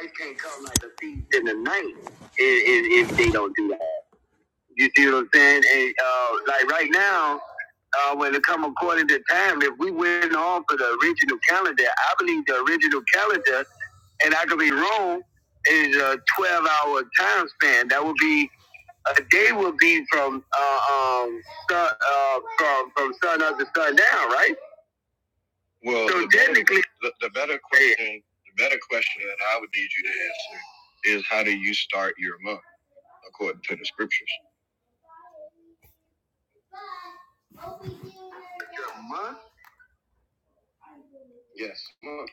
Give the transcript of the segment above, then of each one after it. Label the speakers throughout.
Speaker 1: Life can't come like a thief in the night if, if, if they don't do that. You see what I'm saying? And, uh, like right now, uh, when it come according to time, if we went off of the original calendar, I believe the original calendar, and I could be wrong, is a 12 hour time span. That would be a day would be from uh, um sun, uh, from from sun up to sun down, right? Well, so the better- technically, better, the, the better question, the better question that I would need you to answer is how do you start your month according to the scriptures? month? Yes, month.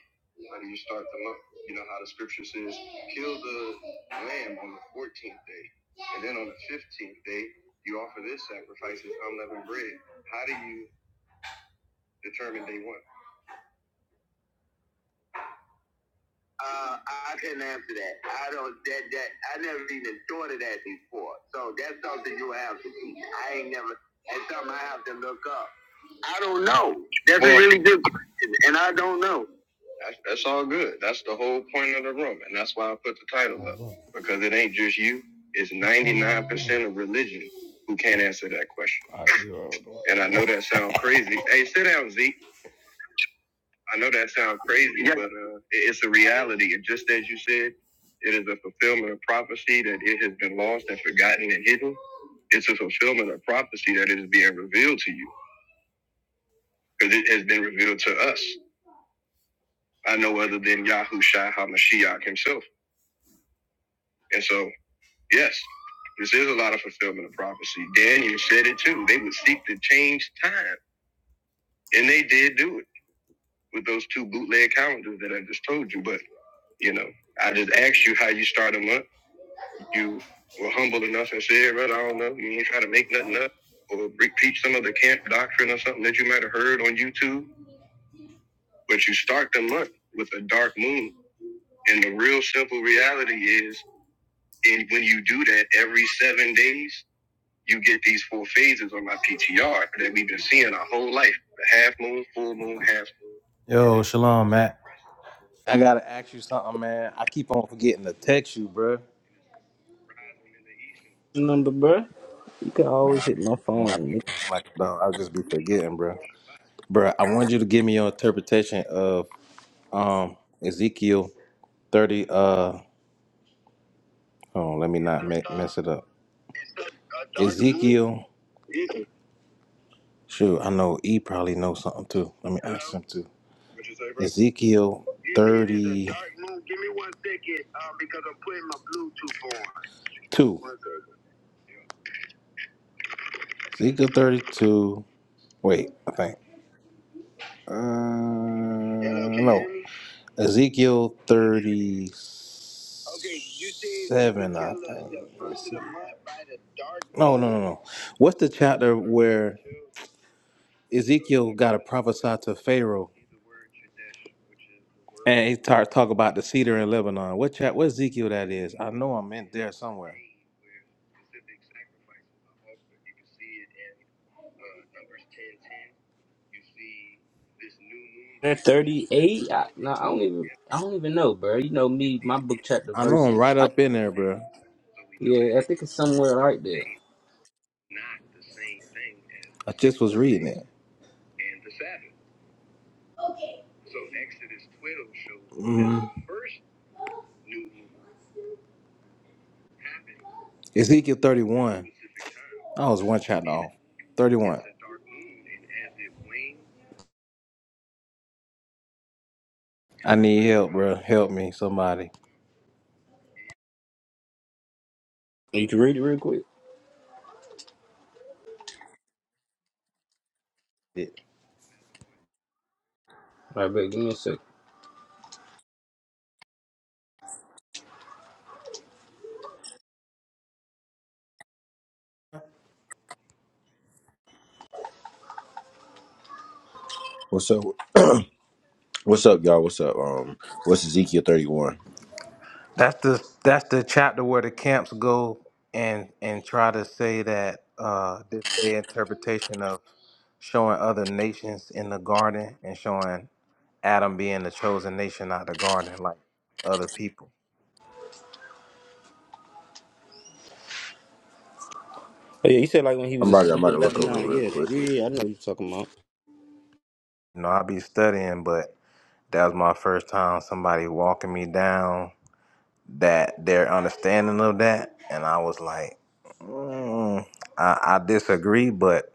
Speaker 1: How do you start the month? You know how the scripture says, build the lamb on the 14th day, and then on the 15th day, you offer this sacrifice as unleavened bread. How do you determine day one? Uh, I couldn't answer that. I don't that that I never even thought of that before. So that's something you have to see. I ain't never. That's something I have to look up. I don't know. That's well, a Well, really good question, and I don't know. that's, that's all good. That's the whole point of the room, and that's why I put the title up because it ain't just you. It's ninety nine percent of religion who can't answer that question. And I know that sounds crazy. Hey, sit down, Zeke. I know that sounds crazy, Yeah. but uh, it's a reality. And just as you said, it is a fulfillment of prophecy that it has been lost and forgotten and hidden. It's a fulfillment of prophecy that it is being revealed to you because it has been revealed to us. I know other than Yahushua HaMashiach himself. And so, yes, this is a lot of fulfillment of prophecy. Daniel said it too. They would seek to change time, and they did do it with those two bootleg calendars that I just told you. But, you know, I just asked you how you start a month. you were humble enough and said, brother, I don't know, you ain't try to make nothing up or pre- preach some of the camp doctrine or something that you might have heard on YouTube, but you start the month with a dark moon. And the real simple reality is, and when you do that every seven days, you get these four phases on my PTR that we've been seeing our whole life: the half moon, full moon, half moon. Yo, shalom, Matt. I gotta ask you something, man. I keep on forgetting to text you, bro.
Speaker 2: number, bro?
Speaker 1: Man, I've been working like a dog. I just be forgetting, bro. Bruh, I want you to give me your interpretation of um Ezekiel 30 uh hold on, let me not me- mess it up. Ezekiel shoot, I know E probably knows something too. Let me ask him too. Ezekiel 30 Two. Ezekiel 32. Wait, I think. Uh, no. Ezekiel 37, I think. Let's see. No, no, no, no. What's the chapter where Ezekiel got to prophesy to Pharaoh and he start talk about the cedar in Lebanon? What chap? What Ezekiel that is? I know I'm in there somewhere.
Speaker 2: Thirty-eight. I, no, I don't even. I don't even know, bro. You know me, my book chapter
Speaker 1: I know I'm
Speaker 2: verses.
Speaker 1: right
Speaker 2: I,
Speaker 1: up in there, bro.
Speaker 2: yeah, I think it's somewhere right there.
Speaker 1: not the same thing as I just was reading it. and the Sabbath. So Exodus 12 shows that hmm first Ezekiel 31. which I was one chapter off. 31. I need help, bro. Help me, somebody.
Speaker 2: You can read it real quick. All right, bro. Give me a sec.
Speaker 3: What's up? What's up, y'all? What's up? Um, what's Ezekiel thirty one?
Speaker 1: That's the that's the chapter where the camps go and and try to say that uh this their interpretation of showing other nations in the garden and showing Adam being the chosen nation out of the garden like other people.
Speaker 2: Oh yeah, you said like when he
Speaker 3: I'm
Speaker 2: was a
Speaker 3: about to, I'm
Speaker 2: student
Speaker 3: about to
Speaker 2: in
Speaker 3: look over it
Speaker 2: Lebanon.
Speaker 3: real
Speaker 2: Yeah,
Speaker 3: quick.
Speaker 2: yeah, yeah. I know what you're talking about.
Speaker 1: You know, i be studying, but That was my first time somebody walking me down that their understanding of that, and I was like, mm, I, I disagree, but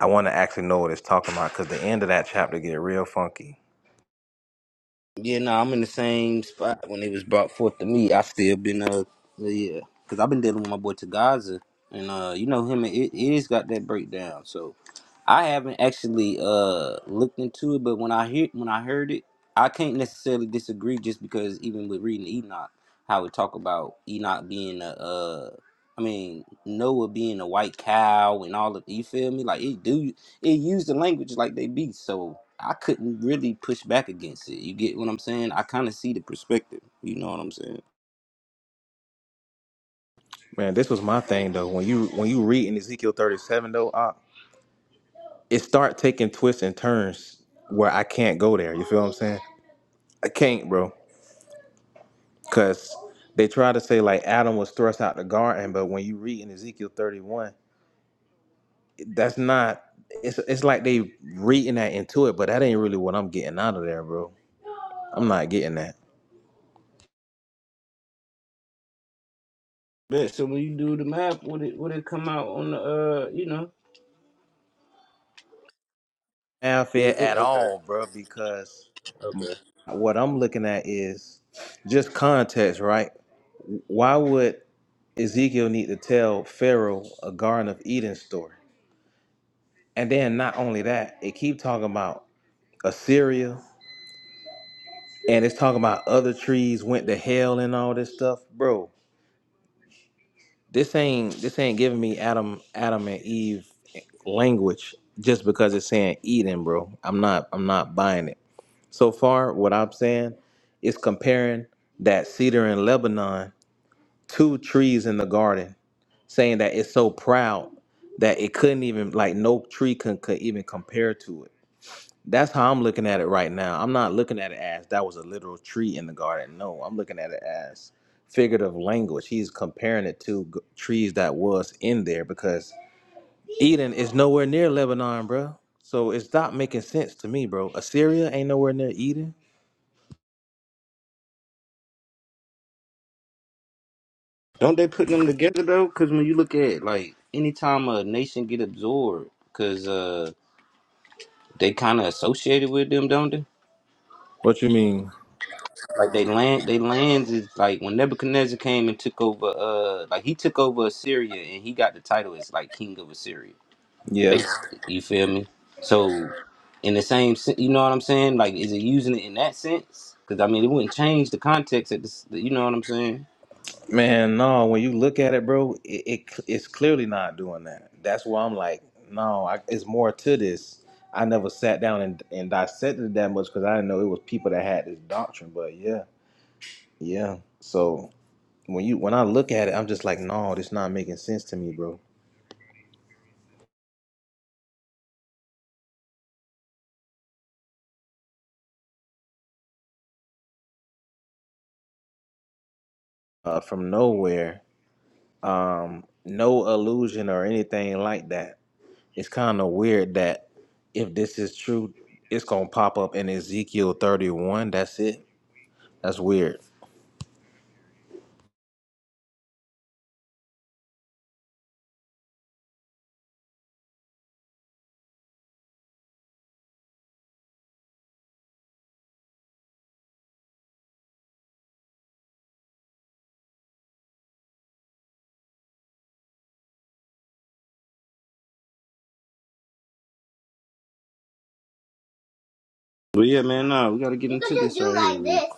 Speaker 1: I want to actually know what it's talking about because the end of that chapter get real funky.
Speaker 2: Yeah, no, I'm in the same spot when it was brought forth to me. I still been uh yeah, because I've been dealing with my boy Tagaza, and uh you know him and it, is got that breakdown. So I haven't actually uh looked into it, but when I hear when I heard it, I can't necessarily disagree just because even with reading Enoch, how it talk about Enoch being a uh. I mean Noah being a white cow and all of you feel me like it do it use the language like they be so I couldn't really push back against it. You get what I'm saying? I kind of see the perspective. You know what I'm saying?
Speaker 1: Man, this was my thing though. When you when you read in Ezekiel thirty seven though, Op, it start taking twists and turns where I can't go there. You feel what I'm saying? I can't, bro, because they try to say like Adam was thrust out the garden, but when you read in Ezekiel 31. that's not it's it's like they reading that into it, but that ain't really what I'm getting out of there, bro. I'm not getting that
Speaker 2: Yeah, so when you do the math, would it would it come out on the uh, you know?
Speaker 1: fanfare at all, bro, because
Speaker 2: Okay.
Speaker 1: what I'm looking at is just context, right? Why would Ezekiel need to tell Pharaoh a Garden of Eden story? And then not only that, it keep talking about Assyria and it's talking about other trees went to hell and all this stuff, bro This ain't this ain't giving me Adam Adam and Eve language just because it's saying Eden, bro. I'm not I'm not buying it. So far, what I'm saying is comparing that cedar in Lebanon to trees in the garden, saying that it's so proud that it couldn't even like no tree could, could even compare to it. That's how I'm looking at it right now. I'm not looking at it as that was a literal tree in the garden. No, I'm looking at it as figurative language. He's comparing it to g- trees that was in there because Eden is nowhere near Lebanon, bro. So it stopped making sense to me, bro. Assyria ain't nowhere near Eden.
Speaker 2: Don't they put them together though? Because when you look at it, like anytime a nation get absorbed, because uh, they kind of associated with them, don't they?
Speaker 1: What you mean?
Speaker 2: Like they land, they lands is like when Nebuchadnezzar came and took over. Uh, like he took over Assyria and he got the title as like king of Assyria.
Speaker 1: Yeah.
Speaker 2: basically. You feel me? So, in the same, sen- you know what I'm saying? Like, is it using it in that sense? Because I mean, it wouldn't change the context at this. You know what I'm saying?
Speaker 1: Man, no, when you look at it, bro, it, it cl- it's clearly not doing that. That's why I'm like, no, I, it's more to this. I never sat down and, and dissected it that much because I didn't know it was people that had this doctrine. But yeah, yeah. So when you when I look at it, I'm just like, no, this not making sense to me, bro. Uh, from nowhere, um, no illusion or anything like that. It's kind of weird that if this is true, it's gonna pop up in Ezekiel 31. That's it. That's weird.
Speaker 2: But yeah, man, nah, we gotta get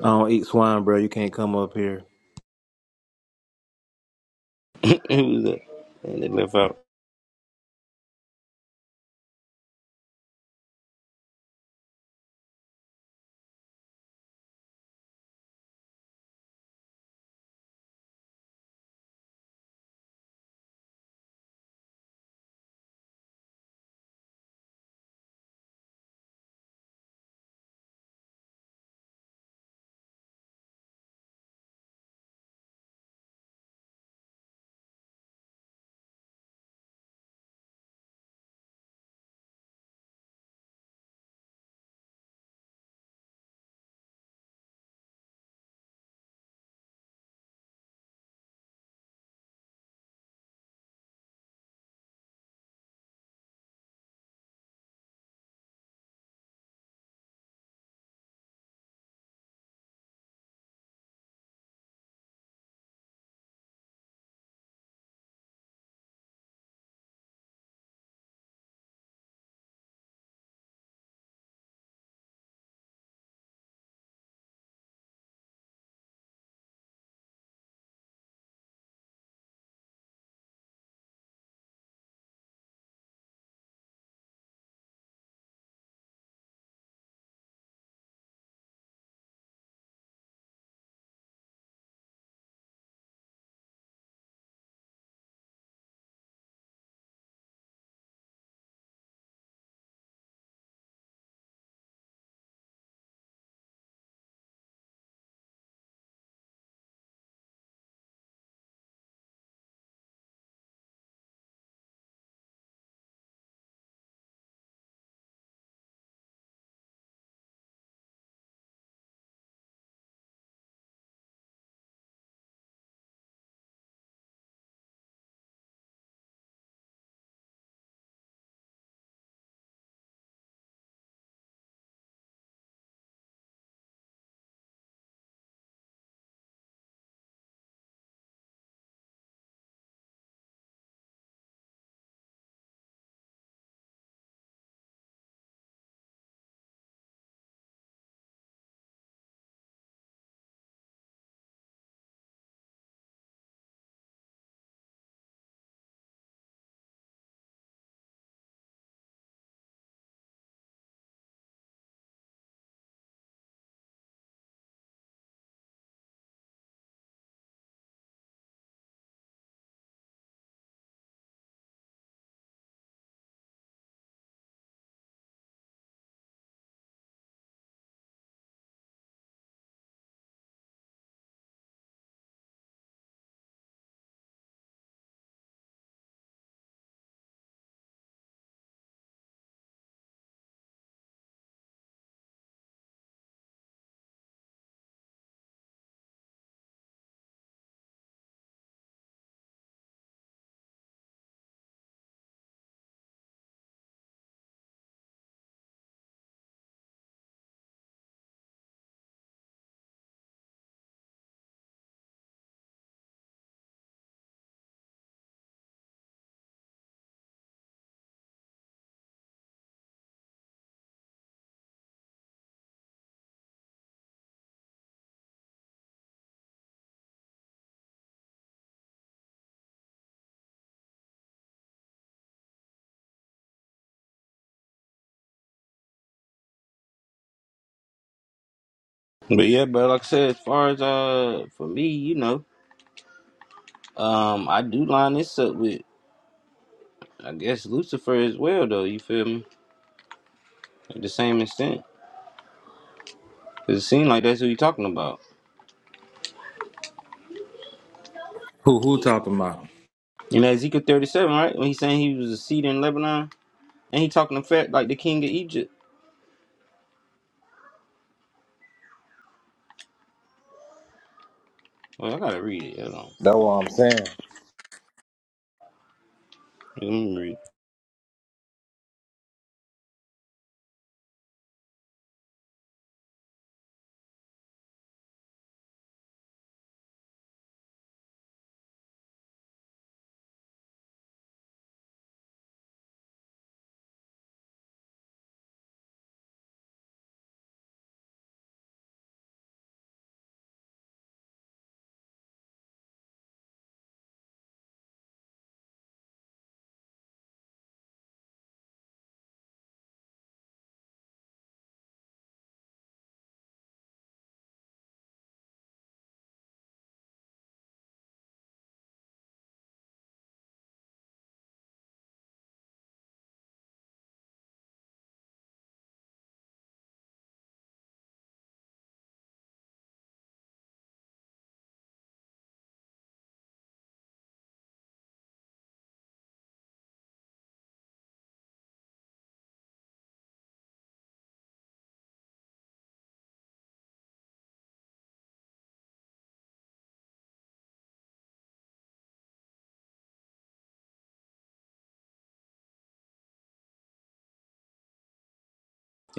Speaker 1: I don't eat swine, bro. You can't come up here.
Speaker 2: who's that? And they left out. But yeah, bro, like I said, as far as uh, for me, you know, um, I do line this up with, I guess Lucifer as well, though. You feel me? At the same extent, because it seemed like that's who you talking about.
Speaker 1: Who who talking about?
Speaker 2: You know, Ezekiel thirty-seven, right? When he's saying he was a seed in Lebanon, and he talking to fact like the king of Egypt. Oh, I gotta read it. Hold on.
Speaker 1: That's what I'm saying.
Speaker 2: Let me read.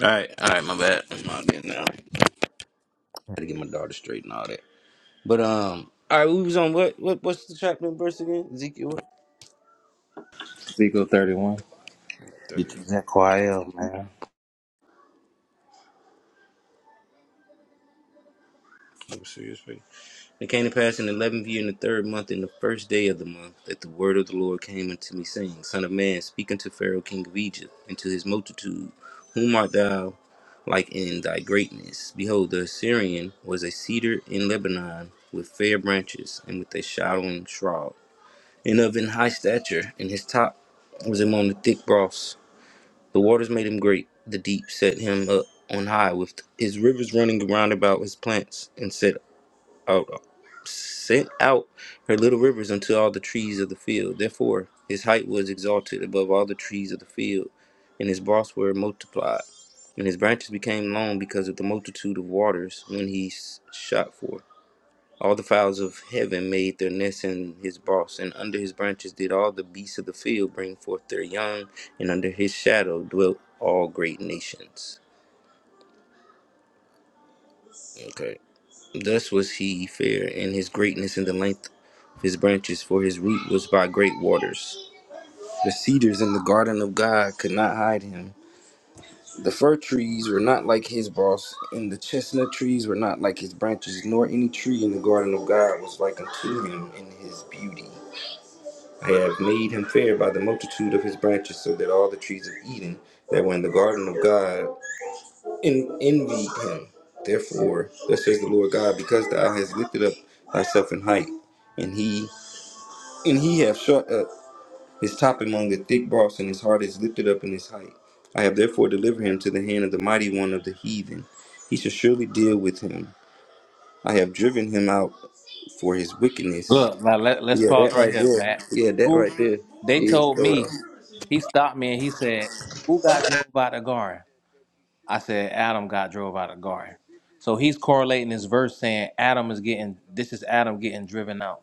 Speaker 2: All right, all right. My bad. I'm out there now. I had to get my daughter straight and all that. But um, all right. We was on what? What? What's the chapter and verse again? Ezekiel. What?
Speaker 1: Ezekiel 31. Get
Speaker 2: Thirty-one.
Speaker 1: your Zechariah, man.
Speaker 2: I'm serious. Faith. It came to pass in the eleventh year, in the third month, in the first day of the month, that the word of the Lord came unto me, saying, Son of man, speak unto Pharaoh, king of Egypt, and to his multitude, whom art thou like in thy greatness? Behold, the Assyrian was a cedar in Lebanon, with fair branches and with a shadowing shroud. and of an high stature, and his top was among the thick broths. The waters made him great, the deep set him up on high, with his rivers running round about his plants, and set out sent out her little rivers unto all the trees of the field. Therefore his height was exalted above all the trees of the field, and his broths were multiplied, and his branches became long because of the multitude of waters when he s- shot forth. All the fowls of heaven made their nests in his boss, and under his branches did all the beasts of the field bring forth their young, and under his shadow dwelt all great nations. Okay. Thus was he fair in his greatness and the length of his branches, for his root was by great waters. The cedars in the garden of God could not hide him. The fir trees were not like his boss, and the chestnut trees were not like his branches, nor any tree in the garden of God was like unto him in his beauty. I have made him fair by the multitude of his branches, so that all the trees of Eden that were in the garden of God en- envied him. Therefore, thus says the Lord God, because thou hast lifted up thyself in height, and he and he hath shut up his top among the thick bars, and his heart is lifted up in his height. I have therefore delivered him to the hand of the mighty one of the heathen. He shall surely deal with him. I have driven him out for his wickedness.
Speaker 1: Look, now let, let's
Speaker 2: Yeah,
Speaker 1: pause
Speaker 2: that
Speaker 1: right
Speaker 2: right
Speaker 1: here,
Speaker 2: there.
Speaker 1: Matt.
Speaker 2: Yeah, that
Speaker 1: Who?
Speaker 2: right there.
Speaker 1: They
Speaker 2: Yeah,
Speaker 1: told
Speaker 2: hold
Speaker 1: me,
Speaker 2: on.
Speaker 1: he stopped me and he said, Who got drove out of Garden? I said, Adam got drove out of Garden. So he's correlating this verse saying Adam is getting, this is Adam getting driven out.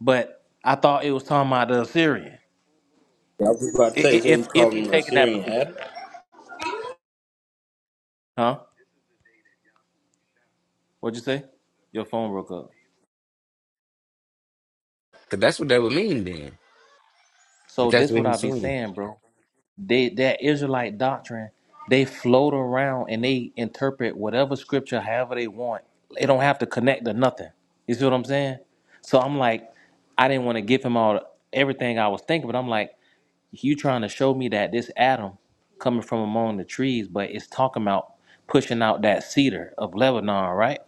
Speaker 1: But I thought it was talking about the Assyrian.
Speaker 2: I was about to
Speaker 1: I-
Speaker 2: say,
Speaker 1: i-
Speaker 2: so he's
Speaker 1: If, if he
Speaker 2: calling him a
Speaker 1: taking that
Speaker 2: Syrian
Speaker 1: position.
Speaker 2: Adam?
Speaker 1: Huh? What'd you say? Your phone broke up.
Speaker 2: Cause that's what that would mean then. If
Speaker 1: So
Speaker 2: that's
Speaker 1: this
Speaker 2: what
Speaker 1: what I
Speaker 2: he's
Speaker 1: be
Speaker 2: saying.
Speaker 1: saying, bro. They that Israelite doctrine, they float around and they interpret whatever scripture however they want. They don't have to connect to nothing. You see what I'm saying? So I'm like, I didn't want to give him all everything I was thinking, but I'm like, you trying to show me that this Adam coming from among the trees, but it's talking about pushing out that cedar of Lebanon, right?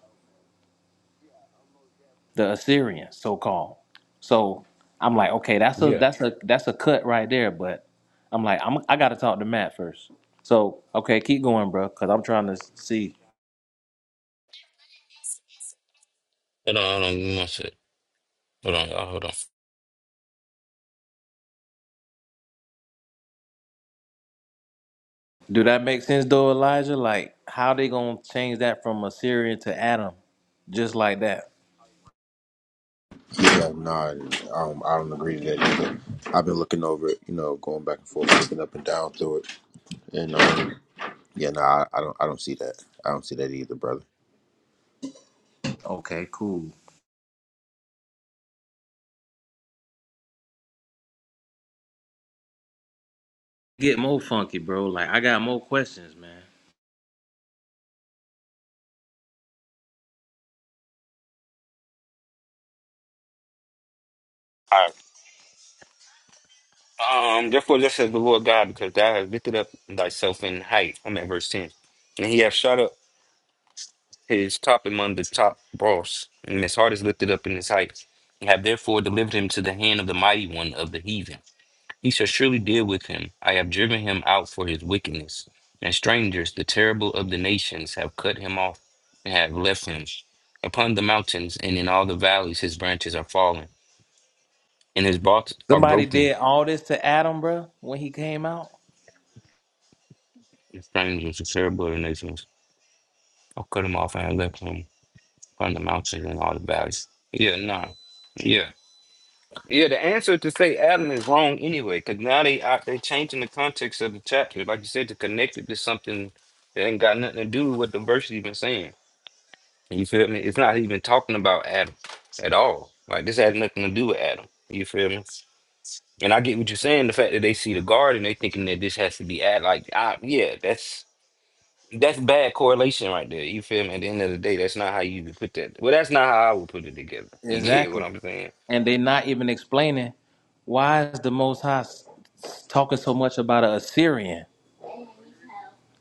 Speaker 1: the Assyrians, so called. So I'm like, okay, that's a
Speaker 2: Yeah.
Speaker 1: that's a that's a cut right there. But I'm like, I'm I gotta talk to Matt first. So okay, keep going, bro, because I'm trying to see.
Speaker 2: Hold on, hold on, give me one sec. Hold on, y'all, hold on.
Speaker 1: Do that make sense though, Elijah? Like, how they gonna change that from Assyrian to Adam, just like that?
Speaker 3: Yeah, nah, I don't, I don't agree to that either. I've been looking over it, you know, going back and forth, looking up and down through it, and um, yeah, nah, I, I don't, I don't see that. I don't see that either, brother.
Speaker 1: Okay, cool. Get more funky, bro. Like, I got more questions, man.
Speaker 2: All right. Um, therefore thus says the Lord God, because thou hast lifted up thyself in height. I'm at verse ten. And he hath shot up his top among the top brawls, and his heart is lifted up in his height. And have therefore delivered him to the hand of the mighty one of the heathen. He shall surely deal with him. I have driven him out for his wickedness. And strangers, the terrible of the nations, have cut him off and have left him. Upon the mountains and in all the valleys, his branches are fallen, and his boughs are
Speaker 1: Somebody
Speaker 2: broken.
Speaker 1: did all this to Adam, bro, when he came out.
Speaker 2: The strangers, the terrible of the nations, have cut him off and have left him upon the mountains and all the valleys. Yeah, nah. Yeah. Yeah, the answer to say Adam is wrong anyway, because now they are they changing the context of the chapter, like you said, to connect it to something that ain't got nothing to do with what the verse even saying. You feel me? It's not even talking about Adam at all. Like this had nothing to do with Adam. You feel me? And I get what you're saying. The fact that they see the garden, they thinking that this has to be Adam. Like, I, yeah, that's that's bad correlation right there. You feel me? At the end of the day, that's not how you would put that. Well, that's not how I would put it together. You get what
Speaker 1: Exactly.
Speaker 2: I'm saying?
Speaker 1: and they're not even explaining why is the Most High s- s- talking so much about an Assyrian,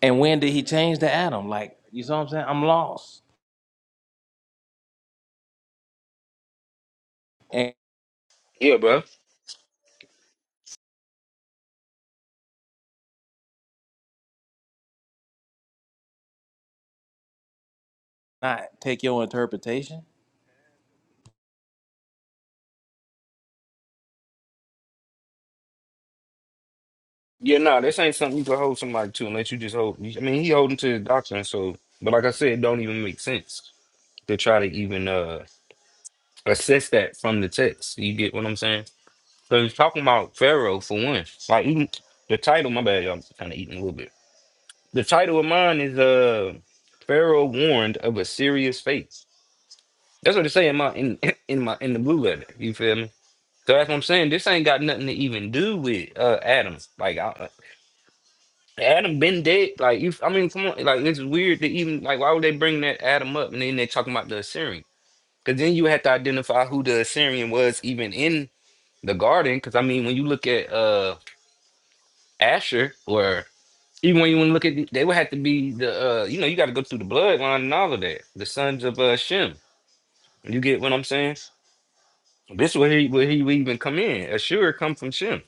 Speaker 1: and when did he change to Adam? Like, you see what I'm saying? I'm lost, and
Speaker 2: Yeah, bro.
Speaker 1: not take your interpretation.
Speaker 2: Yeah, no, nah, this ain't something you can hold somebody to unless you just hold. I mean, he holding to the doctrine. So, but like I said, it don't even make sense to try to even uh assess that from the text. You get what I'm saying? Because it's talking about Pharaoh for one. Like even the title, my bad, y'all kind of eating a little bit. The title of mine is uh Pharaoh warned of a serious fate. That's what they say in my in in my in the blue letter. You feel me? So that's what I'm saying. This ain't got nothing to even do with uh Adam. Like I, Adam been dead. Like you, I mean, come on. Like it's weird to even like why would they bring that Adam up and then they talking about the Assyrian? Because then you have to identify who the Assyrian was even in the garden. Because I mean, when you look at uh Asher or Even when you want to look at, the, they would have to be the, uh, you know, you got to go through the bloodline and all of that. The sons of uh, Shem. You get what I'm saying? This is where he where he would even come in. Ashur come from Shem.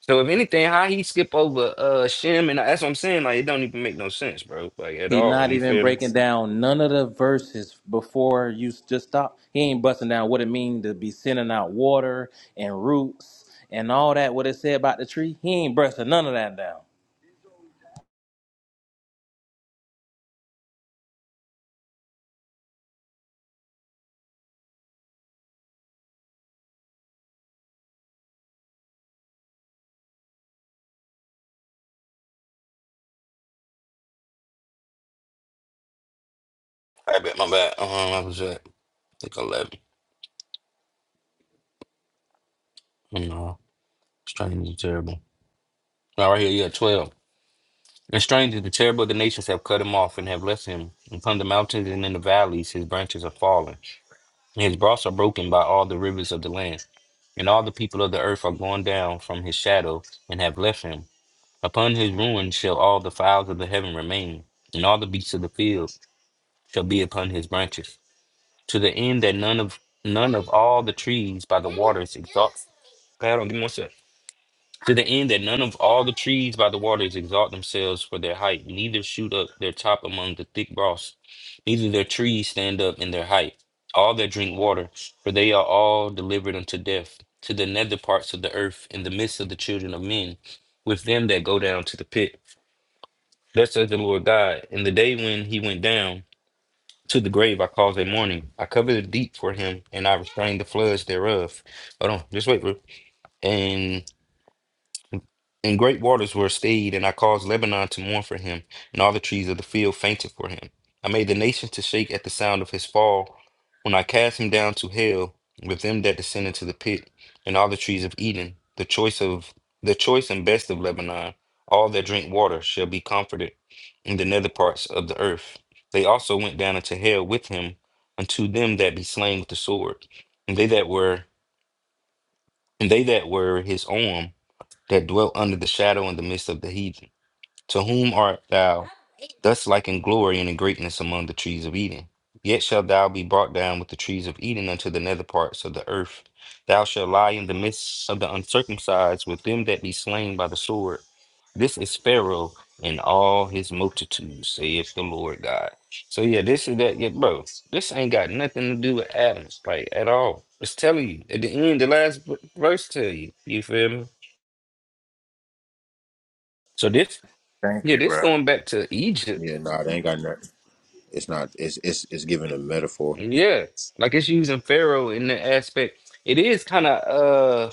Speaker 2: So if anything, how he skip over uh Shem and that's what I'm saying. Like it don't even make no sense, bro. Like at
Speaker 1: He
Speaker 2: all.
Speaker 1: not
Speaker 2: You
Speaker 1: even
Speaker 2: feel me?
Speaker 1: breaking down none of the verses before you s- just stop. He ain't busting down what it mean to be sending out water and roots and all that. What it said about the tree, he ain't busting none of that down.
Speaker 2: I bet my bad. Um, I was at I think eleven. No, strange and terrible. No, right here, yeah, twelve. And strange and terrible, the nations have cut him off and have left him. Upon the mountains and in the valleys, his branches are fallen. His broths are broken by all the rivers of the land, and all the people of the earth are gone down from his shadow and have left him. Upon his ruins shall all the fowls of the heaven remain, and all the beasts of the field shall be upon his branches, to the end that none of none of all the trees by the waters exalt. Pat, give me one sec. To the end that none of all the trees by the waters exalt themselves for their height, neither shoot up their top among the thick moss, neither their trees stand up in their height. All that drink water, for they are all delivered unto death, to the nether parts of the earth, in the midst of the children of men, with them that go down to the pit. Thus says the Lord God, in the day when he went down to the grave, I caused a mourning. I covered the deep for him, and I restrained the floods thereof. Hold on, just wait, bro. And great waters were stayed, and I caused Lebanon to mourn for him, and all the trees of the field fainted for him. I made the nations to shake at the sound of his fall, when I cast him down to hell with them that descend into the pit, and all the trees of Eden, the choice of the choice and best of Lebanon, all that drink water shall be comforted in the nether parts of the earth. They also went down into hell with him unto them that be slain with the sword, and they that were and they that were his arm that dwelt under the shadow in the midst of the heathen. To whom art thou thus like in glory and in greatness among the trees of Eden? Yet shalt thou be brought down with the trees of Eden unto the nether parts of the earth. Thou shalt lie in the midst of the uncircumcised with them that be slain by the sword. This is Pharaoh and all his multitudes, saith the Lord God. So, yeah, yeah, bro, this ain't Adam's, like, at all. It's telling you. At the end, the last v- verse tell you. You feel me? So, this, yeah, this going back to Egypt
Speaker 3: Yeah, nah, they ain't got nothing. It's not. It's it's it's giving a metaphor.
Speaker 2: Yeah, like it's using Pharaoh in the aspect. It is kind of uh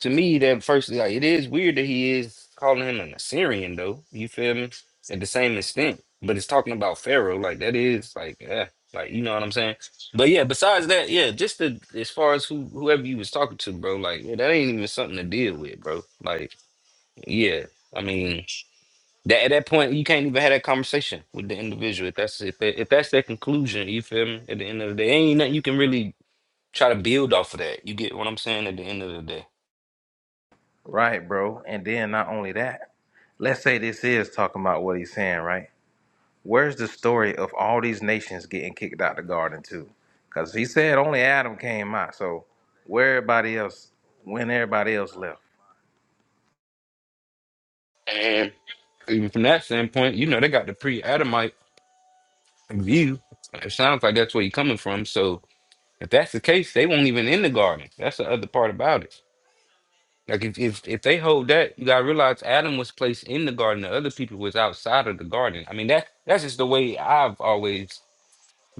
Speaker 2: to me that first like it is weird that he is calling him an Assyrian though. You feel me? At the same extent, but it's talking about Pharaoh like that is like yeah, like you know what I'm saying. But yeah, besides that, yeah, just the as far as who whoever you was talking to, bro, like yeah, that ain't even something to deal with, bro. Like yeah, I mean. That at that point, you can't even have that conversation with the individual. If that's if, that, if that's their conclusion, you feel me? At the end of the day, ain't nothing you can really try to build off of that. You get what I'm saying? At the end of the day,
Speaker 1: Right, bro. And then not only that, let's say this is talking about what he's saying, right? Where's the story of all these nations getting kicked out the garden too? Because he said only Adam came out. So where everybody else, when everybody else left?
Speaker 2: and even from that standpoint, you know they got the pre-Adamite view. It sounds like that's where you're coming from. So if that's the case, they won't even in the garden. That's the other part about it. Like if if if they hold that, you gotta realize Adam was placed in the garden. The other people was outside of the garden. I mean that that's just the way I've always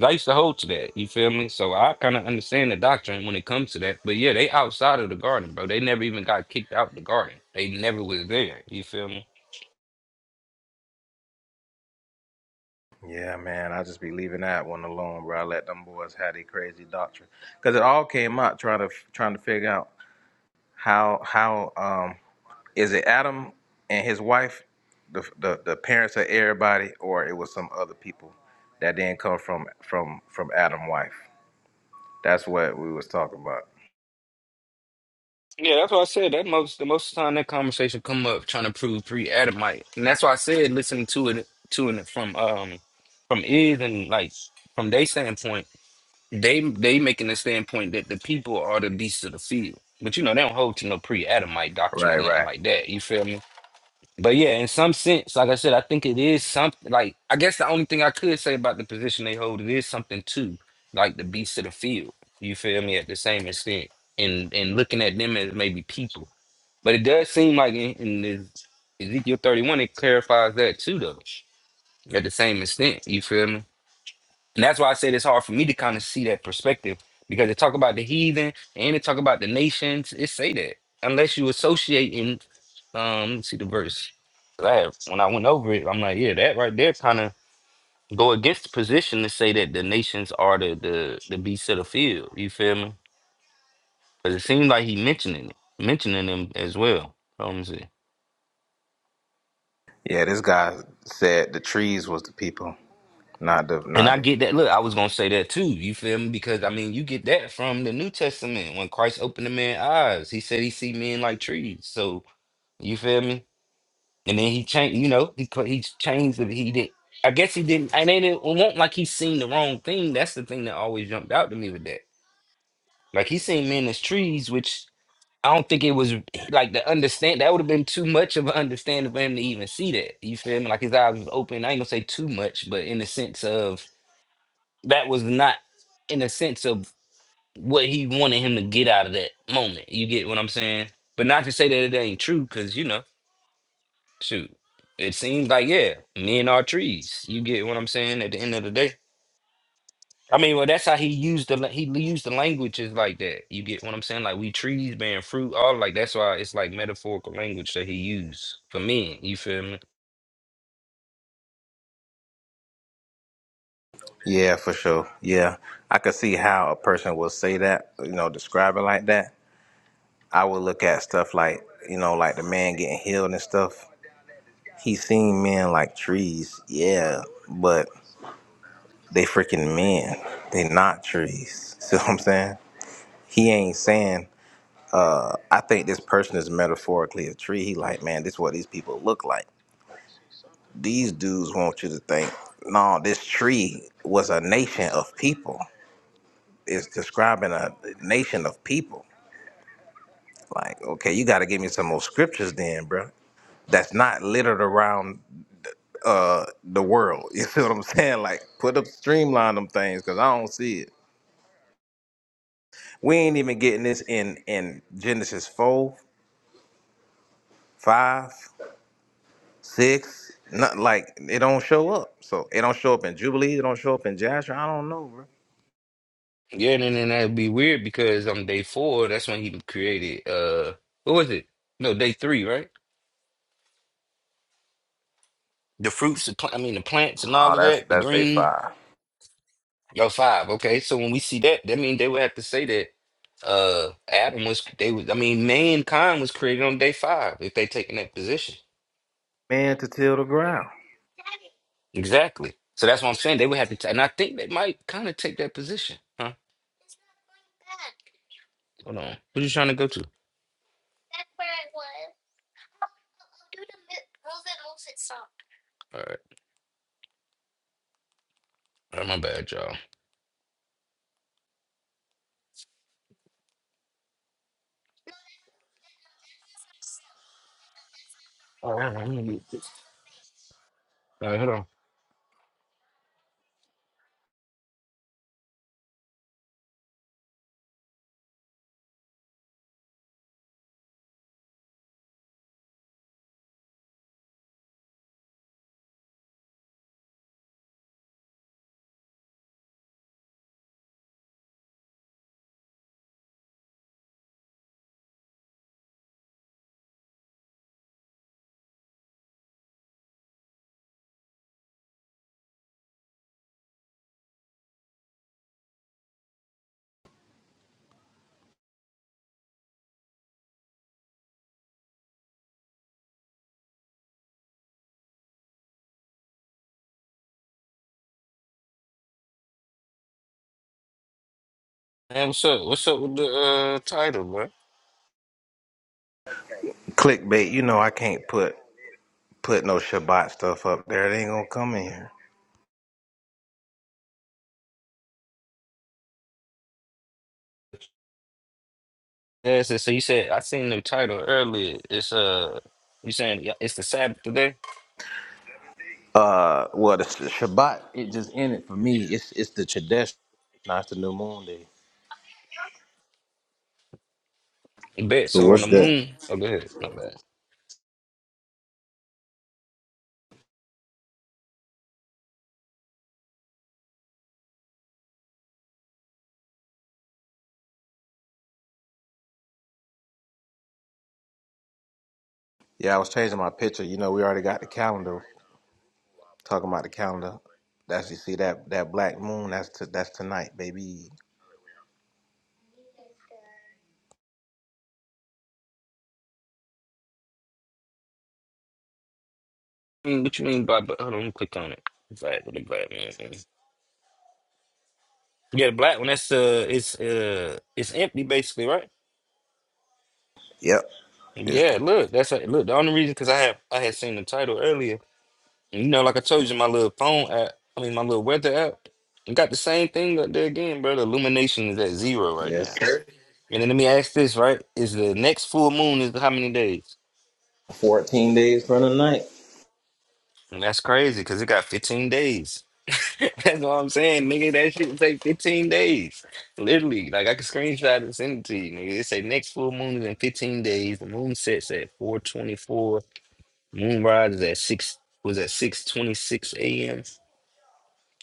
Speaker 2: I used to hold to that. You feel me? So I kind of understand the doctrine when it comes to that. But yeah, they outside of the garden, bro. They never even got kicked out the garden. They never was there. You feel me?
Speaker 1: Yeah, man, I just be leaving that one alone, bro. I let them boys have their crazy doctrine because it all came out trying to trying to figure out how how um is it Adam and his wife, the the, the parents of everybody, or it was some other people that didn't come from from from Adam wife. That's what we was talking about.
Speaker 2: Yeah, that's why I said that most the most of the time that conversation come up trying to prove pre Adamite, and that's why I said listening to it to it from um from is and like from their standpoint, they they making the standpoint that the people are the beasts of the field. But you know they don't hold to no pre Adamite doctrine or
Speaker 1: Right, right.
Speaker 2: nothing like that. You feel me? But yeah, in some sense, like I said, I think it is something. Like I guess the only thing I could say about the position they hold, it is something too, like the beast of the field. You feel me? At the same extent, and and looking at them as maybe people. But it does seem like in, in this Ezekiel thirty one, it clarifies that too, though. At the same extent, you feel me? And that's why I said it's hard for me to kind of see that perspective because they talk about the heathen and they talk about the nations. It say that unless you associate in, um, let me see the verse. 'Cause I have, when I went over it, I'm like, yeah, that right there kind of go against the position to say that the nations are the the the beasts of the field. You feel me? Because it seems like he mentioning it, mentioning them as well. Hold on, Let me see.
Speaker 1: Yeah, this guy said the trees was the people, not the
Speaker 2: And
Speaker 1: not
Speaker 2: I
Speaker 1: the.
Speaker 2: get that. Look, I was gonna say that too. You feel me? Because I mean, you get that from the New Testament when Christ opened the man's eyes. He said he see men like trees. So you feel me? And then he changed. You know, he cl- he changed. The, he did. I guess he didn't. And then it won't like he seen the wrong thing. That's the thing that always jumped out to me with that. Like he seen men as trees, which I don't think it was like the understand. That would have been too much of an understanding for him to even see that. You feel me? Like his eyes was open. I ain't gonna say too much, but in the sense of that was not in the sense of what he wanted him to get out of that moment. You get what I'm saying? But not to say that it ain't true, because you know, shoot, it seems like yeah, men are trees. You get what I'm saying? At the end of the day, I mean, well, that's how he used the la- he used the languages like that. You get what I'm saying? Like we trees bearing fruit, all like that's why it's like metaphorical language that he used for men. You feel me?
Speaker 1: Yeah, for sure. Yeah, I could see how a person would say that. You know, describe it like that. I would look at stuff like you know, like the man getting healed and stuff. He seen men like trees. Yeah, but they freaking men. They not trees. See what I'm saying? He ain't saying. I think this person is metaphorically a tree. He like, man, this is what these people look like. These dudes want you to think, no, this tree was a nation of people. It's describing a nation of people. Like, okay, you got to give me some more scriptures then, bro. That's not littered around uh, the world. You see what I'm saying? Like, put up, streamline them things, cause I don't see it. We ain't even getting this in in Genesis four, five, six. Not like it don't show up. So it don't show up in Jubilee. It don't show up in Jasher. I don't know, bro.
Speaker 2: Yeah, and then that'd be weird because on day four, that's when he created uh, what was it? No, day three, right? The fruits, the pl- I mean, the plants and
Speaker 1: Oh,
Speaker 2: all of
Speaker 1: that's
Speaker 2: that, the
Speaker 1: that's day
Speaker 2: green.
Speaker 1: five.
Speaker 2: Yo, five. Okay, so when we see that, that means they would have to say that uh was they was I mean, mankind was created on day five if they taking that position.
Speaker 1: man to till the ground.
Speaker 2: Exactly. So that's what I'm saying. They would have to, t- and I think they might kind of take that position. Huh? Hold on. What you trying to go to? All right. All right, my bad, y'all. All right, I'm gonna get this. All right, hold on. Man, what's up? What's up with the uh title, bro?
Speaker 1: Clickbait, you know I can't put put no Shabbat stuff up there. It ain't gonna come in here.
Speaker 2: Yeah, so, so you said I seen the title earlier. It's uh, you saying yeah, it's the Sabbath today?
Speaker 1: Uh, well, the Sh- Shabbat it just in it for me. It's it's the Chodesh, not the new moon day.
Speaker 2: Bet.
Speaker 3: So
Speaker 2: So on the
Speaker 3: what's that?
Speaker 2: moon. Oh, go ahead. Not bad.
Speaker 1: Yeah, I was changing my picture. You know, we already got the calendar. Talking about the calendar. That's you see that that black moon. That's to, that's tonight, baby.
Speaker 2: I mean, what you mean by? But hold on, let me click on it. Black with the black man. mm. Yeah, the black one. That's uh, it's uh, it's empty basically, right?
Speaker 1: Yep.
Speaker 2: Yeah. Look, that's a, look. The only reason because I have I had seen the title earlier. And, you know, like I told you, my little phone app. I mean, my little weather app. it Got the same thing up there again, bro. The illumination is at zero right
Speaker 1: Yes,
Speaker 2: now.
Speaker 1: sir.
Speaker 2: And then let me ask this, right? Is the next full moon is how many days?
Speaker 1: Fourteen days from the night.
Speaker 2: And that's crazy because it got 15 days. That's what I'm saying, nigga. That shit would take 15 days. Literally. Like I could screenshot it and send it to you, nigga. It say next full moon is in 15 days. The moon sets at 424. Moon rises at six was at 626 AM.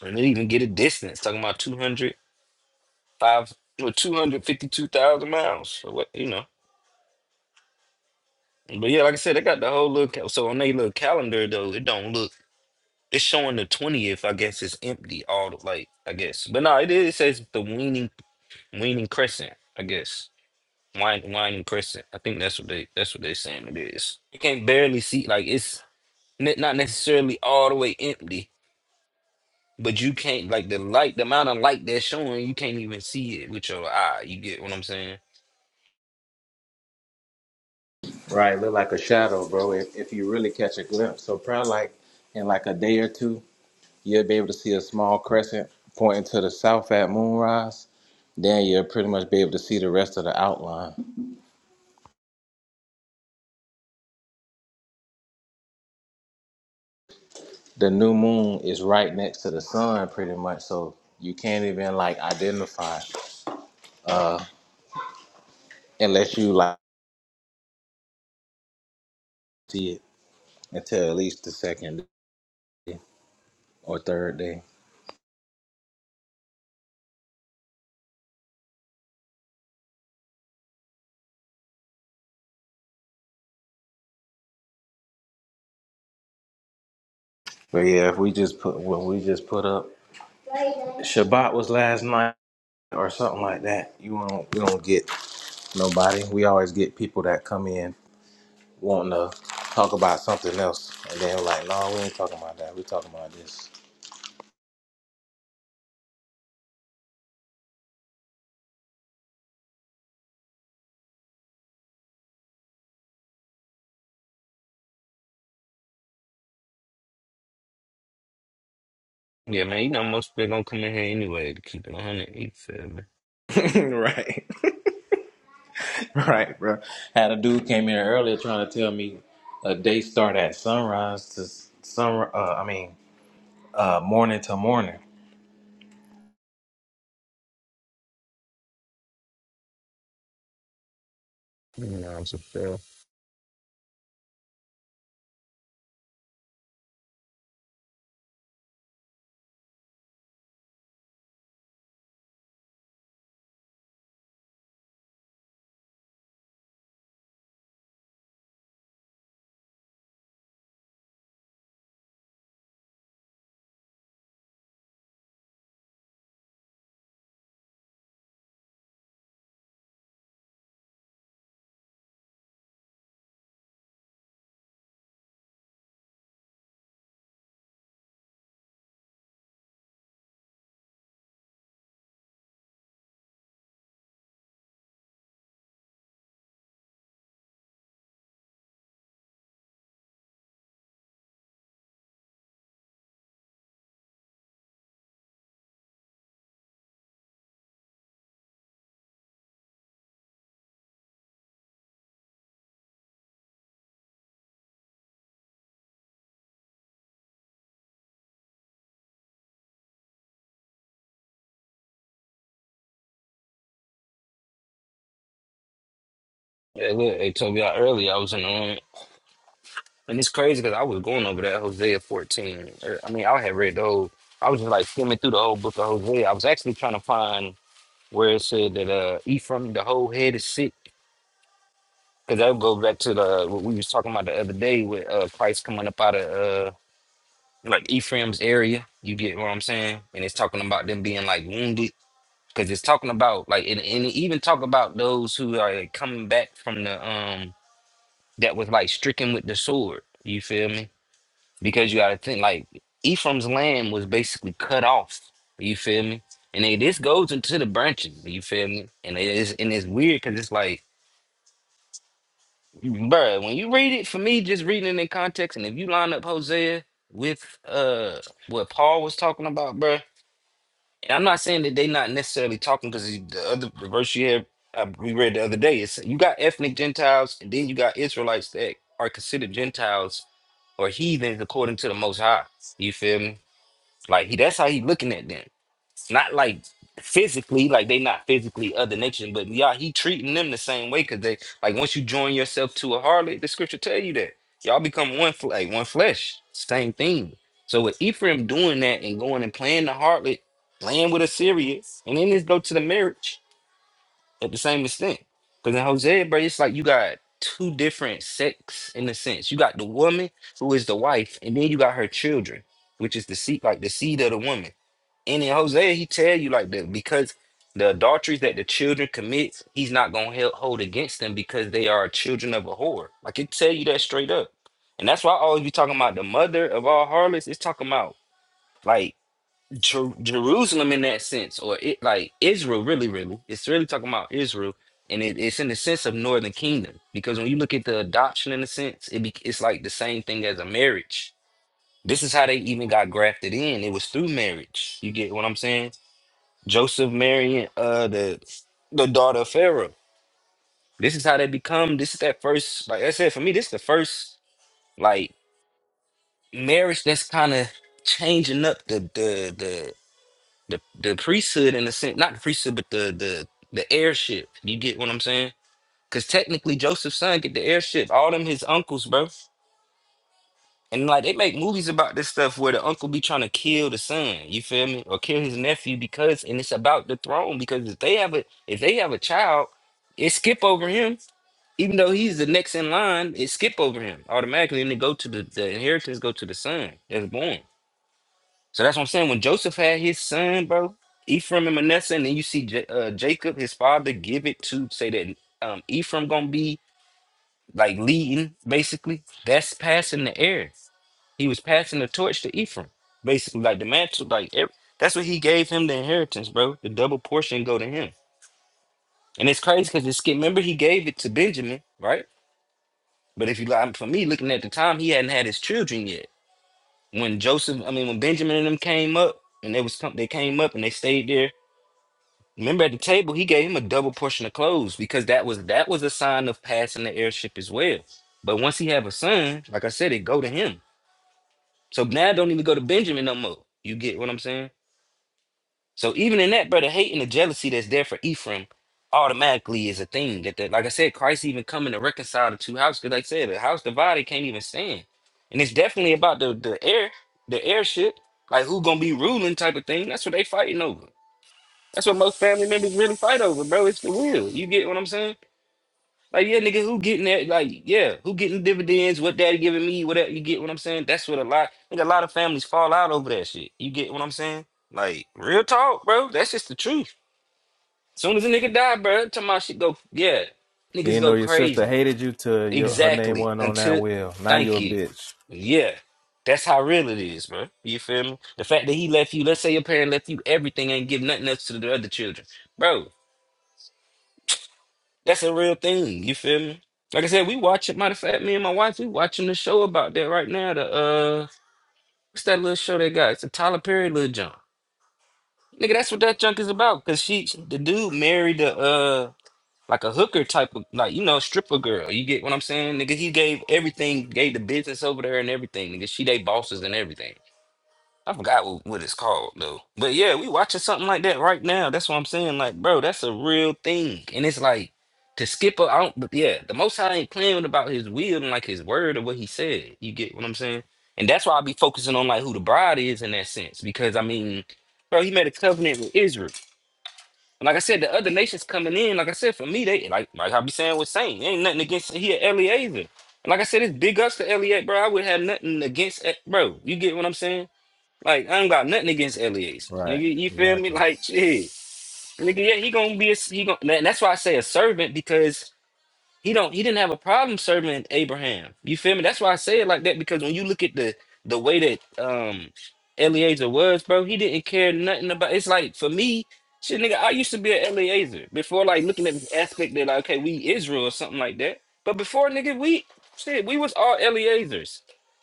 Speaker 2: And they even get a distance, talking about 205 or 252,000 miles. So what you know. But yeah, like I said, they got the whole little ca- so on their little calendar though, it don't look It's showing the twentieth. I guess it's empty. All the, like I guess, but no, it is. It says the Weaning Weaning Crescent. I guess Wine Wine Crescent. I think that's what they that's what they saying it is. You can't barely see. Like it's ne- not necessarily all the way empty, but you can't like the light. The amount of light that's showing, you can't even see it with your eye. You get what I'm saying?
Speaker 1: Right, look like a shadow, bro. If if you really catch a glimpse, so probably like in like a day or two. You'll be able to see a small crescent pointing to the south at moonrise. Then you'll pretty much be able to see the rest of the outline. The new moon is right next to the sun, pretty much, so you can't even like identify it, uh, unless you like see it until at least the second day or third day. But yeah, if we just put what we just put up, Shabbat was last night or something like that. You won't you don't get nobody. We always get people that come in wanting to talk about something else, and then like, no, we ain't talking about that. We talking about this.
Speaker 2: Yeah, man. You know most people gonna come in here anyway to keep it one hundred. You feel me?
Speaker 1: right, right, bro. Had a dude came in earlier trying to tell me a day start at sunrise to s- sun. Uh, I mean, uh, morning to morning.
Speaker 2: You know what I'm saying? Yeah, look, they told me out earlier. I was in the room. And it's crazy because I was going over that Hosea 14. Er, I mean, I had read the whole, I was just like skimming through the whole book of Hosea. I was actually trying to find where it said that uh, Ephraim, the whole head is sick. Because that would go back to the what we was talking about the other day with uh, Christ coming up out of uh, like Ephraim's area. You get what I'm saying? And it's talking about them being like wounded. Because it's talking about like, and, and it even talk about those who are like, coming back from the, um, that was like stricken with the sword. You feel me? because you got to think like Ephraim's land was basically cut off. You feel me? And they, this goes into the branching. You feel me? And it is and it's weird because it's like, bruh, when you read it for me, just reading it in context, and if you line up Hosea with uh what Paul was talking about, bruh, and I'm not saying that they not necessarily talking because the other the verse you have uh, we read the other day is you got ethnic Gentiles and then you got Israelites that are considered Gentiles or heathens according to the Most High. You feel me? Like he that's how he looking at them. Not like physically, like they not physically other nation, but y'all he treating them the same way because they like once you join yourself to a harlot, the scripture tell you that. Y'all become one fl- like one flesh. Same thing. So with Ephraim doing that and going and playing the harlot, playing with Assyria, and then just go to the marriage at the same extent. Because in Hosea, bro, it's like you got two different sects in a sense. You got the woman who is the wife, and then you got her children, which is the seed, like the seed of the woman. And in Hosea, he tell you like that because the adulteries that the children commit, he's not gonna hel- hold against them because they are children of a whore. Like it tell you that straight up, and that's why I always be talking about the mother of all harlots. It's talking about like Jer- Jerusalem in that sense, or it like Israel. Really, really, it's really talking about Israel, and it, it's in the sense of Northern Kingdom because when you look at the adoption in a sense, it be, it's like the same thing as a marriage. This is how they even got grafted in. It was through marriage. You get what I'm saying? Joseph marrying uh the the daughter of Pharaoh. This is how they become. This is that first, like I said, for me, this is the first like marriage that's kind of changing up the the the the the priesthood in a sense, not the priesthood, but the the the heirship. You get what I'm saying? Because technically, Joseph's son get the heirship. All them his uncles, bro. And like they make movies about this stuff where the uncle be trying to kill the son, you feel me, or kill his nephew because, and it's about the throne because if they have a if they have a child, it skip over him, even though he's the next in line, it skip over him automatically, and it go to the the inheritance go to the son that's born. So that's what I'm saying. When Joseph had his son, bro, Ephraim and Manasseh, and then you see J- uh, Jacob, his father, give it to say that um, Ephraim gonna be like leading basically. That's passing the heir. He was passing the torch to Ephraim, basically, like the mantle. Like ev- that's what he gave him the inheritance, bro. The double portion go to him, and it's crazy because it's remember he gave it to Benjamin, right? But if you like, for me looking at the time, he hadn't had his children yet. When Joseph, I mean, when Benjamin and them came up, and they was come, they came up and they stayed there. Remember at the table, he gave him a double portion of clothes because that was that was a sign of passing the heirship as well. But once he have a son, like I said, it go to him. So now it don't even go to Benjamin no more. You get what I'm saying? So even in that, brother, hate and the jealousy that's there for Ephraim automatically is a thing that, that like I said, Christ even coming to reconcile the two houses. Because like I said, the house divided can't even stand. And it's definitely about the the air, the airship, like who gonna be ruling type of thing. That's what they fighting over. That's what most family members really fight over, bro. It's the will. You get what I'm saying? Like, yeah, nigga, who getting that? Like, yeah, who getting dividends? What daddy giving me? Whatever you get what I'm saying? That's what a lot nigga, a lot of families fall out over that shit. You get what I'm saying? Like, real talk, bro. That's just the truth. soon as a nigga die, bro, time my shit go yeah.
Speaker 1: You
Speaker 2: Niggas go
Speaker 1: know your sister
Speaker 2: crazy.
Speaker 1: hated you till your, her name
Speaker 2: Exactly.
Speaker 1: wasn't on that
Speaker 2: Until
Speaker 1: wheel. Now you're
Speaker 2: thank
Speaker 1: a
Speaker 2: you.
Speaker 1: bitch.
Speaker 2: Yeah. That's how real it is, bro. You feel me? The fact that he left you, let's say your parent left you everything, ain't give nothing else to the other children. Bro, That's a real thing. You feel me? Like I said, we watching. Matter of fact, me and my wife, we watching the show about that right now. The uh, what's that little show they got? It's a Tyler Perry little junk. Nigga, that's what that junk is about. Cause she, the dude, married a uh, like a hooker type of, like you know, stripper girl. You get what I'm saying, nigga? He gave everything, gave the business over to her and everything. Nigga, she they bosses and everything. I forgot what, what it's called though. But yeah, we watching something like that right now. That's what I'm saying. Like, bro, that's a real thing. And it's like to skip a, I don't, but yeah, the Most High ain't playing about His will and like His word or what He said. You get what I'm saying? And that's why I be focusing on like who the bride is in that sense. Because I mean, bro, He made a covenant with Israel. And like I said, the other nations coming in, like I said, for me, they like like I be saying with Saint, ain't nothing against here a Eliezer. And like I said, it's big ups to Elliot, bro. I would have nothing against, eh, bro. You get what I'm saying? Like I don't got nothing against Elias,
Speaker 1: Right.
Speaker 2: nigga. You feel me?
Speaker 1: Exactly.
Speaker 2: Like shit, nigga. Yeah, he gonna be a he gonna. And that's why I say a servant because he don't he didn't have a problem serving Abraham. You feel me? That's why I say it like that because when you look at the the way that um Eliezer was, bro, he didn't care nothing about it's like for me, shit nigga, I used to be an Eliezer before like looking at this aspect that like okay, we Israel or something like that. But before nigga, we shit, we was all Eliezers.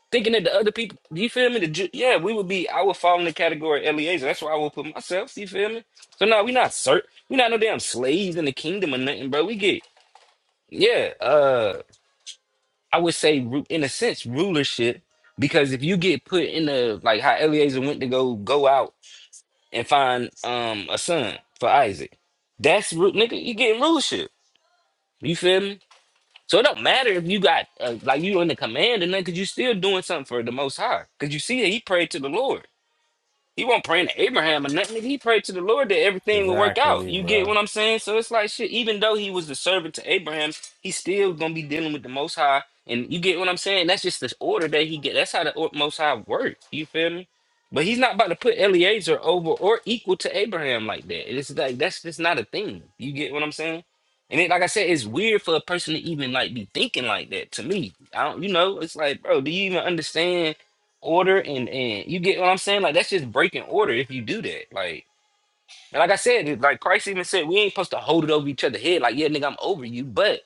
Speaker 2: Thinking that the other people, you feel me? The, Ju- yeah, we would be. I would fall in the category of Eliezer. That's why I would put myself. You feel me? So no, we not cert. We not no damn slaves in the kingdom or nothing, bro. We get yeah, uh, I would say ru- in a sense rulership because if you get put in a like how Eliezer went to go go out and find um a son for Isaac, that's ru- nigga you getting rulership. You feel me? So it don't matter if you got uh, like you in the command and then because you still doing something for the Most High because you see that he prayed to the Lord. He wasn't praying to Abraham or nothing. nigga. He prayed to the Lord that everything would work out.
Speaker 1: Exactly,
Speaker 2: You get
Speaker 1: bro.
Speaker 2: what I'm saying? So it's like shit. Even though he was the servant to Abraham, he still gonna be dealing with the Most High. And you get what I'm saying? That's just the order that he get. That's how the or- Most High works. You feel me? But he's not about to put Eliezer over or equal to Abraham like that. It's like that's just not a thing. You get what I'm saying? And it, like I said, it's weird for a person to even like be thinking like that. To me, I don't. You know, it's like, bro, do you even understand? order and and you get what I'm saying? Like that's just breaking order if you do that. Like and like I said, it- like Christ even said, we ain't supposed to hold it over each other's head. Like yeah, nigga, I'm over you, but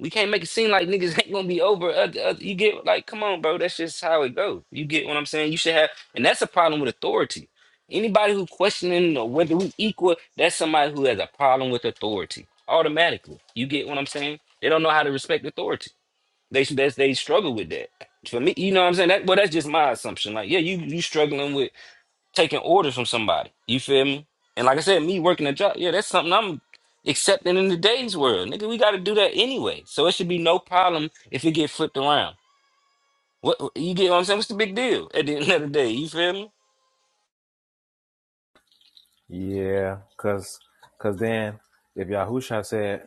Speaker 2: we can't make it seem like niggas ain't gonna be over. Other, other, you get like, come on, bro. That's just how it goes. You get what I'm saying? You should have, and that's a problem with authority. Anybody who questioning or whether we equal, that's somebody who has a problem with authority automatically. You get what I'm saying? They don't know how to respect authority. They they they struggle with that. For me, you know what I'm saying? That well, that's just my assumption. Like, yeah, you you struggling with taking orders from somebody. You feel me? And like I said, me working a job, yeah, that's something I'm accepting in today's world. Nigga, we gotta do that anyway. So it should be no problem if it get flipped around. What you get what I'm saying? What's the big deal at the end of the day? You feel me?
Speaker 1: Yeah. Cause, cause then if Yahusha said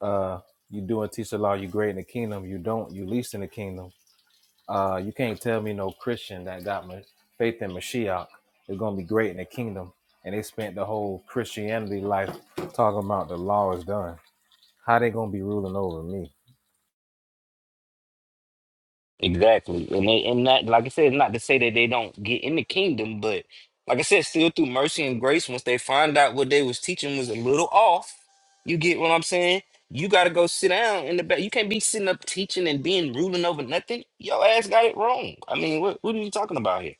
Speaker 1: Uh, you do and teach the law, you great in the kingdom. You don't, you least in the kingdom. Uh, you can't tell me no Christian that got my faith in Mashiach is gonna be great in the kingdom. And they spent the whole Christianity life talking about the law is done. How they gonna be ruling over me?
Speaker 2: Exactly. And they and that, like I said, not to say that they don't get in the kingdom, but like I said, still through mercy and grace, once they find out what they was teaching was a little off, you get what I'm saying? You gotta go sit down in the back. You can't be sitting up teaching and being ruling over nothing. Your ass got it wrong. I mean, what what are you talking about here?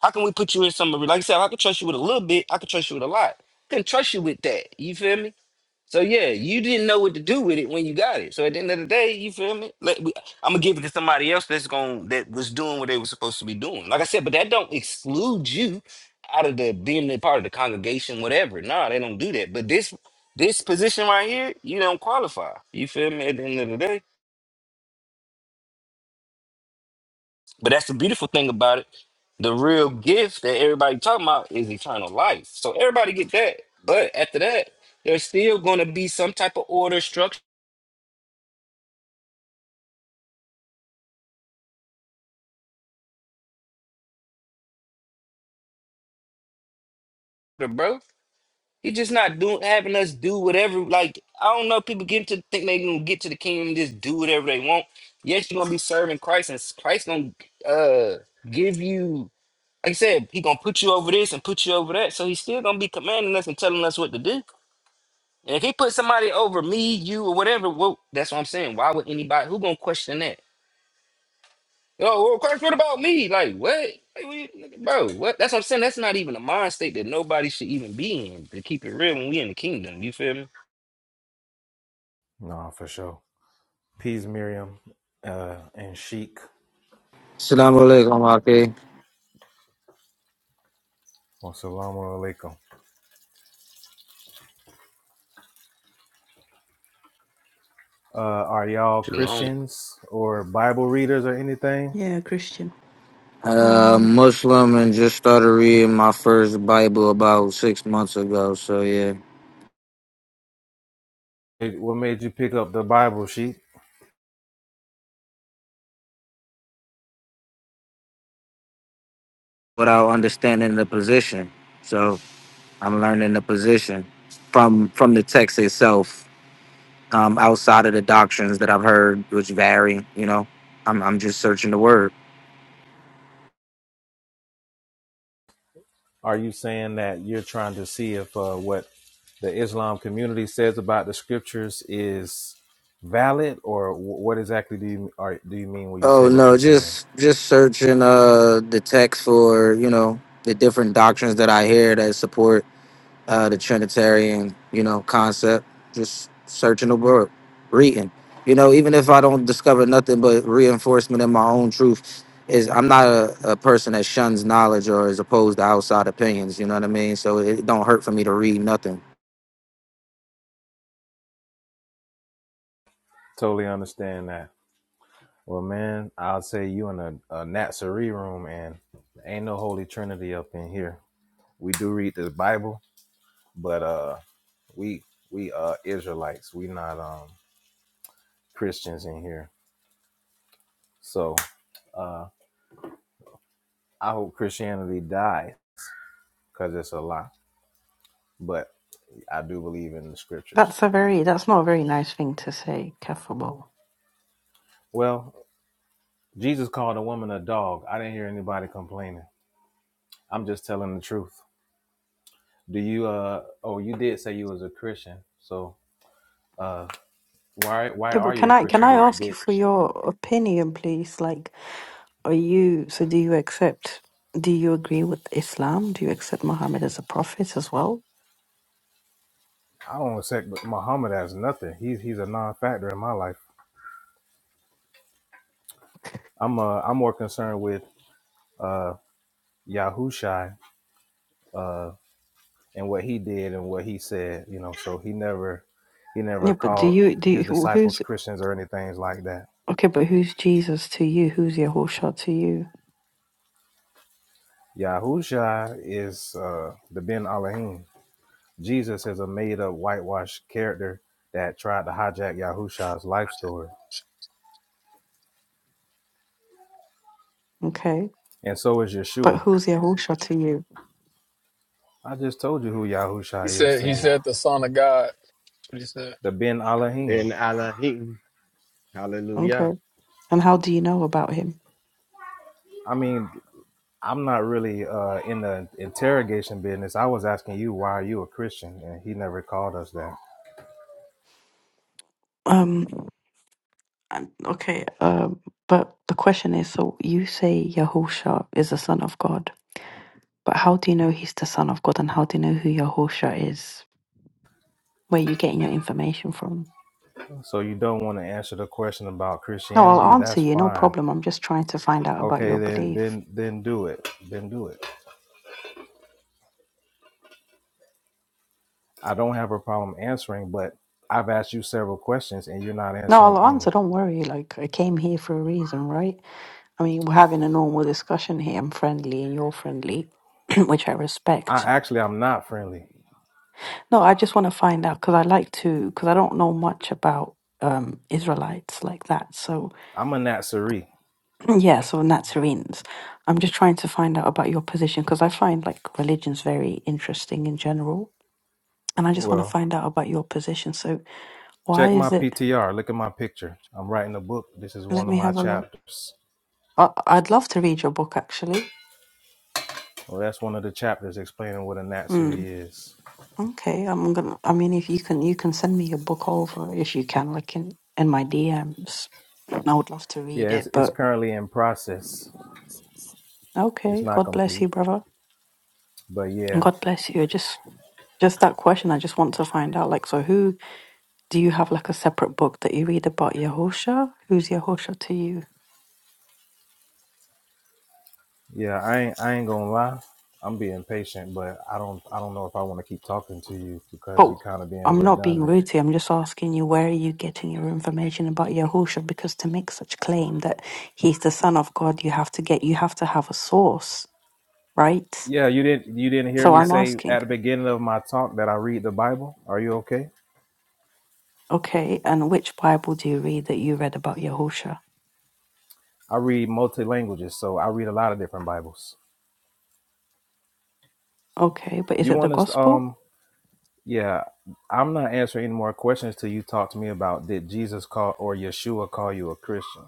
Speaker 2: How can we put you in some like I said, I can trust you with a little bit, I can trust you with a lot. I Can trust you with that. You feel me? So yeah, you didn't know what to do with it when you got it. So at the end of the day, you feel me? Like, I'm gonna give it to somebody else that's going that was doing what they were supposed to be doing. Like I said, but that don't exclude you out of the being a part of the congregation, whatever. Nah, they don't do that. But this this position right here, you don't qualify. You feel me? At the end of the day, but that's the beautiful thing about it. The real gift that everybody talking about is eternal life. So everybody get that. But after that, there's still gonna be some type of order structure, bro He just not doing having us do whatever. Like I don't know, people get to think they gonna get to the kingdom and just do whatever they want. Yes, you're gonna be serving Christ, and Christ gonna uh give you. Like I said, he gonna put you over this and put you over that. So he's still gonna be commanding us and telling us what to do. And if he put somebody over me, you, or whatever, well, that's what I'm saying. Why would anybody who gonna question that? Oh, well, Christ, what about me? Like what? Like, what you- bro, what? That's what I'm saying. That's not even a mind state that nobody should even be in. To keep it real, when we in the kingdom, you feel me?
Speaker 1: Nah, for sure. Peace, Miriam, uh, and Sheik.
Speaker 4: Assalamu alaikum, Ake.
Speaker 1: Wassalamu alaikum. Uh, are y'all
Speaker 2: Shalom.
Speaker 1: Christians or Bible readers or anything?
Speaker 5: Yeah, Christian.
Speaker 4: Uh,
Speaker 5: Hi.
Speaker 4: Muslim and just started reading my first Bible about six months ago. So, yeah,
Speaker 1: Hey, What made you pick up the Bible, Sheik?
Speaker 4: without understanding the position. So, I'm learning the position from from the text itself, um, outside of the doctrines that I've heard, which vary, you know. I'm, I'm just searching the word.
Speaker 1: Are you saying that you're trying to see if uh, what the Islam community says about the scriptures is valid, or wh- what exactly do you are, do you mean when you say
Speaker 4: Oh,
Speaker 1: what
Speaker 4: no,
Speaker 1: you're saying?
Speaker 4: just just searching uh, the text for, you know, the different doctrines that I hear that support uh, the Trinitarian, you know, concept. Just searching the word, reading. You know, even if I don't discover nothing but reinforcement in my own truth, is I'm not a, a person that shuns knowledge or is opposed to outside opinions. You know what I mean? So it don't hurt for me to read nothing.
Speaker 1: Totally understand that. Well, man, I'll say you in a, a Natsuri room, and ain't no Holy Trinity up in here. We do read the Bible, but uh, we we uh Israelites. We not um Christians in here. So, uh, I hope Christianity dies because it's a lie. But I do believe in the
Speaker 5: That's
Speaker 1: scriptures.
Speaker 5: a very that's not a very nice thing to say, Keffable.
Speaker 1: Well, Jesus called a woman a dog. I didn't hear anybody complaining. I'm just telling the truth. Do you uh oh you did say you was a Christian. So uh why why
Speaker 5: Yeah, but
Speaker 1: are you
Speaker 5: can
Speaker 1: a
Speaker 5: I can
Speaker 1: Christian?
Speaker 5: I
Speaker 1: Did
Speaker 5: ask you
Speaker 1: did
Speaker 5: for your opinion, please? Like, are you so? Do you accept? Do you agree with Islam? Do you accept Muhammad as a prophet as well?
Speaker 1: I don't accept Muhammad as nothing. He's he's a non factor in my life. I'm uh I'm more concerned with uh Yahushai uh and what he did and what he said, you know, so he never he never
Speaker 5: Yeah, but do
Speaker 1: called
Speaker 5: you do
Speaker 1: his
Speaker 5: you, who-
Speaker 1: disciples
Speaker 5: who's
Speaker 1: Christians or anything like that.
Speaker 5: okay, but who's Jesus to you? Who's Yahusha to you?
Speaker 1: Yahusha is uh, the Ben Elohim. Jesus is a made-up whitewashed character that tried to hijack Yahusha's life story.
Speaker 5: Okay.
Speaker 1: And so is
Speaker 5: But
Speaker 1: Yeshua.
Speaker 5: who's Yahusha to you?
Speaker 1: I just told you who
Speaker 6: He
Speaker 1: Yahusha is
Speaker 6: said
Speaker 1: to
Speaker 6: he
Speaker 1: me.
Speaker 6: said the son of God. That's what he said.
Speaker 1: The Ben Elohim.
Speaker 7: Ben Elohim.
Speaker 5: Okay.
Speaker 7: Hallelujah.
Speaker 5: And how do you know about him?
Speaker 1: I mean, I'm not really uh, in the interrogation business. I was asking you, why are you a Christian? And he never called us that.
Speaker 5: Um Um, Okay, um, but the question is, so you say Yahusha is the son of God, but how do you know he's the son of God, and how do you know who Yahusha is? Where are you getting your information from?
Speaker 1: So you don't want to answer the question about
Speaker 5: No, I'll
Speaker 1: Christianity?
Speaker 5: answer
Speaker 1: That's
Speaker 5: you, no
Speaker 1: fine.
Speaker 5: problem. I'm just trying to find out about
Speaker 1: Okay,
Speaker 5: your
Speaker 1: then,
Speaker 5: belief.
Speaker 1: then, then do it. Then do it. I don't have a problem answering, but I've asked you several questions and you're not
Speaker 5: No,
Speaker 1: answering
Speaker 5: I'll
Speaker 1: any.
Speaker 5: answer. Don't worry. Like I came here for a reason, right? I mean, we're having a normal discussion here. I'm friendly, and you're friendly, which I
Speaker 1: I
Speaker 5: respect.
Speaker 1: actually I'm not friendly.
Speaker 5: No, I just want to find out because I like to because I don't know much about um Israelites like that, so.
Speaker 1: I'm a Natsuri.
Speaker 5: Yes, or Nazarenes. I'm just trying to find out about your position because I find like religions very interesting in general. And I just want to
Speaker 1: Well,
Speaker 5: find out about your position. So, why
Speaker 1: check my
Speaker 5: is it?
Speaker 1: PTR. Look at my picture. I'm writing a book. This is
Speaker 5: Let
Speaker 1: one of
Speaker 5: me
Speaker 1: my
Speaker 5: have a look.
Speaker 1: chapters.
Speaker 5: I, I'd love to read your book actually.
Speaker 1: Well, that's one of the chapters explaining what a
Speaker 5: Mm,
Speaker 1: Natsuri is.
Speaker 5: okay, I'm gonna. I mean, if you can, you can send me your book over if you can, like in in my DMs. I would love to
Speaker 1: Yeah,
Speaker 5: read
Speaker 1: it's
Speaker 5: it,
Speaker 1: it's
Speaker 5: but
Speaker 1: currently in process. It's
Speaker 5: okay.
Speaker 1: not
Speaker 5: God bless
Speaker 1: complete.
Speaker 5: you, brother.
Speaker 1: But yeah,
Speaker 5: God bless you. Just just that question. I just want to find out. Like, so who do you have like a separate book that you read about Yahusha? Who's Yahusha to you?
Speaker 1: yeah, I ain't I ain't gonna lie. I'm being patient, but I don't I don't know if I want to keep talking to you because you're
Speaker 5: But
Speaker 1: kind of being
Speaker 5: I'm not being
Speaker 1: redundant
Speaker 5: rude to you. I'm just asking you where are you getting your information about Yahusha? Because to make such claim that he's the son of God, you have to get you have to have a source, right?
Speaker 1: Yeah, you didn't you didn't hear
Speaker 5: So
Speaker 1: me
Speaker 5: I'm
Speaker 1: say at
Speaker 5: asking,
Speaker 1: the beginning of my talk that I read the Bible. Are you okay?
Speaker 5: okay, and which Bible do you read that you read about Yahusha?
Speaker 1: I read multi languages, so I read a lot of different Bibles.
Speaker 5: Okay, but is
Speaker 1: You
Speaker 5: it the
Speaker 1: want us
Speaker 5: gospel?
Speaker 1: um yeah, I'm not answering any more questions till you talk to me about did Jesus call or Yeshua call you a Christian?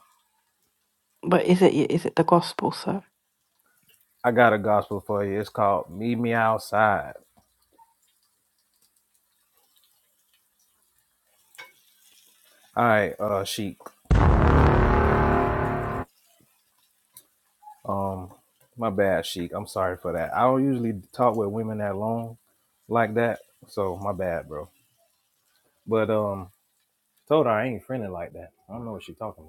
Speaker 5: But is it is it the gospel, sir?
Speaker 1: I got a gospel for you. It's called Meet Me Outside. All right, uh Sheik. Um my bad, Sheik. I'm sorry for that. I don't usually talk with women that long like that. So my bad, bro. But um Told her I ain't friendly like that. I don't know what she talking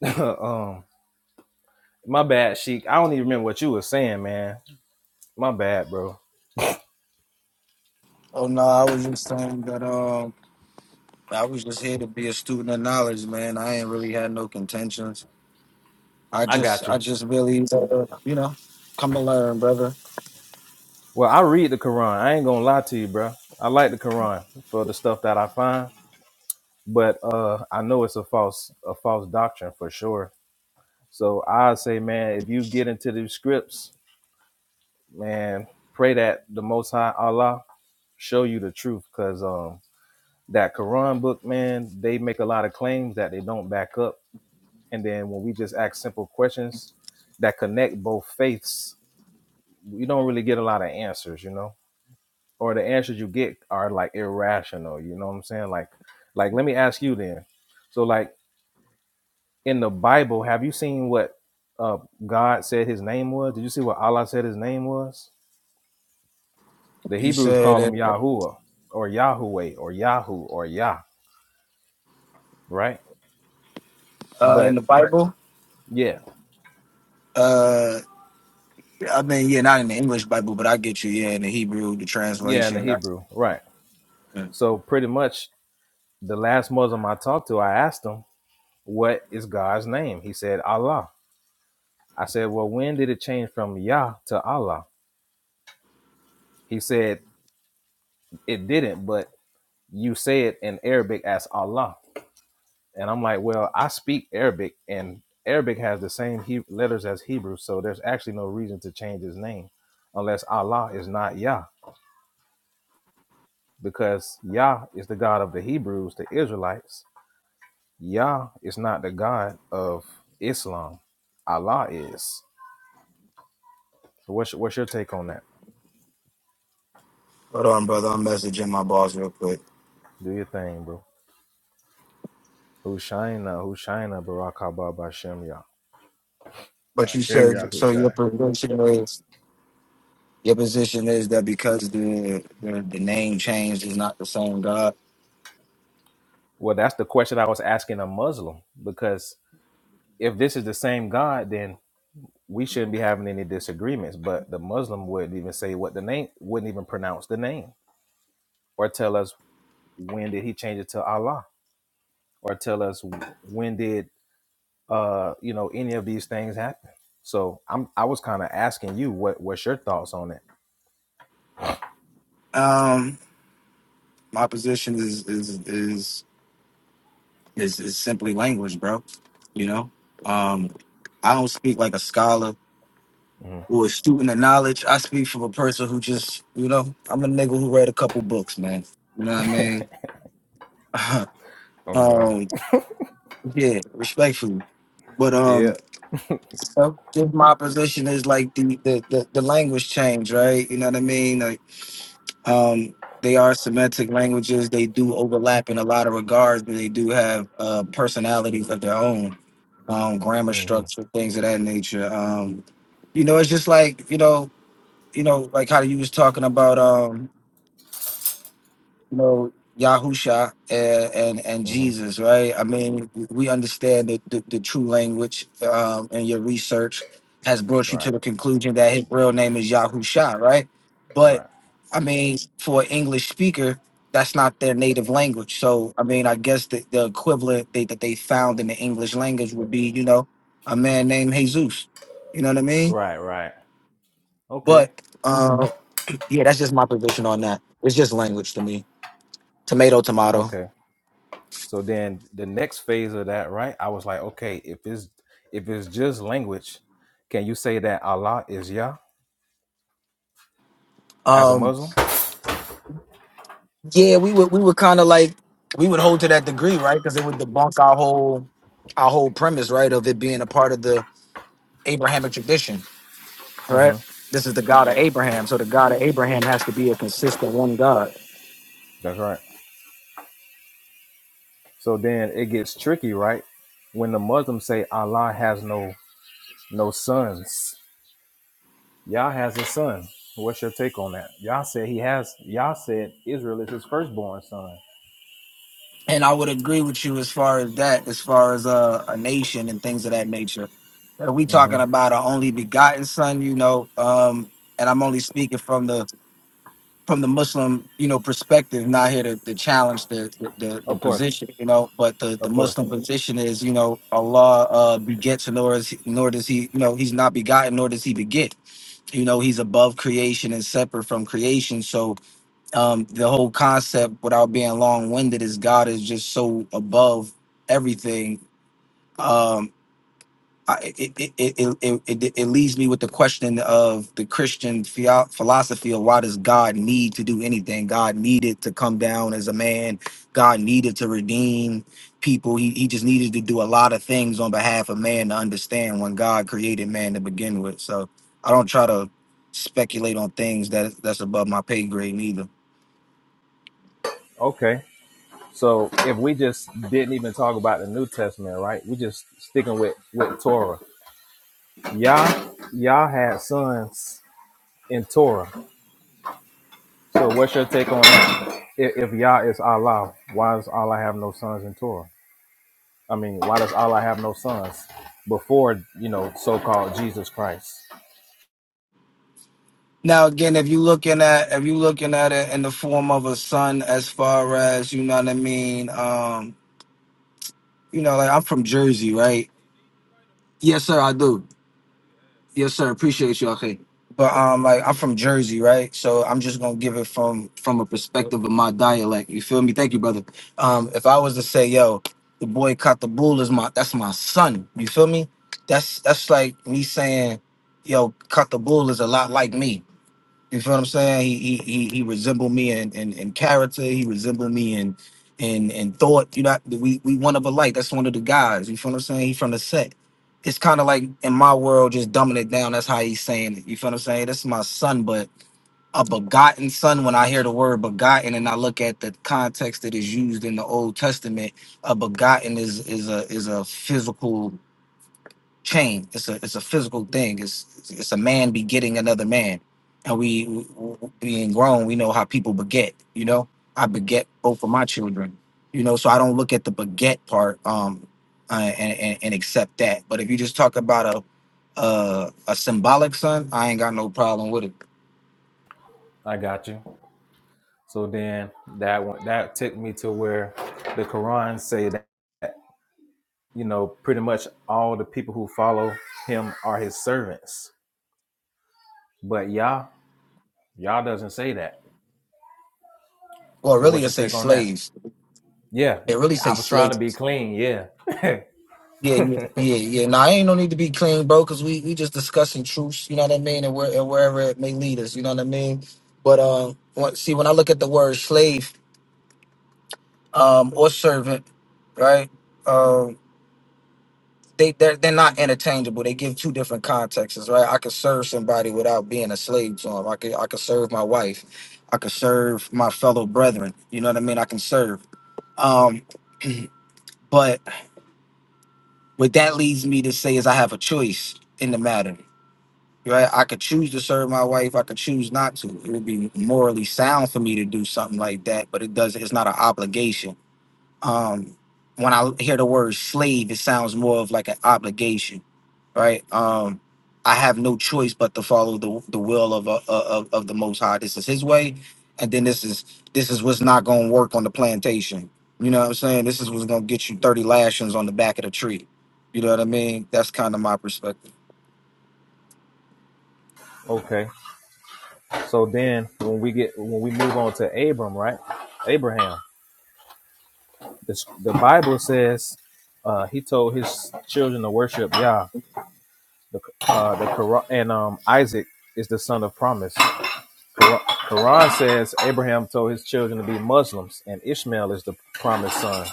Speaker 1: about. um, my bad, Sheik. I don't even remember what you was saying, man. My bad, bro.
Speaker 4: Oh no, I was just saying that um I was just here to be a student of knowledge, man. I ain't really had no contentions. I
Speaker 1: I
Speaker 4: just
Speaker 1: got you.
Speaker 4: I just really uh, you know, come to learn, brother.
Speaker 1: Well, I read the Quran. I ain't gonna lie to you, bro. I like the Quran for the stuff that I find, but uh, I know it's a false, a false doctrine for sure. So I say, man, if you get into these scripts, man, pray that the Most High Allah show you the truth, because um, that Quran book, man, they make a lot of claims that they don't back up And then when we just ask simple questions that connect both faiths, you don't really get a lot of answers, you know? Or the answers you get are like irrational, you know what I'm saying? Like like let me ask you then. So like in the Bible, have you seen what uh God said his name was? Did you see what Allah said his name was? The
Speaker 4: You
Speaker 1: Hebrews call him
Speaker 4: said that
Speaker 1: Yahuwah or Yahweh or Yahoo or Yah, right? But yeah,
Speaker 4: uh. I mean, yeah, not in the English Bible, but I get you. Yeah, in the Hebrew, the
Speaker 1: yeah, in the
Speaker 4: translation. I-
Speaker 1: Hebrew, right.
Speaker 4: Yeah.
Speaker 1: So pretty much the last Muslim I talked to, I asked him what is God's name? He said, Allah. I said, well, when did it change from Yah to Allah? He said, it didn't, but you say it in Arabic as Allah. And I'm like, well, I speak Arabic and Arabic has the same he- letters as Hebrew. So there's actually no reason to change his name unless Allah is not Yah because Yah is the God of the Hebrews, the Israelites. Yah is not the God of Islam. Allah is. So what's, what's your take on that?
Speaker 4: Hold on, brother. I'm messaging my boss real quick.
Speaker 1: Do your thing, bro. Hushaina, Hushaina, Barak Haba Bashem Yah.
Speaker 4: But you
Speaker 7: Hashem
Speaker 4: said so. Your
Speaker 7: Yahushua.
Speaker 4: position is your position is that because the the, the name changed is not the same God.
Speaker 1: Well, that's the question I was asking a Muslim because if this is the same God, then we shouldn't be having any disagreements. But the Muslim wouldn't even say what the name, wouldn't even pronounce the name, or tell us when did he change it to Allah, or tell us when did uh you know any of these things happen. So I'm I was kind of asking you what what's your thoughts on it?
Speaker 4: Um, my position is is is is, is simply language, bro. You know, um, I don't speak like a scholar
Speaker 1: Mhm.
Speaker 4: or a student of knowledge. I speak from a person who just, you know, I'm a nigga who read a couple books, man. You know what I mean?
Speaker 1: oh God,
Speaker 4: Um, yeah, respectfully. But
Speaker 1: yeah,
Speaker 4: um, so just my position is like the, the the the language change, right? You know what I mean? Like, um, they are semantic languages. They do overlap in a lot of regards, but they do have uh personalities of their own, um, grammar
Speaker 1: hmm
Speaker 4: structure, things of that nature. Um, you know, it's just like you know, you know, like how you was talking about. um, you know, Yahusha and, and, and
Speaker 1: hmm
Speaker 4: Jesus, right? I mean, we understand that the, the true language um, and your research has brought you to
Speaker 1: right,
Speaker 4: the conclusion that his real name is Yahusha, right? But
Speaker 1: right,
Speaker 4: I mean, for an English speaker, that's not their native language. So, I mean, I guess the, the equivalent they, that they found in the English language would be, you know, a man named Jesus. You know what I mean?
Speaker 1: right, right. Okay.
Speaker 4: But uh, yeah, that's just my position on that. It's just language to me. Tomato, tomato.
Speaker 1: Okay. So then the next phase of that, right? I was like, okay, if it's if it's just language, can you say that Allah is Yah as a
Speaker 4: Um,
Speaker 1: Muslim?
Speaker 4: yeah, we would we would kind of like we would hold to that degree, right? Because it would debunk our whole our whole premise, right, of it being a part of the Abrahamic tradition, right?
Speaker 1: hmm
Speaker 4: This is the God of Abraham, so the God of Abraham has to be a consistent one God.
Speaker 1: That's right. So then it gets tricky, right? When the Muslims say Allah has no no sons, Yah has a son. What's your take on that? Yah said he has. Yah said Israel is his firstborn son.
Speaker 4: And I would agree with you as far as that, as far as uh, a nation and things of that nature. Are we
Speaker 1: hmm
Speaker 4: talking about our only begotten Son? You know, um, and I'm only speaking from the from the Muslim, you know, perspective, not here to, to challenge the, the the the
Speaker 1: Of course,
Speaker 4: position, you know, but the, the
Speaker 1: of course.
Speaker 4: Muslim position is, you know, Allah uh, begets nor is nor does he, you know, he's not begotten nor does he beget. You know, he's above creation and separate from creation. So um, the whole concept, without being long winded, is God is just so above everything Um, I, it, it, it, it, it, it leaves me with the question of the Christian phio- philosophy of why does God need to do anything? God needed to come down as a man. God needed to redeem people. He, he just needed to do a lot of things on behalf of man to understand when God created man to begin with. So I don't try to speculate on things that that's above my pay grade neither.
Speaker 1: Okay. So if we just didn't even talk about the New Testament, right? We just sticking with with Torah. Yah Yah had sons in Torah. So what's your take on that? If, if Yah is Allah, why does Allah have no sons in Torah? I mean, why does Allah have no sons before you know so-called Jesus Christ?
Speaker 4: Now again, if you looking at if you looking at it in the form of a son, as far as you know what I mean, um you know, like I'm from Jersey, right? Yes, sir, I do. Yes, sir, appreciate you, okay. But um, like I'm from Jersey, right? So I'm just gonna give it from from a perspective of my dialect. You feel me? Thank you, brother. Um, if I was to say, yo, the boy caught the bull is my that's my son. You feel me? That's that's like me saying, yo, caught the bull is a lot like me. You feel what I'm saying? He he he, he resembled me in, in in character. He resembled me in in in thought. You know, we we one of a like. That's one of the guys. You feel what I'm saying? He from the set. It's kind of like in my world, just dumbing it down. That's how he's saying it. You feel what I'm saying? This is my son, but a begotten son. When I hear the word begotten, and I look at the context that is used in the Old Testament, a begotten is is a is a physical chain. It's a it's a physical thing. It's it's a man begetting another man, and we, we being grown, we know how people beget. You know, I beget both of my children. You know, so I don't look at the beget part um uh, and, and and accept that. But if you just talk about a a, a symbolic son, I ain't got no problem with it.
Speaker 1: I got you. So then that one that took me to where the Quran say that you know pretty much all the people who follow him are his servants But Yah, Yah doesn't say that.
Speaker 4: Well,
Speaker 1: So
Speaker 4: really,
Speaker 1: what's
Speaker 4: it
Speaker 1: your
Speaker 4: say
Speaker 1: take on that?
Speaker 4: slaves.
Speaker 1: Yeah,
Speaker 4: It really
Speaker 1: I
Speaker 4: say
Speaker 1: was trying
Speaker 4: slaves.
Speaker 1: to be clean. Yeah.
Speaker 4: Yeah, yeah, yeah, yeah. Nah, I ain't no need to be clean, bro, because we we just discussing truths. You know what I mean, and where and wherever it may lead us. You know what I mean. But uh, what- see, when I look at the word slave, um, or servant, right? Um, they they're they're not interchangeable. They give two different contexts, right? I could serve somebody without being a slave to them. I could I could serve my wife. I could serve my fellow brethren. You know what I mean. I can serve. Um, but what that leads me to say is I have a choice in the matter. Right? I could choose to serve my wife. I could choose not to. It would be morally sound for me to do something like that, but it doesn't. It's not an obligation. Um, when I hear the word slave, it sounds more of like an obligation, right? Um, I have no choice but to follow the the will of a, of of the Most High. This is His way, and then this is this is what's not going to work on the plantation. You know what I'm saying? This is what's going to get you 30 lashings on the back of the tree. You know what I mean? That's kind of my perspective.
Speaker 1: okay. So then when we get when we move on to Abram, right? Abraham. This, the Bible says uh, he told his children to worship Yah. The uh, the Quran and um, Isaac is the son of promise. Quran, Quran says Abraham told his children to be Muslims, and Ishmael is the promised son.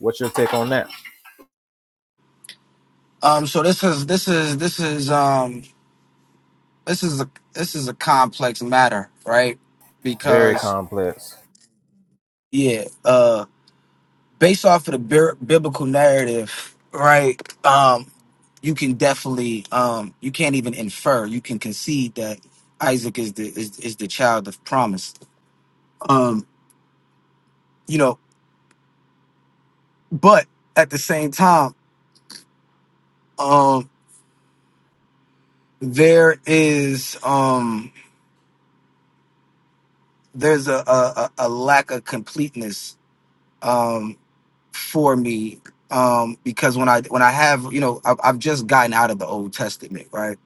Speaker 1: What's your take on that?
Speaker 4: Um, so this is this is this is um this is a this is a complex matter, right?
Speaker 1: Very
Speaker 4: Because
Speaker 1: complex.
Speaker 4: yeah, uh, based off of the bir- biblical narrative, right? Um, you can definitely um you can't even infer, you can concede that Isaac is the is, is the child of promise. Um, you know, but at the same time, um, there is um there's a a, a a lack of completeness Um, for me um because when i when i have you know I've, I've just gotten out of the old testament right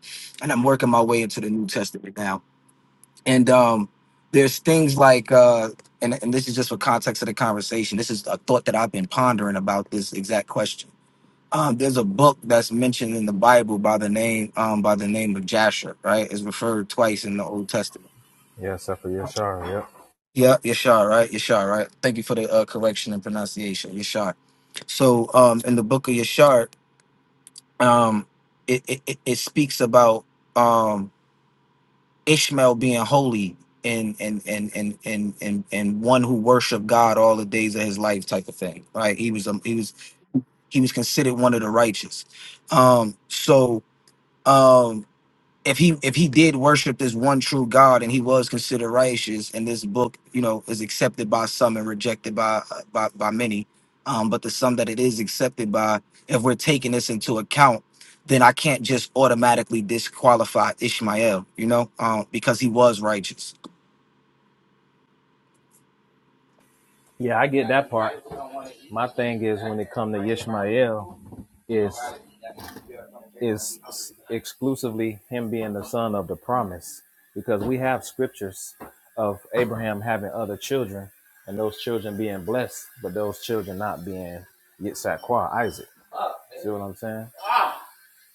Speaker 4: and i'm working my way into the new testament now and um there's things like uh and, and this is just for context of the conversation this is a thought that i've been pondering about this exact question um there's a book that's mentioned in the bible by the name um by the name of jasher right it's referred twice in the old testament
Speaker 1: Yeah, except for Yashar. Yep.
Speaker 4: yeah yeshar right yeshar right thank you for the uh, correction and pronunciation yeshar so um in the book of yeshar um it it, it it speaks about um ishmael being holy and and and and and and, and one who worshiped god all the days of his life type of thing right he was um, he was he was considered one of the righteous um so um, if he if he did worship this one true God and he was considered righteous, and this book, you know, is accepted by some and rejected by uh, by by many, um, but the some that it is accepted by, if we're taking this into account, then I can't just automatically disqualify Ishmael, you know, um, because he was righteous.
Speaker 1: Yeah, I get that part. My thing is when it comes to Ishmael, is is exclusively him being the son of the promise, because we have scriptures of Abraham having other children, and those children being blessed, but those children not being Yitzhak, Isaac. See what I'm saying?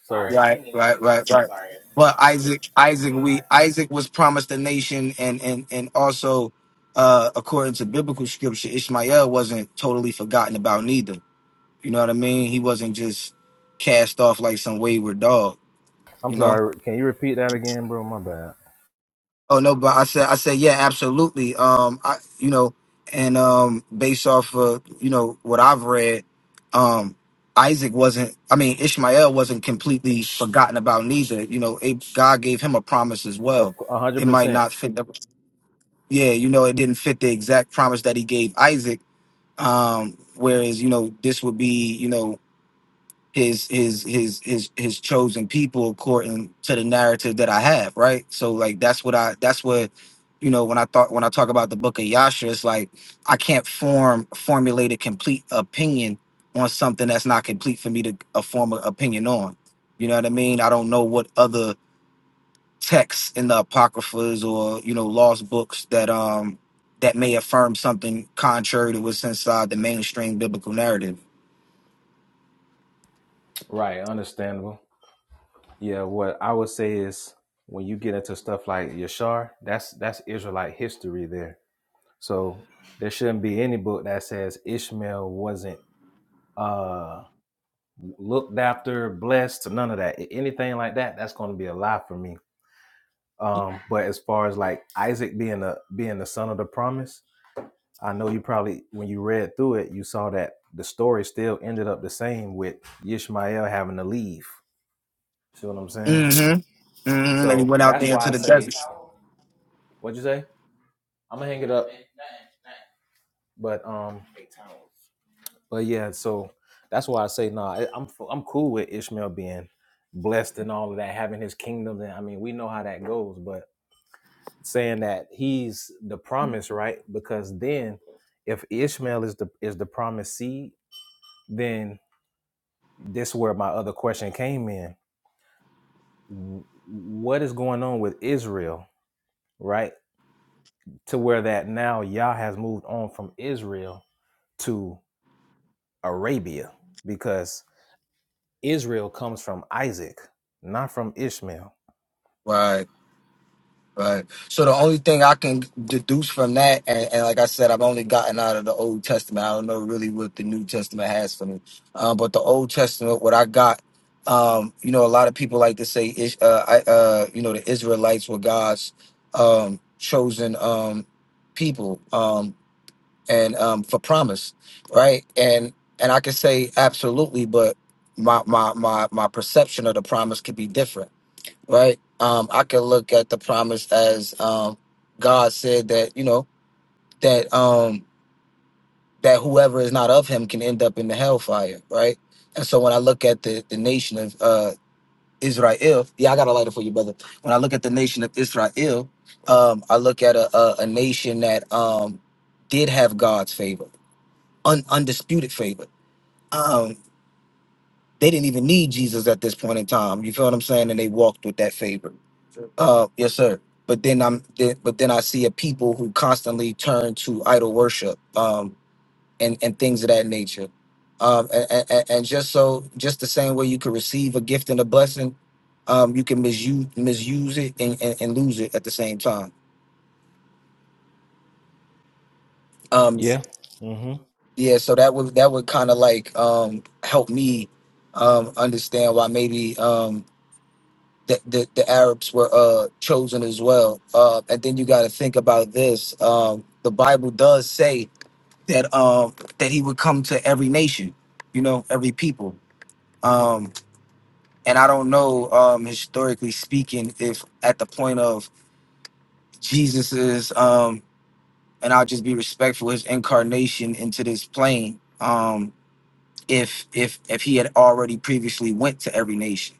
Speaker 1: So,
Speaker 4: Right, right, right,
Speaker 1: So
Speaker 4: right.
Speaker 1: sorry.
Speaker 4: But Isaac, Isaac, we Isaac was promised a nation, and and and also, uh, according to biblical scripture, Ishmael wasn't totally forgotten about neither You know what I mean? He wasn't just cast off like some wayward dog,
Speaker 1: I'm
Speaker 4: you know?
Speaker 1: sorry. Can you repeat that again, bro? My bad.
Speaker 4: Oh no, but I said I said yeah, absolutely. Um I you know, and um based off of, you know, what I've read, um Isaac wasn't I mean Ishmael wasn't completely forgotten about neither. You know, it, God gave him a promise as
Speaker 1: Of
Speaker 4: well.
Speaker 1: a hundred
Speaker 4: It might
Speaker 1: percent.
Speaker 4: not fit the yeah, you know, it didn't fit the exact promise that he gave Isaac. Um whereas, you know, this would be, you know, his his his his his chosen people according to the narrative that I have, right? So like that's what I that's what you know when I thought when I talk about the book of Yasha, it's like I can't form formulate a complete opinion on something that's not complete for me to uh, form an opinion on. You know what I mean? I don't know what other texts in the apocryphas or you know lost books that um that may affirm something contrary to what's inside the mainstream biblical narrative
Speaker 1: Right. Understandable. Yeah, what I would say is when you get into stuff like Yashar, that's that's Israelite history there. So there shouldn't be any book that says Ishmael wasn't uh looked after, blessed, none of that. A- Anything like that, that's gonna be a lie for me. Um, but as far as like Isaac being the being the son of the promise, I know you probably when you read through it, you saw that the story still ended up the same with Ishmael having to leave. See what I'm saying?
Speaker 4: hmm hmm And he
Speaker 1: So
Speaker 4: went out
Speaker 1: that's
Speaker 4: there
Speaker 1: why I
Speaker 4: into the
Speaker 1: say
Speaker 4: desert.
Speaker 1: what'd you say? I'm gonna hang it up. But um, but yeah, so that's why I say nah. I- I'm f- I'm cool with Ishmael being blessed and all of that, having his kingdom. And I mean, we know how that goes. But saying that he's the promise, right? Because then, if Ishmael is the is the promised seed, then this where my other question came in. W- What is going on with Israel, right? To where that now Yah has moved on from Israel Arabia because Israel comes from Isaac, not from Ishmael.
Speaker 4: Right, right. So the only thing I can deduce from that, and, and like I said, I've only gotten out of the Old Testament. I don't know really what the New Testament has for me. Um, but the Old Testament, what I got, um, you know, a lot of people like to say, Ish- uh, I, uh, you know, the Israelites were God's um, chosen um, people. Um, and um, for promise, right? And and I could say absolutely, but my my my my perception of the promise could be different, right? Um, I could look at the promise as um, God said that you know that um, that whoever is not of Him can end up in the hellfire, right? And so when I look at the the nation of uh, Israel, yeah, I got a lighter for you, brother. When I look at the nation of Israel, um, I look at a, a, a nation that um, did have God's favor un, undisputed favor. Um, they didn't even need Jesus at this point in time. You feel what I'm saying? And they walked with that favor. Uh, yes, sir. But then I'm, then, but then I see a people who constantly turn to idol worship, um, and and things of that nature. Um, and, and, and just so, just the same way you could receive a gift and a blessing, um, you can misuse misuse it and, and, and lose it at the same time. Um,
Speaker 1: Yeah. mm hmm
Speaker 4: yeah. So that would that would kind of like um help me um understand why maybe um the, the, the Arabs were uh, chosen as well. Uh, and then you got to think about this. Um, the Bible does say that um, that he would come to every nation, you know, every people. Um, and I don't know, um, historically speaking, if at the point of Jesus's, um, and I'll just be respectful, his incarnation into this plane, um, if if if he had already previously went to every nation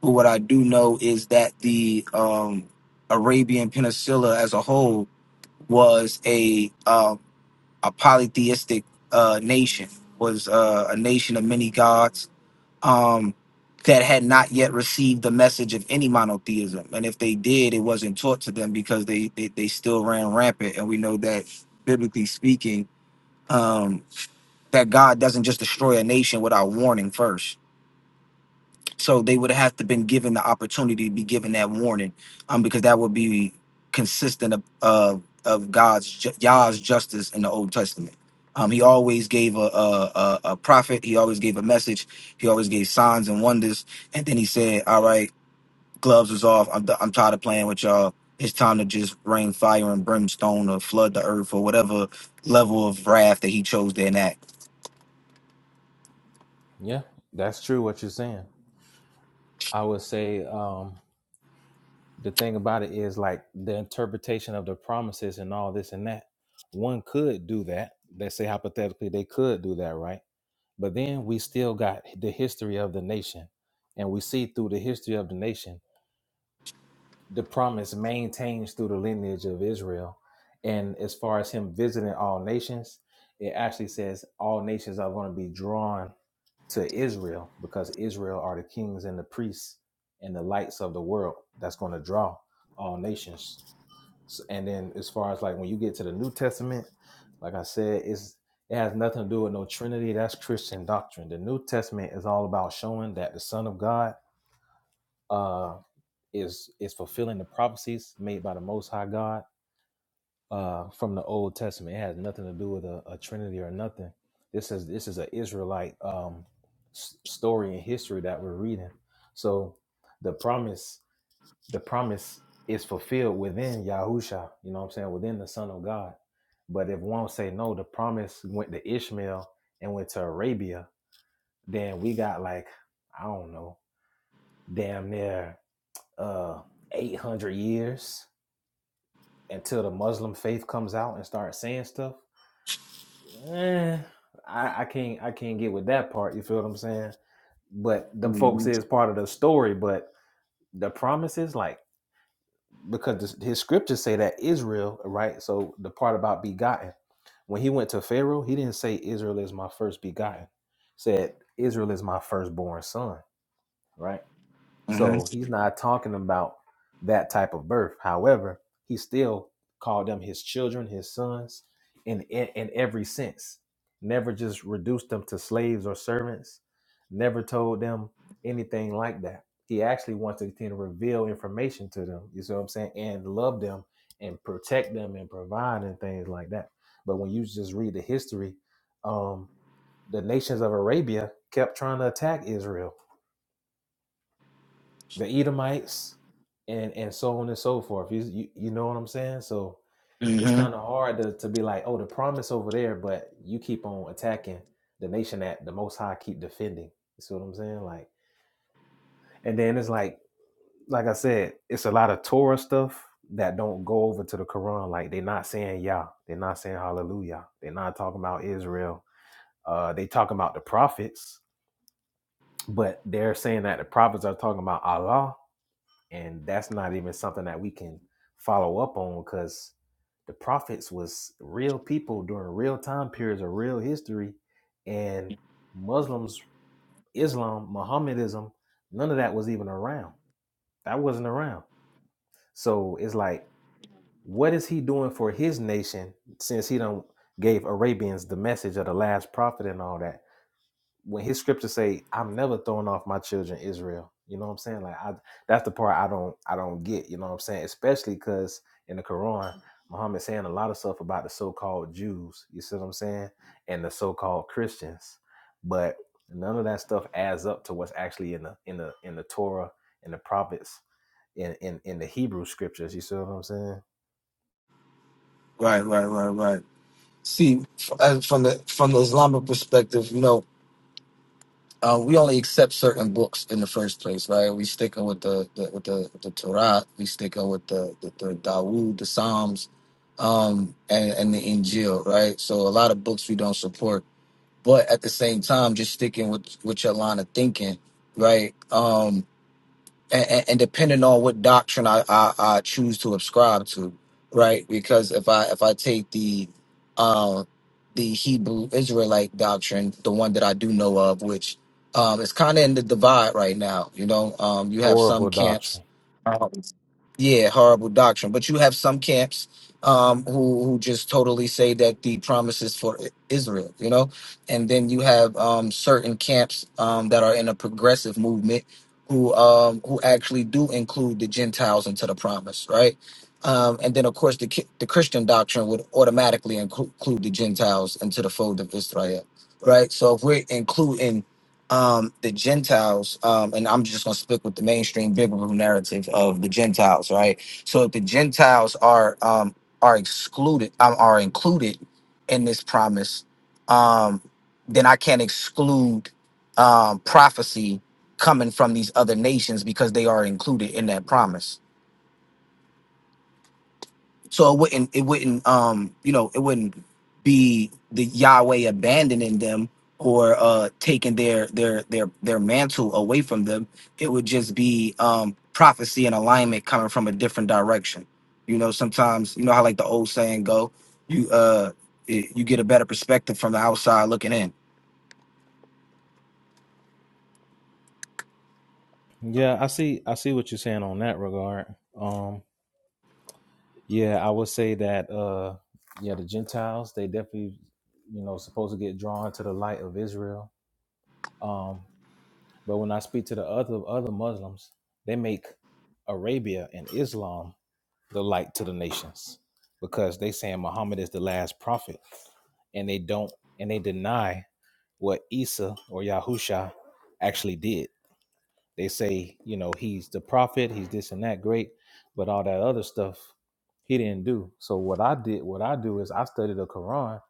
Speaker 4: But what I do know is that the um, Arabian Peninsula as a whole was a uh, a polytheistic uh, nation, was uh, a nation of many gods um, that had not yet received the message of any monotheism. And if they did, it wasn't taught to them because they they, they still ran rampant. And we know that biblically speaking, um, that God doesn't just destroy a nation without warning first so they would have to been given the opportunity to be given that warning, um, because that would be consistent of of, of God's ju- Yah's justice in the Old Testament. Um, he always gave a, a a a prophet. He always gave a message. He always gave signs and wonders. And then he said, "All right, gloves is off. I'm I'm tired of playing with y'all. It's time to just rain fire and brimstone or flood the earth or whatever level of wrath that he chose to enact."
Speaker 1: Yeah. That's true what you're saying. I would say um the thing about it is like the interpretation of the promises and all this and that. One could do that. Let's say hypothetically they could do that, right? But then we still got the history of the nation. And we see through the history of the nation, the promise maintains through the lineage of Israel. And as far as him visiting all nations, it actually says all nations are going to be drawn to Israel because Israel are the kings and the priests and the lights of the world that's going to draw all nations. S- And then as far as like when you get to the New Testament, like I said, it's it has nothing to do with no Trinity. That's Christian doctrine. The New Testament is all about showing that the Son of God uh, is is fulfilling the prophecies made by the Most High God uh, from the Old Testament. It has nothing to do with a, a Trinity or nothing. This is this is an Israelite um, s- story and history that we're reading. So the promise, the promise is fulfilled within Yahusha. You know what I'm saying? Within the Son of God. But if one say no, the promise went to Ishmael and went to Arabia. Then we got like I don't know, damn near uh, 800 years until the Muslim faith comes out and starts saying stuff Eh, I, I can't I can't get with that part. You feel what I'm saying? But them folks
Speaker 4: hmm
Speaker 1: is part of the story, but the promises, like because his scriptures say that Israel, right? So the part about begotten, when he went to Pharaoh, he didn't say Israel is my first begotten. Said Israel is my firstborn son, right?
Speaker 4: hmm
Speaker 1: So he's not talking about that type of birth. However, he still called them his children, his sons, in in, in every sense. Never just reduced them to slaves or servants. Never told them anything like that. He actually wants to continue to reveal information to them. You see what I'm saying? And love them and protect them and provide and things like that. But when you just read the history, um, the nations of Arabia kept trying to attack Israel the Edomites, and and so on and so forth. You you, you know what I'm saying? So it's
Speaker 4: hmm
Speaker 1: kind of hard to, to be like, oh, the promise over there, but you keep on attacking the nation that the Most High keep defending. You see what I'm saying? Like, and then it's like, like I said, it's a lot of Torah stuff that don't go over to the Quran. Like they're not saying Yah, they're not saying Hallelujah, they're not talking about Israel. Uh, they talking about the prophets, but they're saying that the prophets are talking about Allah and that's not even something that we can follow up on because the prophets was real people during real time periods of real history and muslims islam mohammedanism none of that was even around that wasn't around so it's like what is he doing for his nation since he don't gave arabians the message of the last prophet and all that when his scriptures say i'm never throwing off my children israel you know what i'm saying like i that's the part i don't i don't get you know what i'm saying especially because in the quran muhammad saying a lot of stuff about the so-called jews you see what i'm saying and the so-called christians but none of that stuff adds up to what's actually in the in the in the torah in the prophets in in, in the hebrew scriptures you see what i'm saying
Speaker 4: Right, right, right, right. See, f- uh, from the from the Islamic perspective, you know, uh, we only accept certain books in the first place, right? We stick with the, the with the the Torah, we stick with the the, the Dawood, the Psalms, um, and and the Injil, right? So a lot of books we don't support, but at the same time, just sticking with with your line of thinking, right? Um, and, and depending on what doctrine I, I I choose to ascribe to, right? Because if I if I take the um the Hebrew Israelite doctrine, the one that I do know of, which um is kind of in the divide right now, you know, um you have some
Speaker 1: horrible
Speaker 4: camps,
Speaker 1: doctrine
Speaker 4: um, yeah, horrible doctrine, but you have some camps um who who just totally say that the promise is for I- Israel, you know, and then you have um certain camps um that are in a progressive movement who um who actually do include the Gentiles into the promise, right? Um, and then of course the ki- the Christian doctrine would automatically inclu- include the Gentiles into the fold of Israel, right? So if we're including um, the Gentiles, um, and I'm just gonna stick with the mainstream biblical narrative of the Gentiles, right? So if the Gentiles are um, are excluded, um, are included in this promise, um, then I can't exclude um, prophecy coming from these other nations because they are included in that promise. So it wouldn't it wouldn't um you know it wouldn't be the Yahweh abandoning them or uh taking their their their their mantle away from them. It would just be um prophecy and alignment coming from a different direction. You know, sometimes you know how like the old saying go, you uh it, you get a better perspective from the outside looking in.
Speaker 1: Yeah, I see. I see what you're saying on that regard. Um, Yeah, I would say that uh yeah, the Gentiles, they definitely, you know, supposed to get drawn to the light of Israel. Um, but when I speak to the other other Muslims, they make Arabia and Islam the light to the nations because they saying Muhammad is the last prophet and they don't and they deny what Isa or Yahusha actually did. They say, you know, he's the prophet, he's this and that, great, but all that other stuff he didn't do. So what I did, what I do is I study the Quran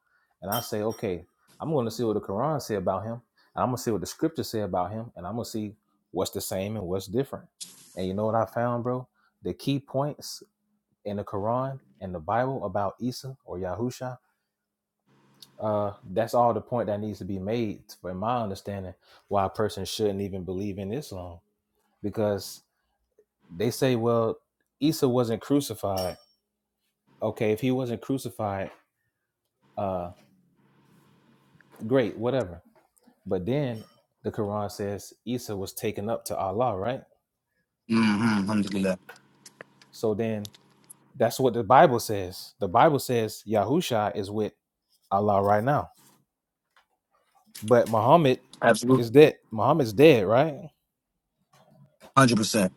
Speaker 1: and I say, okay, I'm going to see what the Quran say about him, and I'm going to see what the scriptures say about him, and I'm going to see what's the same and what's different. And you know what I found, bro? The key points in the Quran and the Bible about Isa or Yahusha, uh, that's all the point that needs to be made, in my understanding, why a person shouldn't even believe in Islam. Because they say, well, Isa wasn't crucified. Okay, if he wasn't crucified, uh, great, whatever. But then the Quran says Isa was taken up to Allah, right?
Speaker 4: Mm-hmm. Alhamdulillah.
Speaker 1: So then that's what the Bible says. The Bible says Yahusha is with Allah right now. But Muhammad
Speaker 4: Absolutely.
Speaker 1: is dead. Muhammad's dead, right?
Speaker 4: Hundred percent.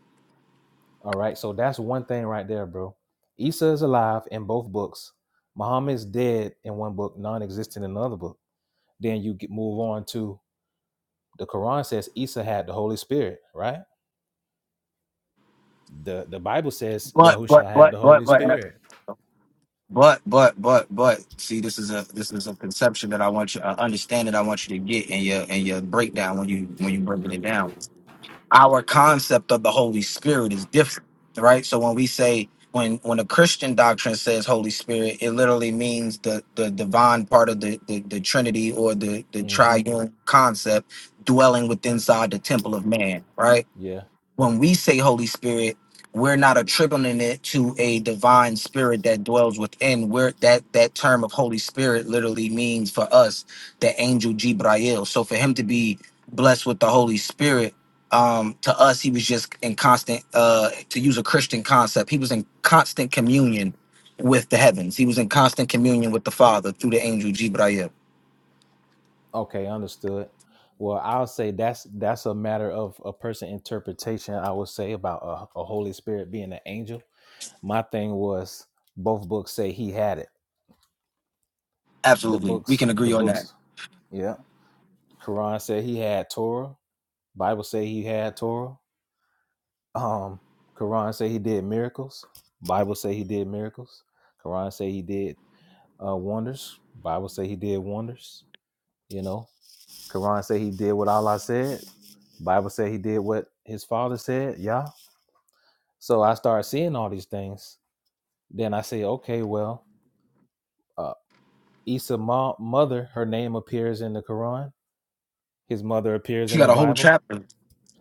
Speaker 1: All right, so that's one thing right there, bro. Isa is alive in both books. Muhammad's dead in one book, non-existent in another book. Then you get, move on to The Quran says Isa had the Holy Spirit, right? The the Bible says
Speaker 4: But
Speaker 1: Yahusha
Speaker 4: but
Speaker 1: had
Speaker 4: but
Speaker 1: the Holy
Speaker 4: but but
Speaker 1: Spirit.
Speaker 4: But but but but see, this is a this is a conception that I want you, uh, understand that I want you to get in your in your breakdown when you when you breaking it down. Our concept of the Holy Spirit is different, right? So when we say when when a Christian doctrine says Holy Spirit, it literally means the the divine part of the the, the Trinity or the the
Speaker 1: Mm. hmm
Speaker 4: triune concept dwelling within inside the temple of man, right?
Speaker 1: Yeah.
Speaker 4: when we say Holy Spirit, we're not attributing it to a divine spirit that dwells within. Where that that term of Holy Spirit literally means for us the angel Jibrail. So for him to be blessed with the Holy Spirit, um, to us he was just in constant. Uh, to use a Christian concept, he was in constant communion with the heavens. He was in constant communion with the Father through the angel Jibrail.
Speaker 1: Okay, understood. Well, I'll say that's that's a matter of a person interpretation. I would say about a, a Holy Spirit being an angel. My thing was both books say he had it. The
Speaker 4: Absolutely, we
Speaker 1: books,
Speaker 4: can
Speaker 1: the
Speaker 4: agree on that.
Speaker 1: books, yeah. Quran said he had Torah. Bible say he had Torah. Um, Quran say he did miracles. Bible say he did miracles. Quran say he did uh, wonders. Bible say he did wonders. You know, Quran say he did what Allah said. Bible say he did what his father said. Yeah. So I started seeing all these things. Then I say, okay, well, uh, Issa's mo- mother, her name appears in the Quran. His mother appears
Speaker 4: She
Speaker 1: in the
Speaker 4: got a whole
Speaker 1: Bible.
Speaker 4: chapter.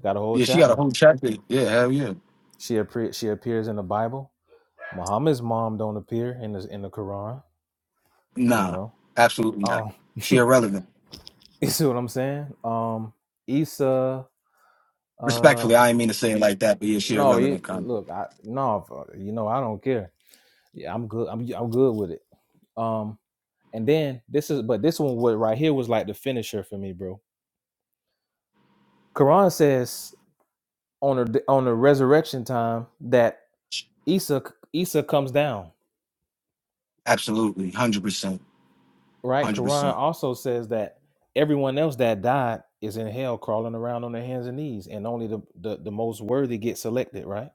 Speaker 1: Got a whole
Speaker 4: Yeah, she got a
Speaker 1: chapter.
Speaker 4: whole chapter. Yeah, hell yeah.
Speaker 1: She appear she appears in the Bible. Muhammad's mom don't appear in the in the Quran. You
Speaker 4: Nah,
Speaker 1: know.
Speaker 4: absolutely not.
Speaker 1: Um,
Speaker 4: She irrelevant.
Speaker 1: you see what I'm saying? Um, Isa. Uh,
Speaker 4: Respectfully, I ain't mean to say it like that, but yeah, she
Speaker 1: No, you
Speaker 4: irrelevant kind of.
Speaker 1: look, I no, f- you know, I don't care. Yeah, I'm good. I'm I'm good with it. Um, and then this is, but this one was right here was like the finisher for me, bro. Quran says on the on the resurrection time that Isa Isa comes down,
Speaker 4: Absolutely, hundred percent,
Speaker 1: right?
Speaker 4: hundred
Speaker 1: Quran
Speaker 4: percent.
Speaker 1: also says that everyone else that died is in hell, crawling around on their hands and knees, and only the the, the most worthy get selected, right?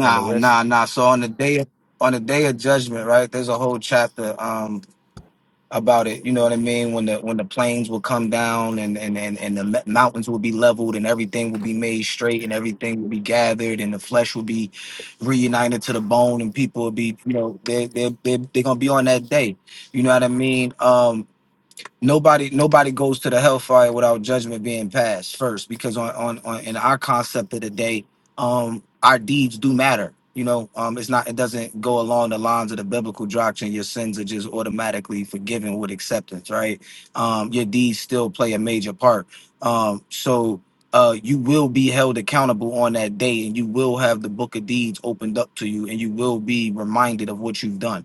Speaker 1: And the rest,
Speaker 4: nah, nah. So on the day on the day of judgment, right? There's a whole chapter um about it. You know what I mean? When the when the plains will come down and and and, and the le- mountains will be leveled and everything will be made straight and everything will be gathered and the flesh will be reunited to the bone and people will be you know they they they they're gonna be on that day. You know what I mean? Um, nobody nobody goes to the hellfire without judgment being passed first because on on, on in our concept of the day um our deeds do matter you know um it's not it doesn't go along the lines of the biblical doctrine your sins are just automatically forgiven with acceptance right um your deeds still play a major part um so uh, you will be held accountable on that day, and you will have the book of deeds opened up to you, and you will be reminded of what you've done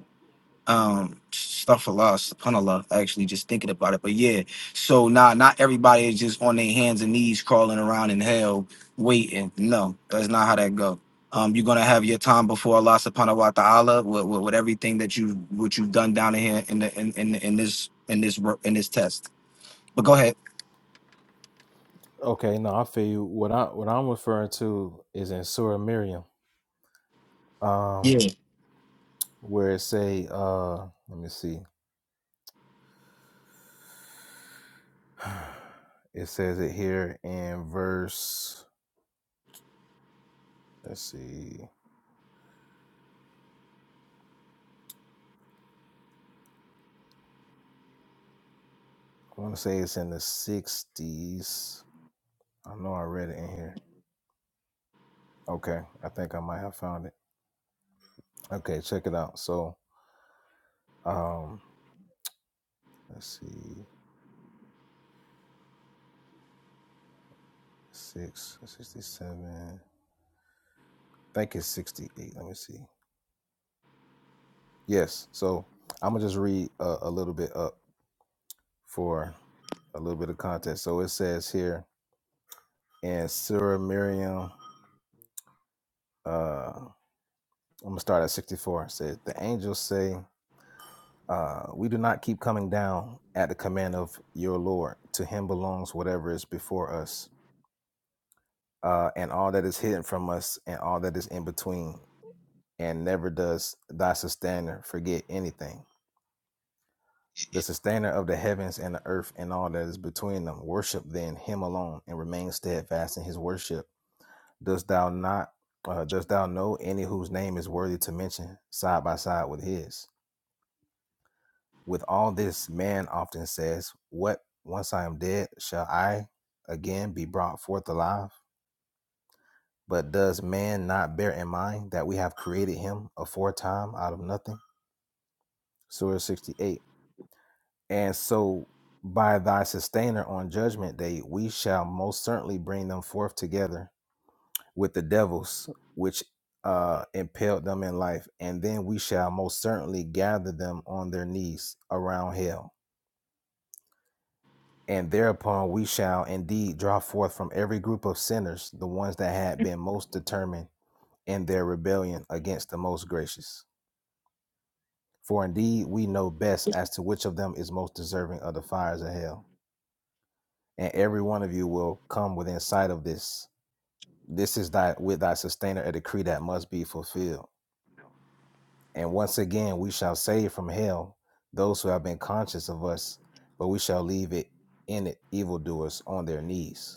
Speaker 4: um astaghfirullah, subhanallah, actually just thinking about it. But yeah, so nah, not everybody is just on their hands and knees crawling around in hell waiting. No, that's not how that go. Um, you're gonna have your time before Allah subhanahu wa ta'ala with, with, with everything that you what you've done down in here in the in, in in this in this wor- in this test. But go ahead.
Speaker 1: okay, no, I feel you. What I what I'm referring to is in Surah Miriam
Speaker 4: Yeah.
Speaker 1: um, where it say, uh, let me see, it says it here in verse. Let's see, I want to say it's in the sixties. I know I read it in here. Okay, I think I might have found it. Okay, check it out. So, um, let's see, six sixty-seven. I think it's sixty-eight. Let me see. Yes. So I'm gonna just read a, a little bit up for a little bit of context. So it says here in Surah Miriam. Uh, I'm gonna start at 64. It says the angels say, uh, "We do not keep coming down at the command of your Lord. To Him belongs whatever is before us, uh, and all that is hidden from us, and all that is in between. And never does thy sustainer forget anything." The sustainer of the heavens and the earth and all that is between them, worship then him alone and remain steadfast in his worship. Dost thou not uh, dost thou know any whose name is worthy to mention side by side with his? With all this, man often says, What, once I am dead, shall I again be brought forth alive? But does man not bear in mind that we have created him aforetime out of nothing? Surah 68. And so, by thy sustainer on judgment day, we shall most certainly bring them forth together with the devils, which uh, impelled them in life, and then we shall most certainly gather them on their knees around hell. And thereupon we shall indeed draw forth from every group of sinners the ones that had been most determined in their rebellion against the most gracious. For indeed we know best as to which of them is most deserving of the fires of hell. And every one of you will come within sight of this. This is thy with thy sustainer a decree that must be fulfilled. And once again we shall save from hell those who have been conscious of us, but we shall leave it in it evildoers on their knees.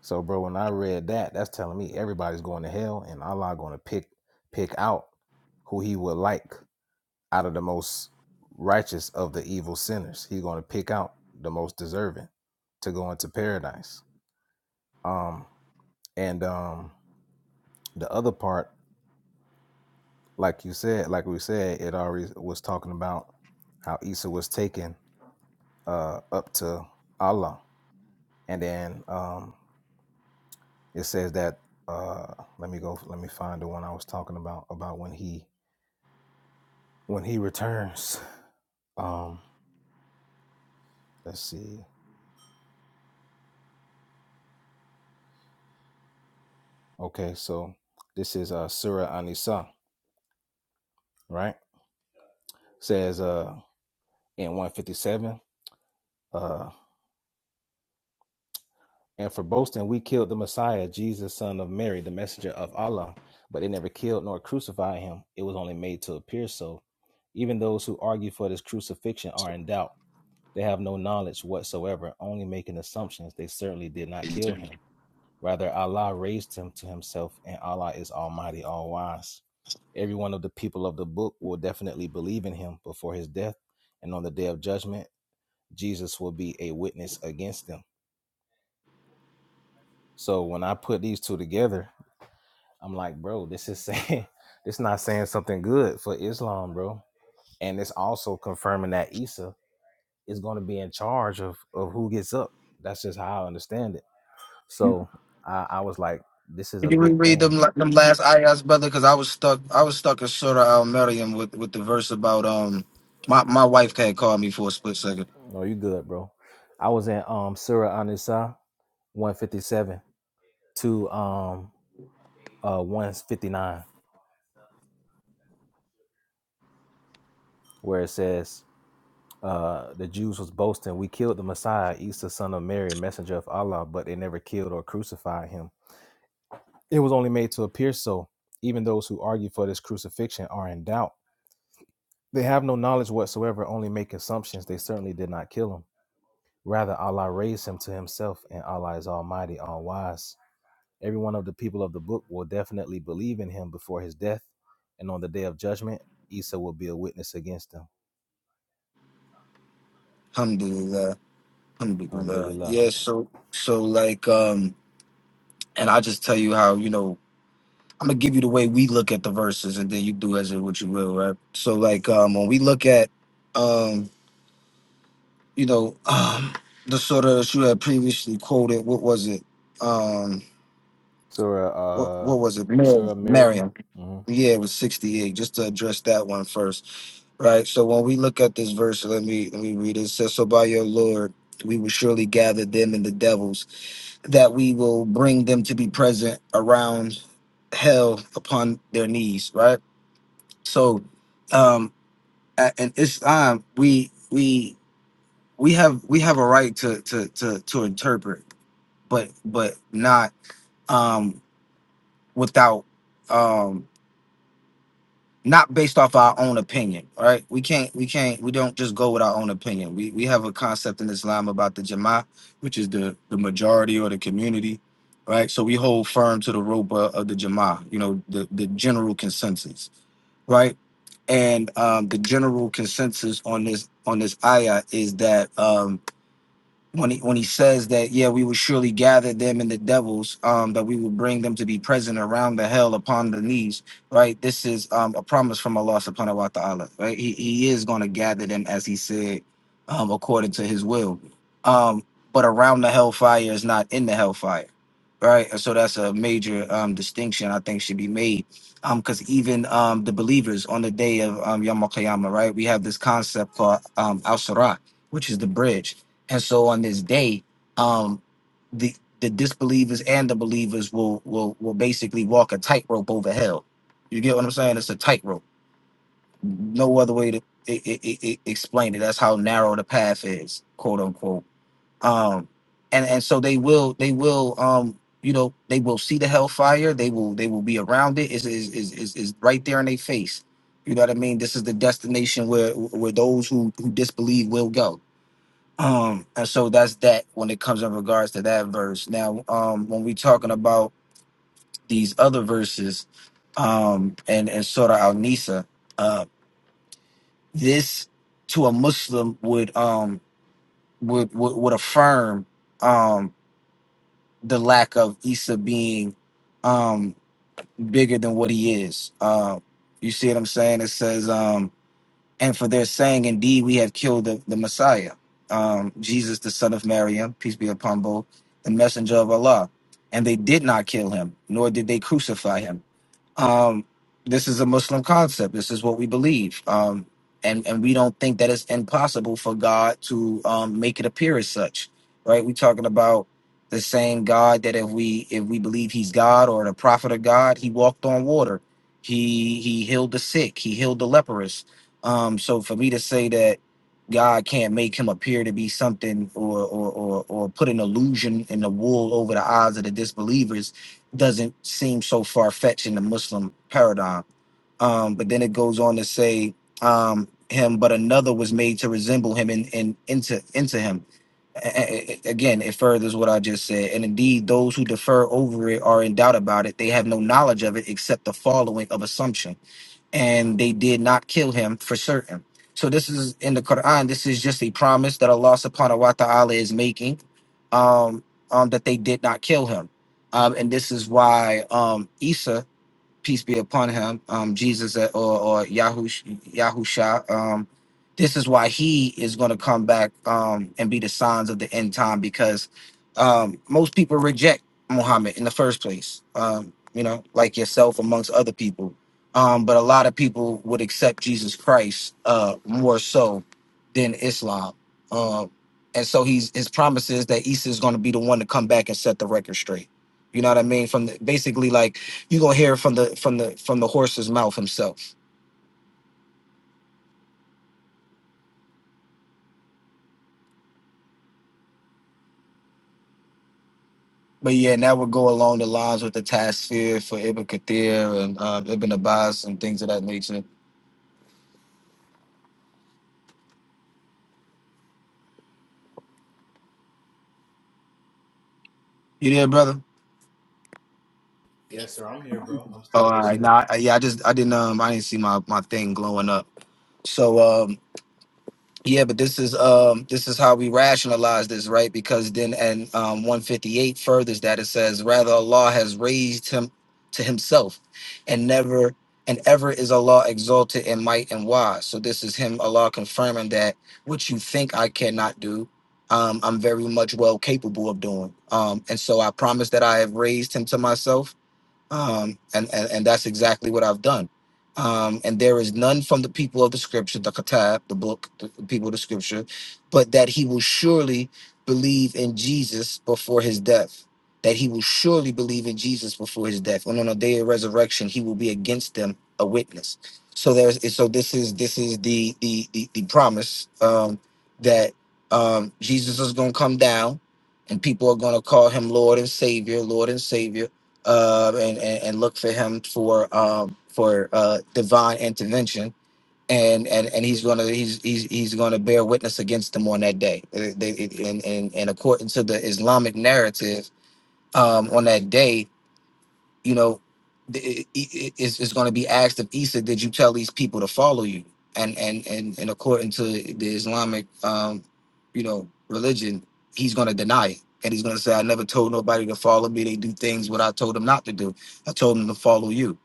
Speaker 1: So, bro, when I read that, that's telling me everybody's going to hell, and Allah going to pick pick out who He would like out of the most righteous of the evil sinners. He's going to pick out the most deserving to go into paradise. Um, and um, the other part, like you said, like we said, it already was talking about how Isa was taken uh, up to Allah, and then um, it says that. Uh, let me go. Let me find the one I was talking about about when he when he returns. Um, let's see. Okay, so this is uh Surah nisa right? Says uh in 157, uh, and for boasting we killed the Messiah, Jesus, son of Mary, the messenger of Allah, but they never killed nor crucified him. It was only made to appear so. Even those who argue for this crucifixion are in doubt. They have no knowledge whatsoever, only making assumptions. They certainly did not kill him. Rather, Allah raised him to himself, and Allah is Almighty, All Wise. Every one of the people of the book will definitely believe in him before his death, and on the day of judgment, Jesus will be a witness against them. So when I put these two together, I'm like, bro, this is saying this not saying something good for Islam, bro. And it's also confirming that Isa is going to be in charge of of who gets up. That's just how I understand it. So I, I was like, this is a
Speaker 4: Can you
Speaker 1: big
Speaker 4: reread
Speaker 1: thing.
Speaker 4: them la- them last ayahs, brother? Because I was stuck I was stuck in Surah Al Maryam with, with the verse about um my, my wife had called me for a split second.
Speaker 1: No, you good, bro. I was in um Surah Anisa 157 to um uh 159 where it says uh the Jews was boasting we killed the Messiah Isa son of Mary messenger of Allah but they never killed or crucified him it was only made to appear so even those who argue for this crucifixion are in doubt they have no knowledge whatsoever only make assumptions they certainly did not kill him rather Allah raised him to himself and Allah is almighty all wise Every one of the people of the book will definitely believe in him before his death, and on the day of judgment, Esau will be a witness against him.
Speaker 4: Alhamdulillah. Alhamdulillah.
Speaker 1: Alhamdulillah.
Speaker 4: Yeah, so so like um and I just tell you how, you know, I'm gonna give you the way we look at the verses and then you do as it what you will, right? So like um when we look at um, you know, um the sort that you had previously quoted, what was it? Um what
Speaker 1: Surah, uh,
Speaker 4: what was it? Miriam.
Speaker 1: Surah Miriam.
Speaker 4: Miriam.
Speaker 1: hmm
Speaker 4: Yeah, it was sixty eight, just to address that one first. Right. So when we look at this verse, let me let me read it. It says, So by your Lord we will surely gather them and the devils that we will bring them to be present around hell upon their knees, right? So, um, a- in Islam, we we we have we have a right to to to to interpret, but but not um without um not based off our own opinion right we can't we can't we don't just go with our own opinion we we have a concept in islam about the jama which is the the majority or the community right so we hold firm to the rope of of the jama you know the the general consensus right and um the general consensus on this on this ayah is that um when he when he says that yeah we will surely gather them and the devils um that we will bring them to be present around the hell upon the knees right this is um a promise from Allah subhanahu wa ta'ala right he, he is going to gather them as he said um according to his will um but around the hellfire is not in the hellfire right And so that's a major um distinction I think should be made um because even um the believers on the day of um Yom Al Qiyamah right we have this concept called um al-Sirat which is the bridge and so on this day, um, the the disbelievers and the believers will will will basically walk a tightrope over hell. You get what I'm saying? It's a tightrope. No other way to i i i i- explain it. That's how narrow the path is, quote unquote. Um, and and so they will they will um you know they will see the hellfire. They will they will be around it. Is is is is is right there in their face. You know what I mean? This is the destination where where those who who disbelieve will go um, and so that's that when it comes in regards to that verse. Now, um, when we talking about these other verses, um, and and Surah Al Nisa, uh, this to a Muslim would um would would, would affirm um the lack of Isa being um bigger than what he is. Um, you see what I'm saying? It says um and for their saying, Indeed, we have killed the, the Messiah, um, Jesus, the son of Maryam, peace be upon both, the messenger of Allah. And they did not kill him, nor did they crucify him um, this is a Muslim concept. This is what we believe. Um, and, and we don't think that it's impossible for God to um, make it appear as such, right? We're talking about the same God that if we if we believe He's God or the prophet of God, He walked on water, He He healed the sick, He healed the leprous. Um, so for me to say that God can't make Him appear to be something or or or, or put an illusion in the wool over the eyes of the disbelievers doesn't seem so far fetched in the Muslim paradigm. Um, but then it goes on to say um, him, but another was made to resemble him and, and into into him. A- a- again, it furthers what I just said. And indeed, those who defer over it are in doubt about it. They have no knowledge of it except the following of assumptions and they did not kill him for certain. So this is in the Quran. This is just a promise that Allah Subhanahu wa Taala is making, um, um, that they did not kill him, um, and this is why um, Isa peace be upon him, um, Jesus uh, or, or Yahush, Yahusha. Um, this is why he is going to come back um, and be the signs of the end time because um, most people reject Muhammad in the first place, um, you know, like yourself amongst other people. Um, but a lot of people would accept Jesus Christ uh, more so than Islam. Um, and so he's, his promise is that Isa is going to be the one to come back and set the record straight. You know what I mean? From the, basically like you're gonna hear it from the from the from the horse's mouth himself. But yeah, and that would go along the lines with the task fear for Ibn Kathir and uh, Ibn Abbas and things of that nature. You there, brother?
Speaker 1: Yes, sir. I'm here, bro. I'm
Speaker 4: Oh,
Speaker 1: still
Speaker 4: all right.
Speaker 1: listening.
Speaker 4: Nah, I, yeah, I just I didn't um I didn't see my my thing glowing up. So um Yeah, but this is um this is how we rationalize this, right? Because then and um 158 furthers that it says, rather Allah has raised him to himself and never and ever is Allah exalted in might and wise. So this is him Allah confirming that what you think I cannot do, um, I'm very much well capable of doing. Um, and so I promise that I have raised him to myself um, and, and and that's exactly what I've done. Um, and there is none from the people of the scripture, the Katab, the book, the people of the scripture, but that he will surely believe in Jesus before his death. That he will surely believe in Jesus before his death, and on the day of resurrection, he will be against them a witness. So there's so this is this is the the the, the promise um, that um, Jesus is going to come down, and people are going to call him Lord and Savior, Lord and Savior uh, and, and and look for him for um, for uh, divine intervention. And, and and he's gonna he's he's he's gonna bear witness against them on that day. Uh, They, it- and, and and according to the Islamic narrative, um, on that day you know, th- it, it, it's, it's going to be asked of Isa, did you tell these people to follow you? And and and, and according to the Islamic, um, you know, religion, he's going to deny it. And he's going to say, I never told nobody to follow me. They do things what I told them not to do. I told them to follow you.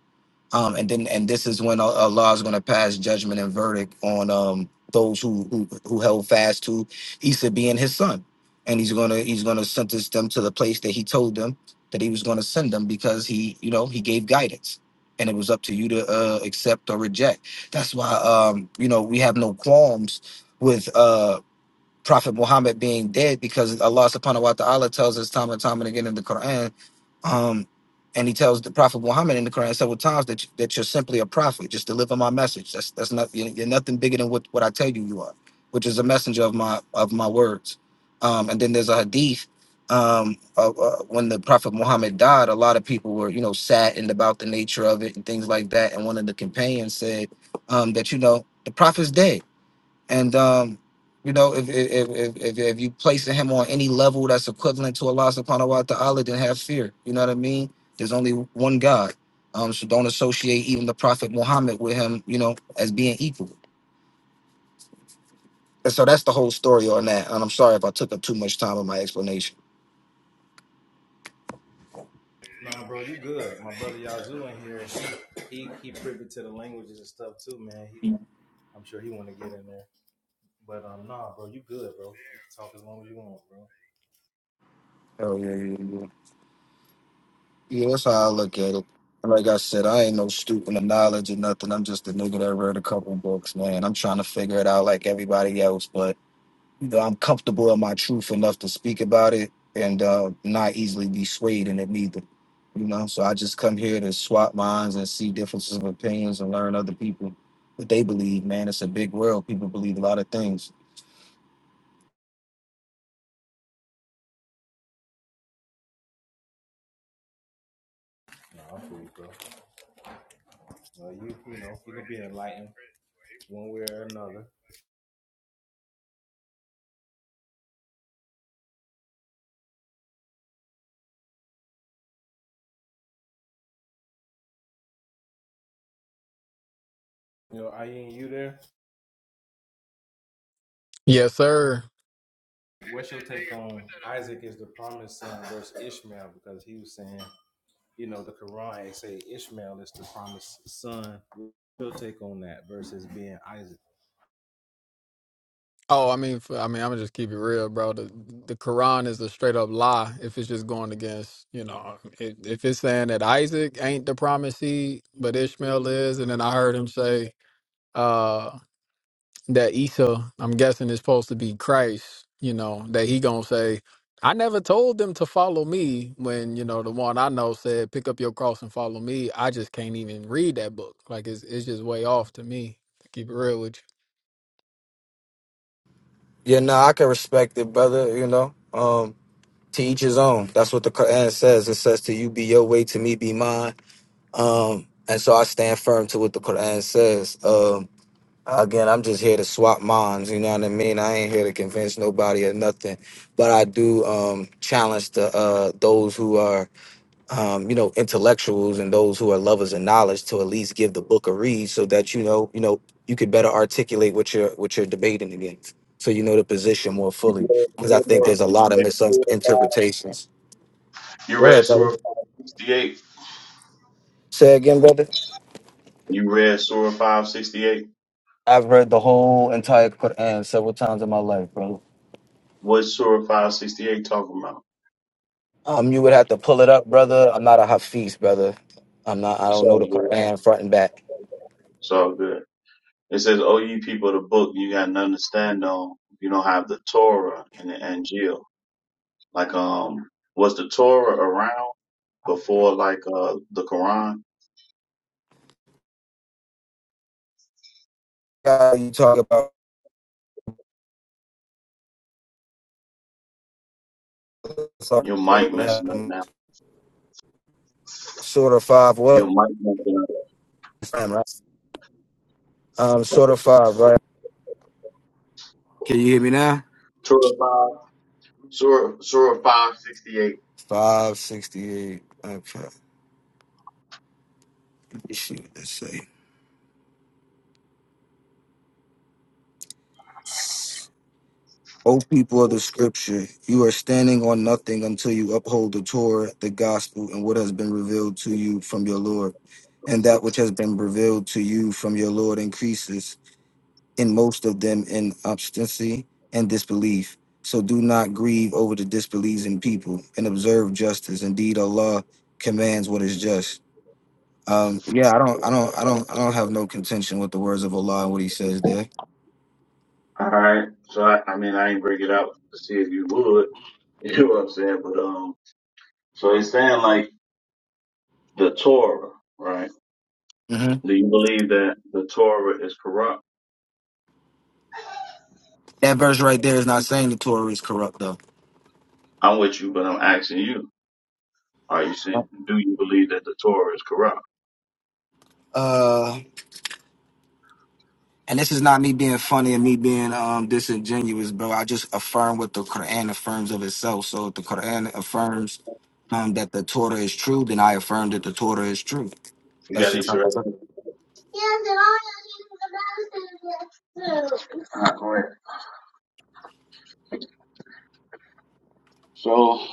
Speaker 4: Um, and then and this is when Al- Allah is going to pass judgment and verdict on um those who who, who held fast to Isa being his son, and he's gonna he's gonna sentence them to the place that he told them that he was going to send them because he you know he gave guidance. And it was up to you to uh, accept or reject. That's why um, you know we have no qualms with uh, Prophet Muhammad being dead because Allah subhanahu wa ta'ala tells us time and time and again in the Quran, um, and he tells the Prophet Muhammad in the Quran several times that, you- that you're simply a prophet, just deliver my message. That's that's not you're, you're nothing bigger than what, what I tell you you are, which is a messenger of my of my words. Um, and then there's a hadith. Um, of, uh, when the Prophet Muhammad died, a lot of people were, you know, saddened about the nature of it and things like that. And one of the companions said um, that, you know, the prophet's dead and um, you know, if if if if, if you placing him on any level that's equivalent to Allah subhanahu wa ta'ala, then have fear. You know what I mean? There's only one God. Um, so don't associate even the Prophet Muhammad with him, you know, as being equal. And so that's the whole story on that. And I'm sorry if I took up too much time on my explanation.
Speaker 1: No, bro, you good. My brother Yazoo in here. He he privy to the languages and stuff too, man. He I'm sure he want to get in there. But um, nah, bro, you good, bro. You can talk as long as you want, bro.
Speaker 4: Oh yeah, yeah, yeah. Yeah, that's how I look at it. And Like I said, I ain't no student of knowledge or nothing. I'm just a nigga that read a couple books, man. I'm trying to figure it out like everybody else, but You know I'm comfortable in my truth enough to speak about it and uh, not easily be swayed in it neither. You know, so I just come here to swap minds and see differences of opinions and learn other people what they believe. Man, it's a big world. People believe a lot of things.
Speaker 1: Nah, I'm free, bro. Uh, you, you know, you can be enlightened one way or another. You know, I ain't you there.
Speaker 6: Yes, sir.
Speaker 1: What's your take on Isaac is the promised son versus Ishmael? Because he was saying, you know, the Quran say Ishmael is the promised son. Your take on that versus being Isaac?
Speaker 6: Oh, I mean, f- I mean, I'm gonna just keep it real, bro. The the Quran is a straight up lie. If it's just going against, you know, if, if it's saying that Isaac ain't the promised seed, but Ishmael is, and then I heard him say, uh, that Isa, I'm guessing, is supposed to be Christ, you know, that he gonna say, I never told them to follow me when, you know, the one I know said, pick up your cross and follow me. I just can't even read that book. Like it's it's just way off to me, to keep it real with you.
Speaker 4: Yeah, no, I can respect it, brother. You know, um, to each his own. That's what the Quran says. It says to you be your way, to me be mine. Um, and so I stand firm to what the Quran says. Um, Again, I'm just here to swap minds, you know what I mean? I ain't here to convince nobody or nothing. But I do um challenge the uh those who are um, you know, intellectuals and those who are lovers of knowledge to at least give the book a read so that you know, you know, you could better articulate what you're what you're debating against. So you know the position more fully. Because I think there's a lot of misinterpretations.
Speaker 8: you
Speaker 4: Go
Speaker 8: read
Speaker 4: ahead,
Speaker 8: Surah
Speaker 4: brother.
Speaker 8: 568.
Speaker 4: Say again, brother.
Speaker 8: You read Surah 568.
Speaker 4: I've read the whole entire Quran several times in my life, brother.
Speaker 8: What's Surah 568 talking about?
Speaker 4: Um, you would have to pull it up, brother. I'm not a Hafiz, brother. I'm not. I
Speaker 8: It's
Speaker 4: don't know
Speaker 8: all
Speaker 4: the
Speaker 8: good.
Speaker 4: Quran front and back.
Speaker 8: It's all good. It says, Oh, you people of the book, you got nothing to stand on. You don't have the Torah and the Angel. Like, um, was the Torah around before, like, uh, the Quran?
Speaker 4: Uh, you talk about sorry,
Speaker 8: Your
Speaker 4: pull
Speaker 8: mic
Speaker 4: it up.
Speaker 8: messing up now.
Speaker 4: sort of five
Speaker 8: Your
Speaker 4: what?
Speaker 8: mic messing up.
Speaker 4: Um, sort of five, right? Can you hear me now?
Speaker 8: Surah 5, Surah, Surah 568.
Speaker 4: Five sixty-eight. Okay. Let me see what they say. O people of the Scripture, you are standing on nothing until you uphold the Torah, the Gospel, and what has been revealed to you from your Lord, and that which has been revealed to you from your Lord increases. In most of them in obstinacy and disbelief. So do not grieve over the disbelieving people and observe justice. Indeed, Allah commands what is just. Um, yeah, I don't, I don't, I don't, I don't have no contention with the words of Allah and what He says there.
Speaker 8: All right. So I, I mean, I ain't bring it out to see if you would. You know what I'm saying? But um, so it's saying like the Torah, right?
Speaker 4: hmm
Speaker 8: Do you believe that the Torah is corrupt?
Speaker 4: That verse right there is not saying the Torah is corrupt, though.
Speaker 8: I'm with you, but I'm asking you. Are you saying? Do you believe that the Torah is corrupt?
Speaker 4: Uh, And this is not me being funny and me being um disingenuous, bro. I just affirm what the Quran affirms of itself. So if the Quran affirms um that the Torah is true, then I affirm that the Torah is true.
Speaker 8: You
Speaker 4: That's
Speaker 8: got
Speaker 4: just
Speaker 8: these right.
Speaker 4: how I look at it.
Speaker 8: All right, go ahead. So,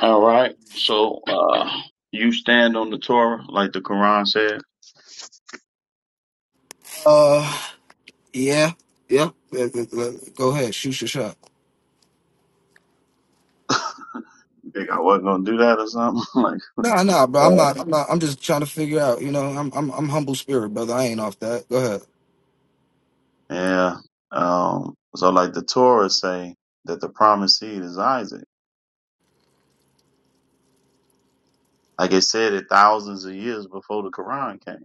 Speaker 8: all right. So, uh, you stand on the Torah like the Quran said.
Speaker 4: Uh yeah. Yeah. Yeah, yeah, yeah. Go ahead, shoot your shot.
Speaker 8: You think I wasn't gonna do that or something? like.
Speaker 4: Nah, nah, bro. I'm
Speaker 8: uh,
Speaker 4: not I'm not I'm just trying to figure out, you know, I'm I'm I'm humble spirit, brother. I ain't off that. Go ahead.
Speaker 8: Yeah. Um, so like the Torah say that the promised seed is Isaac. Like it said it thousands of years before the Quran came.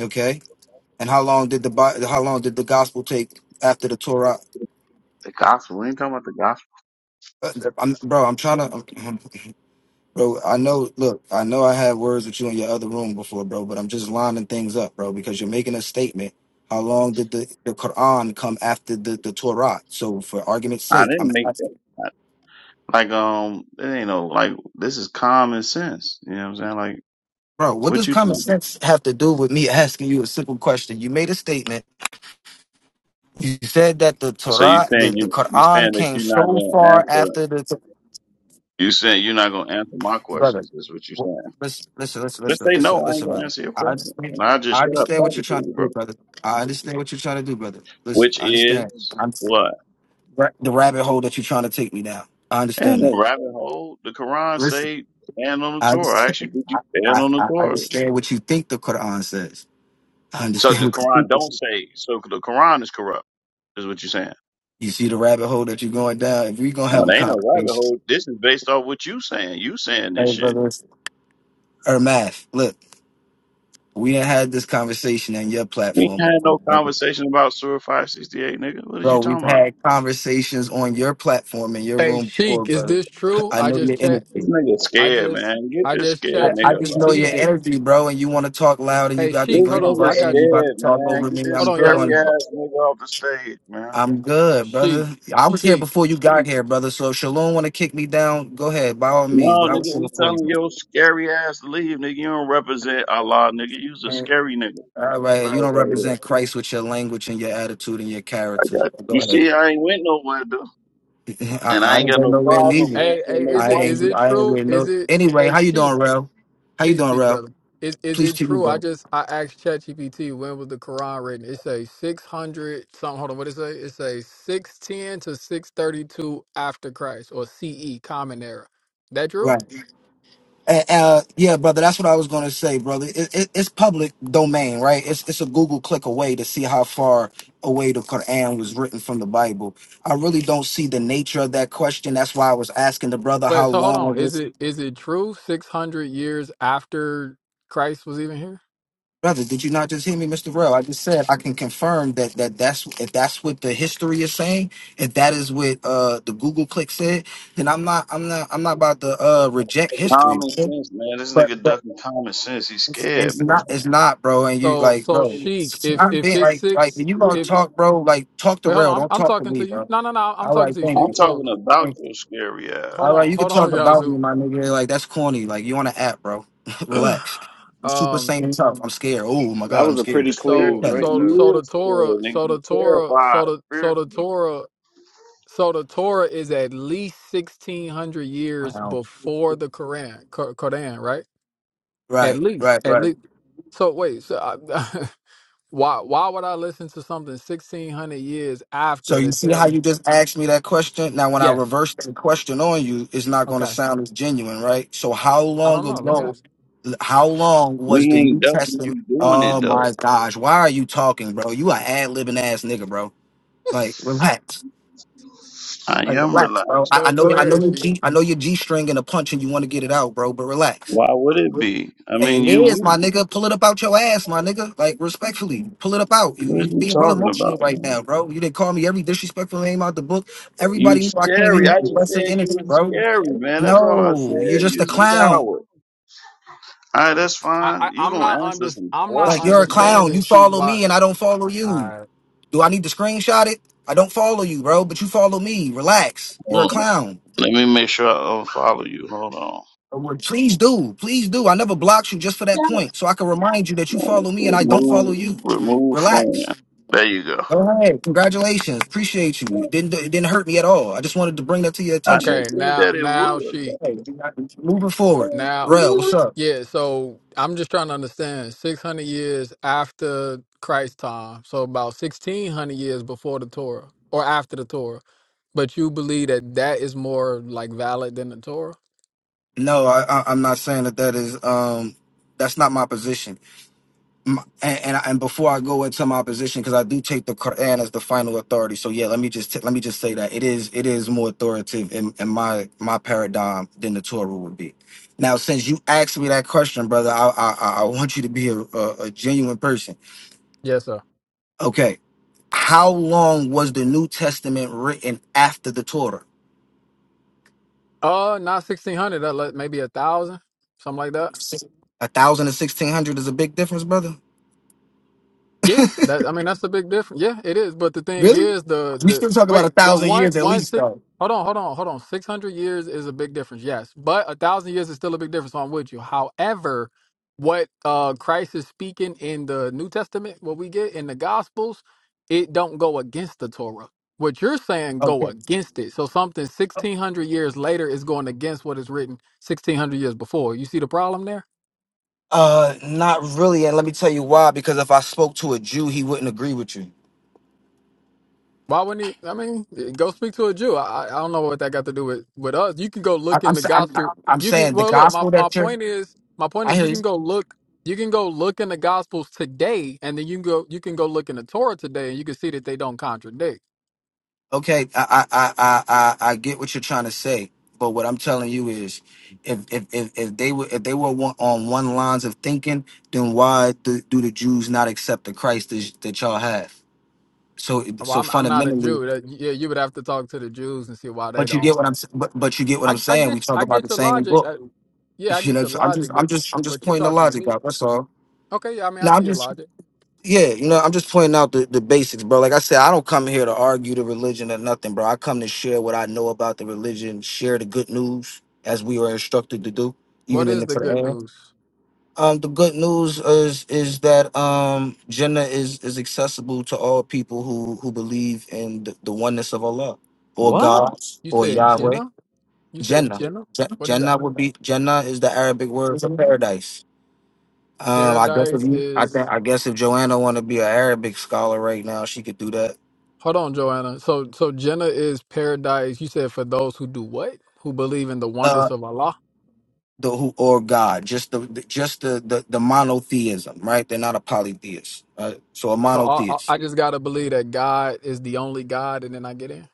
Speaker 4: Okay. And how long did the Bi- how long did the gospel take after the Torah?
Speaker 8: The gospel. We ain't talking about the gospel.
Speaker 4: Uh, I'm, bro, I'm trying to. Bro, I know, look, I know I had words with you in your other room before, bro, but I'm just lining things up, bro, because you're making a statement. How long did the, the Quran come after the, the Torah? So, for argument's
Speaker 8: I
Speaker 4: sake, I'm
Speaker 8: didn't make
Speaker 4: asking,
Speaker 8: that. Like, um, it ain't no, like, this is common sense. You know what I'm saying? Like,
Speaker 4: bro, what
Speaker 8: what
Speaker 4: does
Speaker 8: you
Speaker 4: common
Speaker 8: think?
Speaker 4: sense have to do with me asking you a simple question? You made a statement. You said that the
Speaker 8: So you
Speaker 4: Torah, the,
Speaker 8: saying
Speaker 4: the
Speaker 8: you, you
Speaker 4: Quran
Speaker 8: saying that
Speaker 4: came
Speaker 8: you're not
Speaker 4: so
Speaker 8: going to
Speaker 4: far
Speaker 8: answer,
Speaker 4: after the Torah.
Speaker 8: you saying you're not going to answer my
Speaker 4: brother.
Speaker 8: questions. Is what you're
Speaker 4: w-
Speaker 8: saying.
Speaker 4: Listen, listen, listen,
Speaker 8: Just
Speaker 4: listen,
Speaker 8: say
Speaker 4: listen,
Speaker 8: no, I ain't
Speaker 4: listen,
Speaker 8: going to
Speaker 4: brother.
Speaker 8: answer your
Speaker 4: I
Speaker 8: question.
Speaker 4: understand.
Speaker 8: And I just
Speaker 4: I
Speaker 8: shut up
Speaker 4: understand what you're
Speaker 8: talking to
Speaker 4: trying to
Speaker 8: you, bro.
Speaker 4: do, brother. I understand what you're trying to do, brother. Listen,
Speaker 8: Which
Speaker 4: I understand.
Speaker 8: is
Speaker 4: I'm
Speaker 8: what?
Speaker 4: ra- the rabbit hole that you're trying to take me down. I
Speaker 8: And
Speaker 4: understand that.
Speaker 8: a rabbit hole, the Quran
Speaker 4: Listen,
Speaker 8: say stand on the
Speaker 4: I
Speaker 8: Torah. I
Speaker 4: understand.
Speaker 8: actually did you stand
Speaker 4: I,
Speaker 8: on the
Speaker 4: I, I
Speaker 8: Torah.
Speaker 4: understand what you think the Quran says. I
Speaker 8: So
Speaker 4: understand
Speaker 8: the
Speaker 4: what you think.
Speaker 8: Quran
Speaker 4: it's-
Speaker 8: don't say so the Quran is corrupt, is what you're saying.
Speaker 4: You see the rabbit hole that you're going down. If we're gonna
Speaker 8: Now,
Speaker 4: have a
Speaker 8: there ain't no rabbit
Speaker 4: conversation,
Speaker 8: hole. This is based off what you saying. You saying this
Speaker 4: hey,
Speaker 8: shit.
Speaker 4: brother, Ermath, look, we done had this conversation on your
Speaker 8: We ain't
Speaker 4: platform
Speaker 8: had
Speaker 4: before,
Speaker 8: no
Speaker 4: brother.
Speaker 8: conversation about Surah 568, nigga. What is you
Speaker 4: Bro, we've
Speaker 8: talking about?
Speaker 4: had conversations on your platform in your
Speaker 6: Hey
Speaker 4: room before,
Speaker 6: Sheik, is
Speaker 4: bro.
Speaker 6: this true?
Speaker 4: I
Speaker 6: I
Speaker 4: know
Speaker 6: just
Speaker 4: your
Speaker 6: checked
Speaker 8: This
Speaker 4: energy.
Speaker 8: nigga
Speaker 6: I
Speaker 8: scared,
Speaker 6: just
Speaker 8: man. Get
Speaker 6: I
Speaker 8: this
Speaker 6: just
Speaker 8: scared
Speaker 4: I,
Speaker 6: chat
Speaker 4: I
Speaker 8: nigga up
Speaker 4: just
Speaker 8: out
Speaker 4: know
Speaker 8: of here.
Speaker 4: your
Speaker 6: GPT'd it.
Speaker 4: energy, bro, and you want to talk loud and you
Speaker 6: Hey
Speaker 4: got the
Speaker 6: Sheik,
Speaker 8: This
Speaker 6: hold
Speaker 4: green
Speaker 6: on,
Speaker 8: nigga
Speaker 6: I
Speaker 4: button and
Speaker 6: got
Speaker 4: you
Speaker 6: you.
Speaker 4: about to
Speaker 8: scared,
Speaker 4: talk
Speaker 8: man.
Speaker 4: over
Speaker 8: Get
Speaker 4: me.
Speaker 8: this
Speaker 6: Hold
Speaker 4: I'm
Speaker 6: on,
Speaker 4: good
Speaker 8: scary
Speaker 4: on
Speaker 6: Yazoo.
Speaker 4: that.
Speaker 8: ass nigga off the stage, man.
Speaker 4: I'm good, brother.
Speaker 6: Sheik,
Speaker 4: I was here
Speaker 6: Sheik.
Speaker 4: before you got here, brother. So if Shalom want to kick me down, go ahead, by all means.
Speaker 8: No,
Speaker 4: But I was
Speaker 8: nigga,
Speaker 4: here
Speaker 8: we
Speaker 4: before
Speaker 8: telling
Speaker 4: you.
Speaker 8: your scary ass to leave, nigga. You don't represent Allah, nigga. You's a scary nigga. Get
Speaker 4: All right,
Speaker 8: your ass
Speaker 4: you don't
Speaker 8: out of here.
Speaker 4: represent Christ with your language and your attitude and your
Speaker 8: I
Speaker 4: character.
Speaker 8: got you.
Speaker 4: Go
Speaker 8: You
Speaker 4: ahead.
Speaker 8: see, I ain't went nowhere, though.
Speaker 4: I,
Speaker 8: And I
Speaker 4: I
Speaker 8: ain't
Speaker 4: didn't
Speaker 8: got
Speaker 4: go
Speaker 8: no
Speaker 4: nowhere
Speaker 8: problem
Speaker 4: neither.
Speaker 6: Hey, hey,
Speaker 8: answering no
Speaker 6: is
Speaker 4: I
Speaker 6: it is
Speaker 4: ain't
Speaker 8: questions.
Speaker 6: it
Speaker 4: I ain't
Speaker 6: true?
Speaker 4: with
Speaker 6: Is
Speaker 4: no.
Speaker 6: it
Speaker 4: Anyway,
Speaker 6: hey
Speaker 4: how you
Speaker 6: Sheik?
Speaker 4: doing, Rel? How you
Speaker 6: Peace
Speaker 4: doing,
Speaker 6: to you,
Speaker 4: Rel?
Speaker 6: brother. Is is
Speaker 4: Please
Speaker 6: it
Speaker 4: keep me,
Speaker 6: true? I
Speaker 4: brother.
Speaker 6: just I asked ChatGPT when was the Quran written. It say six hundred something. Hold on, what it say? It say six ten to six thirty two after Christ or CE Common Era. That true?
Speaker 4: Right. And, uh, yeah, brother, that's what I was going to say, brother. It, it, it's public domain, right? It's, it's a Google click away to see how far away the Quran was written from the Bible. I really don't see the nature of that question. That's why I was asking the brother
Speaker 6: Wait,
Speaker 4: how
Speaker 6: so hold
Speaker 4: long I
Speaker 6: on.
Speaker 4: was.
Speaker 6: Is
Speaker 4: this.
Speaker 6: it is it true? Six hundred years after Christ was even here?
Speaker 4: Brother, did you not just hear me, Mr. Rell? I just said I can confirm that that that's if that's what the history is saying, if that is what uh the Google click said, then I'm not I'm not I'm not about to uh reject history.
Speaker 8: Common
Speaker 4: man.
Speaker 8: sense, man. This
Speaker 4: But
Speaker 8: nigga
Speaker 4: but
Speaker 8: ducking common sense. He's
Speaker 4: It's,
Speaker 8: scared,
Speaker 4: it's
Speaker 8: man.
Speaker 4: not. It's not, bro. And you
Speaker 6: So
Speaker 4: like,
Speaker 6: so
Speaker 4: bro.
Speaker 6: Sheik, if
Speaker 4: I'm
Speaker 6: if
Speaker 4: being
Speaker 6: it's
Speaker 4: like, like
Speaker 6: six,
Speaker 4: when you gonna
Speaker 6: if
Speaker 4: talk, bro. Like, talk to
Speaker 6: wait, hold
Speaker 4: real.
Speaker 6: on, I'm,
Speaker 4: Don't
Speaker 6: I'm
Speaker 4: talk to
Speaker 6: talking
Speaker 4: me,
Speaker 6: to you.
Speaker 4: bro.
Speaker 6: No, no, no, I'm
Speaker 4: All
Speaker 6: talking
Speaker 4: right,
Speaker 6: to you,
Speaker 4: thank
Speaker 8: I'm
Speaker 6: Sheik.
Speaker 4: you.
Speaker 8: talking
Speaker 6: So
Speaker 8: about
Speaker 4: Thank you.
Speaker 8: your scary ass.
Speaker 6: hold
Speaker 4: All right,
Speaker 6: on,
Speaker 4: you can
Speaker 6: hold on,
Speaker 4: talk about
Speaker 6: Yazoo.
Speaker 4: me, my nigga. Like that's corny. Like you on an app, bro. Relax. I'm super
Speaker 6: um,
Speaker 4: sane and tough. I'm scared. Oh my
Speaker 7: That
Speaker 4: god, I'm
Speaker 7: was a
Speaker 4: scared.
Speaker 8: The
Speaker 7: pretty
Speaker 6: so
Speaker 7: clean
Speaker 4: Okay.
Speaker 8: spiritual
Speaker 7: drink,
Speaker 6: so
Speaker 7: though.
Speaker 6: so
Speaker 8: you
Speaker 6: the
Speaker 8: is
Speaker 6: Torah,
Speaker 8: scared, nigga.
Speaker 6: so
Speaker 8: You
Speaker 6: the Torah,
Speaker 8: terrified.
Speaker 6: so the so
Speaker 8: Spirit.
Speaker 6: the Torah, so the Torah is at least sixteen hundred years
Speaker 4: Wow.
Speaker 6: before the Quran, Qu- Quran, right? At
Speaker 4: Right,
Speaker 6: least,
Speaker 4: right,
Speaker 6: at
Speaker 4: right.
Speaker 6: least. So wait, so I, why why would I listen to something sixteen hundred years
Speaker 4: So
Speaker 6: after to
Speaker 4: you see
Speaker 6: tell
Speaker 4: how
Speaker 6: me?
Speaker 4: you just asked me that question? Now when I
Speaker 6: Yes.
Speaker 4: reverse the question on you, it's not going to
Speaker 6: Okay.
Speaker 4: sound as genuine, right? So how
Speaker 6: I don't
Speaker 4: long
Speaker 6: know. Let me ask.
Speaker 4: ago how long
Speaker 8: We
Speaker 4: was the
Speaker 8: ain't
Speaker 4: New
Speaker 8: ducking
Speaker 4: Testament
Speaker 8: you doing it,
Speaker 4: Oh
Speaker 8: though.
Speaker 4: my gosh, why are you talking, bro? You an ad libbing ass nigga, bro. Like relax.
Speaker 8: I
Speaker 4: Like
Speaker 8: am
Speaker 4: relax,
Speaker 8: relaxed.
Speaker 4: bro. I, I
Speaker 6: Go
Speaker 4: know
Speaker 6: go
Speaker 4: I know
Speaker 6: ahead,
Speaker 4: you
Speaker 6: Sheik.
Speaker 4: G I know you're G string and a punch and you want to get it out, bro, but relax.
Speaker 8: Why would it be? I mean,
Speaker 4: And It
Speaker 8: you
Speaker 4: is, my
Speaker 8: weak.
Speaker 4: nigga. Pull it up out your ass, my nigga. Like respectfully, pull it up out. You
Speaker 8: What is
Speaker 4: you
Speaker 8: you
Speaker 4: being real
Speaker 8: talking
Speaker 4: emotional
Speaker 8: about,
Speaker 4: right
Speaker 8: man?
Speaker 4: now, bro. You didn't call me every disrespectful name out the book.
Speaker 8: You
Speaker 4: Everybody knew I came
Speaker 8: scary.
Speaker 4: here
Speaker 8: I
Speaker 4: with
Speaker 8: just
Speaker 4: lesser
Speaker 8: said you
Speaker 4: energy,
Speaker 8: was
Speaker 4: bro.
Speaker 8: scary, man. That's all I
Speaker 4: No, you're
Speaker 8: said.
Speaker 4: just a
Speaker 8: You's a
Speaker 4: clown.
Speaker 8: coward. All right, that's
Speaker 6: I,
Speaker 8: fine.
Speaker 6: I
Speaker 8: You
Speaker 6: I'm
Speaker 8: gonna
Speaker 6: not
Speaker 8: answer
Speaker 6: under
Speaker 8: some
Speaker 6: I'm not
Speaker 4: Like
Speaker 8: questions
Speaker 4: you're a
Speaker 8: today?
Speaker 4: clown.
Speaker 6: understanding
Speaker 4: You
Speaker 6: Sheik
Speaker 4: follow
Speaker 6: why
Speaker 4: me and I don't follow
Speaker 6: All
Speaker 4: you.
Speaker 6: right.
Speaker 4: Do I need to screenshot it? I don't follow you, bro, but you follow me. Relax. You're a
Speaker 8: Hold on.
Speaker 4: clown.
Speaker 8: Let me make sure I unfollow you. Hold on.
Speaker 4: Uh, well, Please do. Please do. I never blocked you just for that point. So I can remind you that you follow me and I don't follow
Speaker 8: Remove,
Speaker 4: you.
Speaker 8: remove phone.
Speaker 4: Relax.
Speaker 8: There you go.
Speaker 4: All right, congratulations. Appreciate you. It didn't it didn't hurt me at all. I just wanted to bring that to your
Speaker 8: I
Speaker 4: attention.
Speaker 8: didn't
Speaker 6: okay
Speaker 8: think
Speaker 6: now
Speaker 8: that it
Speaker 6: now
Speaker 8: would.
Speaker 6: Sheik
Speaker 4: Hey, we got- moving
Speaker 8: But
Speaker 4: forward,
Speaker 6: now
Speaker 4: Rel, what's
Speaker 8: you
Speaker 4: up?
Speaker 6: yeah so I'm just trying to understand 600 years after Christ time so about 1600 years before the Torah or after the Torah but you believe that that is more like valid than the Torah
Speaker 4: No, I, I I'm not saying that that is um that's not my position. M and, and and before I go into my position, because I do take the Quran as the final authority. So yeah, let me just t- let me just say that it is it is more authoritative in, in my my paradigm than the Torah would be. Now, since you asked me that question, brother, I I, I I want you to be a, a, a genuine person.
Speaker 6: yes sir
Speaker 4: Okay How long was the New Testament written after the Torah?
Speaker 6: uh not 1600 that like maybe a thousand something like that
Speaker 4: A thousand and sixteen hundred is a big difference, brother.
Speaker 6: Yeah, that I mean that's the big difference. Yeah, it is. But the thing
Speaker 4: Really?
Speaker 6: is, the
Speaker 4: We
Speaker 6: the
Speaker 4: still talk about a
Speaker 6: wait, but
Speaker 4: thousand
Speaker 6: one
Speaker 4: years at
Speaker 6: one
Speaker 4: least,
Speaker 6: six.
Speaker 4: though.
Speaker 6: Hold on, hold on, hold on. Six hundred years is a big difference. Yes, but a thousand years is still a big difference. So I'm with you. However, what uh Christ is speaking in the New Testament, what we get in the Gospels, it don't go against the Torah. What you're saying go
Speaker 4: Okay.
Speaker 6: against it. So something sixteen hundred years later is going against what is written sixteen hundred years before. You see the problem there?
Speaker 4: Uh, not really, and let me tell you why. Because if I spoke to a Jew, he wouldn't agree with you.
Speaker 6: Why wouldn't he? I mean, go speak to a Jew. I, I I don't know what that got to do with with us. You can go
Speaker 4: I,
Speaker 6: look in
Speaker 4: I'm,
Speaker 6: the
Speaker 4: sa- I'm
Speaker 6: gospel.
Speaker 4: I'm
Speaker 6: You can
Speaker 4: saying the
Speaker 6: well look. My
Speaker 4: gospel
Speaker 6: my
Speaker 4: that you're.
Speaker 6: point is my point
Speaker 4: I
Speaker 6: is
Speaker 4: hear
Speaker 6: you
Speaker 4: you.
Speaker 6: can go look. You can go look in the gospels today, and then you can go you can go look in the Torah today, and you can see that they don't contradict.
Speaker 4: Okay, I I I I I I get what you're trying to say, but what I'm telling you is, if if if, if they were if they were one, on one lines of thinking, then why do, do the Jews not accept the Christ that, that y'all have? So
Speaker 6: Well,
Speaker 4: so
Speaker 6: I'm I'm not a
Speaker 4: fundamentally,
Speaker 6: Jew. That, yeah, you would have to talk to the Jews and see why they
Speaker 4: but you
Speaker 6: don't.
Speaker 4: get what I'm s- but, but you get what
Speaker 6: I
Speaker 4: I'm
Speaker 6: I
Speaker 4: saying. We
Speaker 6: get
Speaker 4: talk
Speaker 6: I
Speaker 4: about
Speaker 6: get
Speaker 4: the
Speaker 6: your
Speaker 4: same
Speaker 6: logic.
Speaker 4: book.
Speaker 6: I, yeah, I
Speaker 4: You
Speaker 6: get
Speaker 4: know,
Speaker 6: your
Speaker 4: I'm just
Speaker 6: logic,
Speaker 4: I'm
Speaker 6: but
Speaker 4: just I'm just
Speaker 6: but you
Speaker 4: pointing the
Speaker 6: talking to
Speaker 4: logic
Speaker 6: me.
Speaker 4: out. That's all.
Speaker 6: Okay, yeah, I mean I
Speaker 4: No,
Speaker 6: see
Speaker 4: I'm
Speaker 6: your
Speaker 4: just
Speaker 6: logic.
Speaker 4: Yeah, you know, I'm just pointing out the, the basics, bro. Like I said, I don't come here to argue the religion or nothing, bro. I come to share what I know about the religion, share the good news as we were instructed to do,
Speaker 6: What
Speaker 4: even in
Speaker 6: is
Speaker 4: the
Speaker 6: the good
Speaker 4: Quran.
Speaker 6: news?
Speaker 4: Um, the good news is is that um Jannah is is accessible to all people who who believe in the, the oneness of Allah or
Speaker 9: What?
Speaker 4: God
Speaker 6: You
Speaker 4: or
Speaker 6: said
Speaker 4: Yahweh.
Speaker 6: Jenna? You said
Speaker 4: Jannah.
Speaker 6: Jenna?
Speaker 4: J-
Speaker 6: What is that?
Speaker 4: Jannah would be Jannah is the Arabic word for paradise. Um, I guess if
Speaker 6: Paradise
Speaker 4: you, I think,
Speaker 6: is
Speaker 4: I guess if Joanna want to be an Arabic scholar right now, she could do that.
Speaker 6: Hold on, Joanna. So so Jenna is paradise. You said for those who do what? Who believe in the
Speaker 4: Uh,
Speaker 6: oneness of Allah.
Speaker 4: the who or God, just the, the just the, the the monotheism, right? They're not a polytheist, right? So a
Speaker 6: So I, I
Speaker 4: monotheist.
Speaker 6: I just got to believe that God is the only God and then I get in.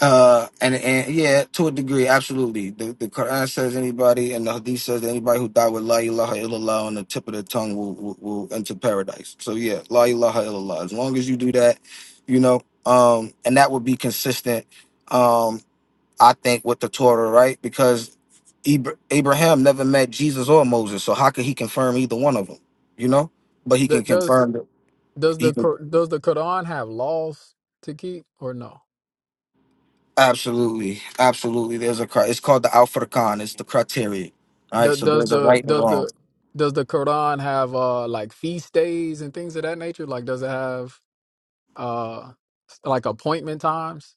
Speaker 4: Uh, and and yeah, to a degree, absolutely. The the Quran says anybody, and the Hadith says anybody who died with La ilaha illallah on the tip of their tongue will will, will enter paradise. So yeah, La ilaha illallah. As long as you do that, you know, um, and that would be consistent Um, I think, with the Torah, right? Because Abra- Abraham never met Jesus or Moses, so how could he confirm either one of them? You know, but he can
Speaker 6: Th- Does
Speaker 4: confirm that
Speaker 6: does
Speaker 4: he
Speaker 6: the
Speaker 4: can
Speaker 6: Qur- does the Quran have laws to keep or no?
Speaker 4: absolutely, absolutely. There's a cri- it's called the Alpha Khan. It's the criteria. All right,
Speaker 6: Th-
Speaker 4: so
Speaker 6: Does
Speaker 4: there's a
Speaker 6: the
Speaker 4: right and
Speaker 6: does
Speaker 4: wrong.
Speaker 6: the does the Quran have uh like feast days and things of that nature? Like does it have uh like appointment times.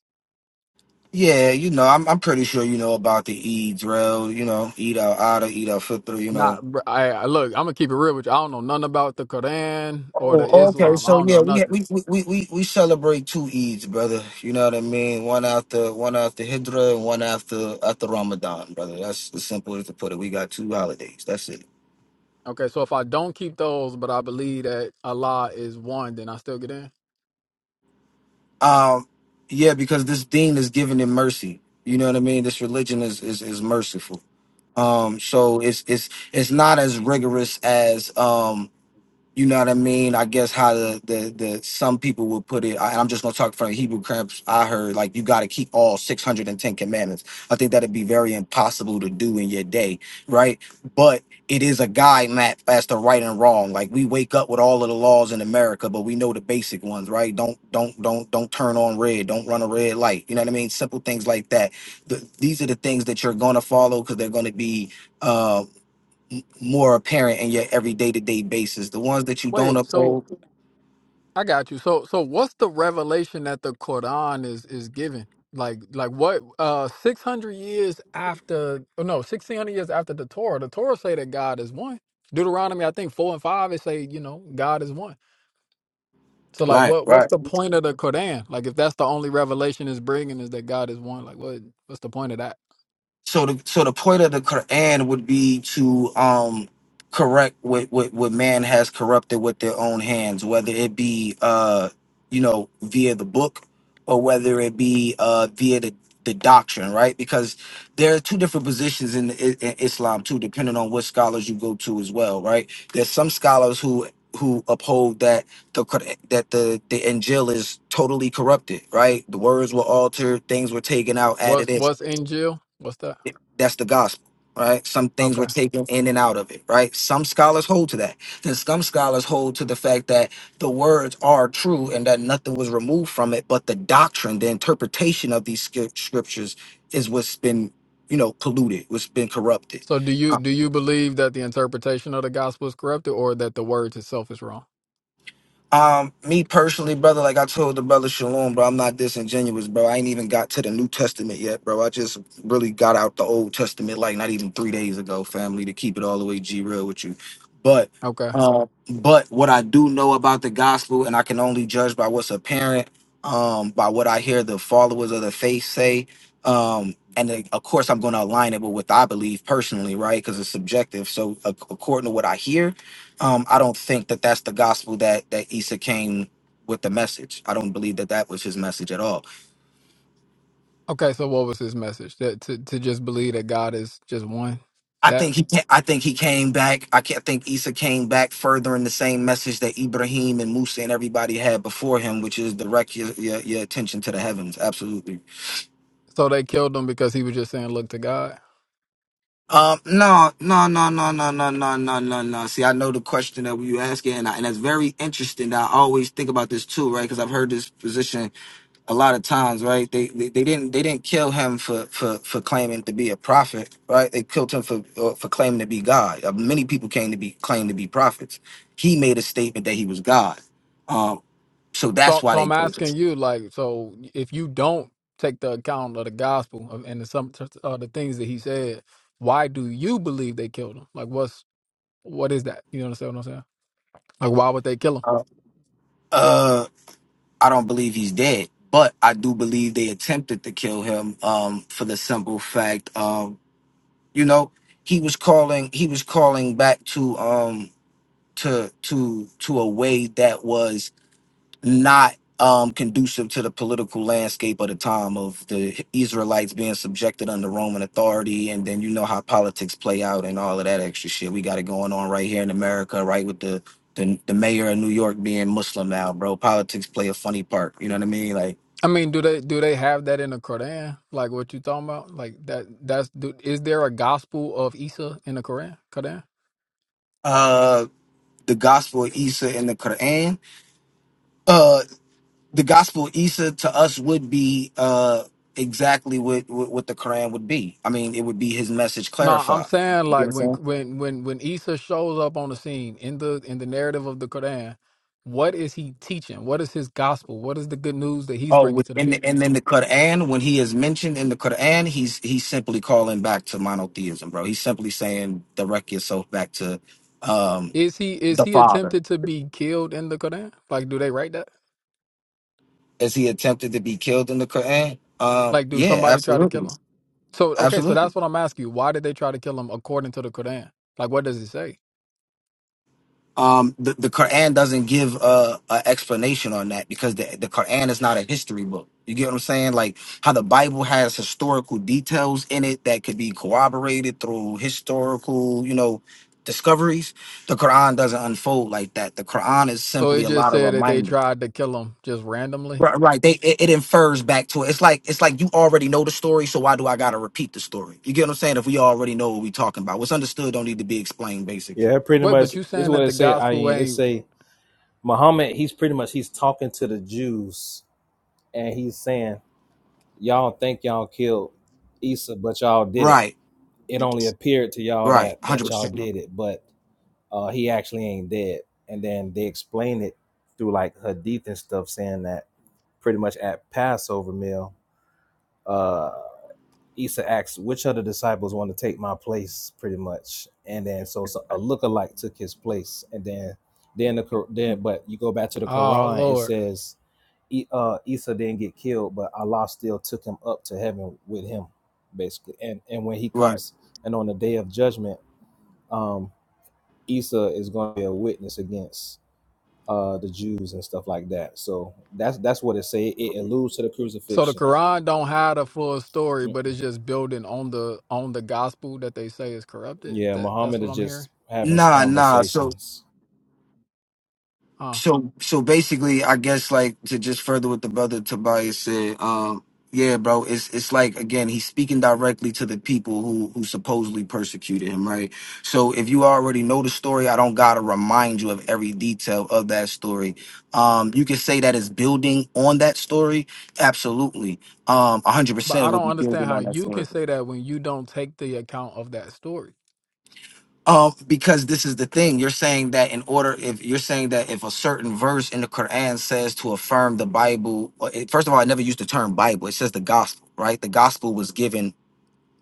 Speaker 4: Yeah, you know, I'm I'm pretty sure you know about the Eids, real. You know, Eid al Ada, Eid al Fitr. You know,
Speaker 6: Not I, I look, I'm gonna keep it real with you. I don't know nothing about the Quran or the
Speaker 4: Oh, okay.
Speaker 6: Islam. I
Speaker 4: So
Speaker 6: don't
Speaker 4: yeah,
Speaker 6: know
Speaker 4: we
Speaker 6: nothing.
Speaker 4: we we we we we celebrate two Eids, brother. You know what I mean? One after one after Hidra and one after after Ramadan, brother. That's the simple as to put it. We got two holidays. That's it.
Speaker 6: Okay, so if I don't keep those, but I believe that Allah is one, then I still get in.
Speaker 4: Um, yeah, because this dean is giving him mercy. You know what I mean? This religion is is is merciful. Um, so it's it's it's not as rigorous as um you know what I mean? I guess how the the, the some people would put it. I, I'm just gonna talk from Hebrew cramps. I heard like you got to keep all 610 commandments. I think that'd be very impossible to do in your day, right? But it is a guide map as to right and wrong. Like we wake up with all of the laws in America, but we know the basic ones, right? Don't don't don't don't turn on red. Don't run a red light. You know what I mean? Simple things like that. The, these are the things that you're gonna follow because they're gonna be um more apparent in your everyday to day basis. The ones that you don't
Speaker 6: Wait, so
Speaker 4: uphold,
Speaker 6: I got you. So so what's the revelation that the Quran is is giving? Like like what uh 600 years after oh no, 1600 years after the Torah. The Torah say that God is one. Deuteronomy I think 4 and 5 it say, you know, God is one. So like,
Speaker 4: right,
Speaker 6: what what's
Speaker 4: right.
Speaker 6: the point of the Quran? Like, if that's the only revelation it's bringing is that God is one, like, what what's the point of that?
Speaker 4: So the so the point of the Quran would be to um correct what, what what man has corrupted with their own hands, whether it be uh you know via the book or whether it be uh via the the doctrine, right? Because there are two different positions in, in, in Islam too, depending on what scholars you go to as well, right? There's some scholars who who uphold that the Quran- that the the Injil is totally corrupted, right? The words were altered, things were taken out, added
Speaker 6: What's
Speaker 4: in
Speaker 6: what's in Jill? What's that?
Speaker 4: it- That's the gospel, right? Some things were
Speaker 6: Okay.
Speaker 4: taken in and out of it, right? Some scholars hold to that. Then some scholars hold to the fact that the words are true and that nothing was removed from it, but the doctrine, the interpretation of these scr- scriptures is what's been, you know, polluted, what's been corrupted.
Speaker 6: So do you do you believe that the interpretation of the gospel is corrupted, or that the words itself is wrong?
Speaker 4: Um, me personally, brother, like I told the brother Shalom, bro, I'm not disingenuous, bro. I ain't even got to the New Testament yet, bro. I just really got out the Old Testament like not even three days ago, family, to keep it all the way G real with you. But
Speaker 6: Okay.
Speaker 4: um, but what I do know about the gospel, and I can only judge by what's apparent, um, by what I hear the followers of the faith say. Um, and then, of course, I'm going to align it with what I believe personally, right? Because it's subjective. So, ac- according to what I hear, um, I don't think that that's the gospel that that Issa came with the message. I don't believe that that was his message at all.
Speaker 6: Okay. So what was his message? That to to just believe that God is just one.
Speaker 4: I
Speaker 6: that.
Speaker 4: think he ca- I think he came back. I can't think Issa came back furthering the same message that Ibrahim and Musa and everybody had before him, which is direct your your, your attention to the heavens. Absolutely.
Speaker 6: So they killed him because he was just saying, "Look to God."
Speaker 4: Um, no, no, no, no, no, no, no, no, no, no. See, I know the question that you asking, and, I, and that's very interesting. That I always think about this too, right? Because I've heard this position a lot of times, right? They, they they didn't they didn't kill him for for for claiming to be a prophet, right? They killed him for uh, for claiming to be God. Uh, many people came to be claimed to be prophets. He made a statement that he was God, um, so that's
Speaker 6: So,
Speaker 4: why
Speaker 6: so
Speaker 4: they
Speaker 6: I'm
Speaker 4: killed him.
Speaker 6: asking you, like, so if you don't take the account of the gospel of- and the, some uh, the things that he said, why do you believe they killed him? Like, what's what is that? You understand what I'm saying? Like, why would they kill him?
Speaker 4: Uh, uh, I don't believe he's dead, but I do believe they attempted to kill him um, for the simple fact, um, you know, he was calling he was calling back to um to to to a way that was not um, conducive to the political landscape of the time of the Israelites being subjected under Roman authority, and then you know how politics play out and all of that extra shit. We got it going on right here in America, right with the the, the mayor of New York being Muslim now, bro. Politics play a funny part. You know what I mean? Like
Speaker 6: I mean, do they do they have that in the Quran? Like what you talking about? Like that that's do, is there a gospel of Isa in the Quran? Quran?
Speaker 4: uh, the Gospel of Isa in the Quran. Uh, the Gospel of Isa to us would be uh exactly what, what what the Quran would be. I mean, it would be his message
Speaker 6: No, I'm
Speaker 4: clarified. You
Speaker 6: saying
Speaker 4: know what
Speaker 6: like
Speaker 4: I'm
Speaker 6: when
Speaker 4: saying?
Speaker 6: when when when Isa shows up on the scene in the in the narrative of the Quran, what is he teaching? What is his gospel? What is the good news that he's
Speaker 4: Oh,
Speaker 6: bringing
Speaker 4: with-
Speaker 6: to the
Speaker 4: and the-
Speaker 6: people?
Speaker 4: and then the Quran, when he is mentioned in the Quran, he's he's simply calling back to monotheism, bro. He's simply saying, direct yourself back to um,
Speaker 6: Is he is
Speaker 4: the
Speaker 6: he
Speaker 4: Father.
Speaker 6: attempted to be killed in the Quran? Like do they write that?
Speaker 4: Is he attempted to be killed in the Quran? Um,
Speaker 6: Like do
Speaker 4: yeah,
Speaker 6: somebody try to kill
Speaker 4: absolutely,
Speaker 6: him? So okay, so
Speaker 4: absolutely.
Speaker 6: that's what I'm asking you. Why did they try to kill him according to the Quran? Like, what does it say?
Speaker 4: Um, the, the Quran doesn't give a an explanation on that because the, the Quran is not a history book. You get what I'm saying? Like how the Bible has historical details in it that could be corroborated through historical, you know, discoveries. The Quran doesn't unfold like that. The Quran is
Speaker 6: So
Speaker 4: simply
Speaker 6: it
Speaker 4: a
Speaker 6: just
Speaker 4: lot of
Speaker 6: said that they
Speaker 4: reminders.
Speaker 6: tried to kill him just randomly.
Speaker 4: Right, right. They it, it infers back to it. It's like it's like you already know the story, so why do I gotta repeat the story? You get what I'm saying? If we already know what we talking about, what's understood don't need to be explained, basically.
Speaker 10: Yeah, pretty
Speaker 6: Wait,
Speaker 10: much.
Speaker 6: but you
Speaker 10: This is
Speaker 6: saying that
Speaker 10: what it
Speaker 6: the
Speaker 10: say. I
Speaker 6: gospel
Speaker 10: mean, it
Speaker 6: ain't?
Speaker 10: say Muhammad. He's pretty much he's talking to the Jews, and he's saying, "Y'all think y'all killed Isa, but y'all didn't.
Speaker 4: Right.
Speaker 10: It only appeared to y'all
Speaker 4: Right.
Speaker 10: that
Speaker 4: Hundred
Speaker 10: that y'all
Speaker 4: percent.
Speaker 10: did it, but uh, he actually ain't dead." And then they explain it through like hadith and stuff, saying that pretty much at Passover meal. uh, Isa asked, "Which other disciples want to take my place?" Pretty much, and then so, so a lookalike took his place, and then then the Qur- then but you go back to the
Speaker 6: Oh
Speaker 10: Quran, it
Speaker 6: Lord.
Speaker 10: says, E- uh, "Isa didn't get killed, but Allah still took him up to heaven with him, basically." And and when he
Speaker 4: Right.
Speaker 10: comes and on the day of judgment, um, Isa is going to be a witness against uh the Jews and stuff like that. So that's that's what it say. It alludes to the
Speaker 6: So the
Speaker 10: crucifixion.
Speaker 6: Quran don't have a full
Speaker 10: Mm.
Speaker 6: story, but it's just building on the on the gospel that they say is corrupted.
Speaker 10: Yeah,
Speaker 6: That that's
Speaker 10: Muhammad
Speaker 6: what
Speaker 10: is
Speaker 6: I'm hearing.
Speaker 10: just having s-
Speaker 4: Nah, nah. So
Speaker 10: conversations.
Speaker 6: Huh.
Speaker 4: so so basically I guess like to just further what the brother Tobias said, um, yeah, bro, it's it's like again, he's speaking directly to the people who who supposedly persecuted him, right? So if you already know the story, I don't gotta remind you of every detail of that story. Um, you can say that it's building on that story, absolutely. Um, hundred
Speaker 6: But
Speaker 4: percent
Speaker 6: I
Speaker 4: would
Speaker 6: don't
Speaker 4: be
Speaker 6: understand
Speaker 4: building
Speaker 6: how
Speaker 4: on that
Speaker 6: you
Speaker 4: story.
Speaker 6: can say that when you don't take the account of that story.
Speaker 4: Um, because this is the thing you're saying that in order, if you're saying that if a certain verse in the Quran says to affirm the Bible, or it- first of all, I never used the term Bible. It says the gospel, right? The gospel was given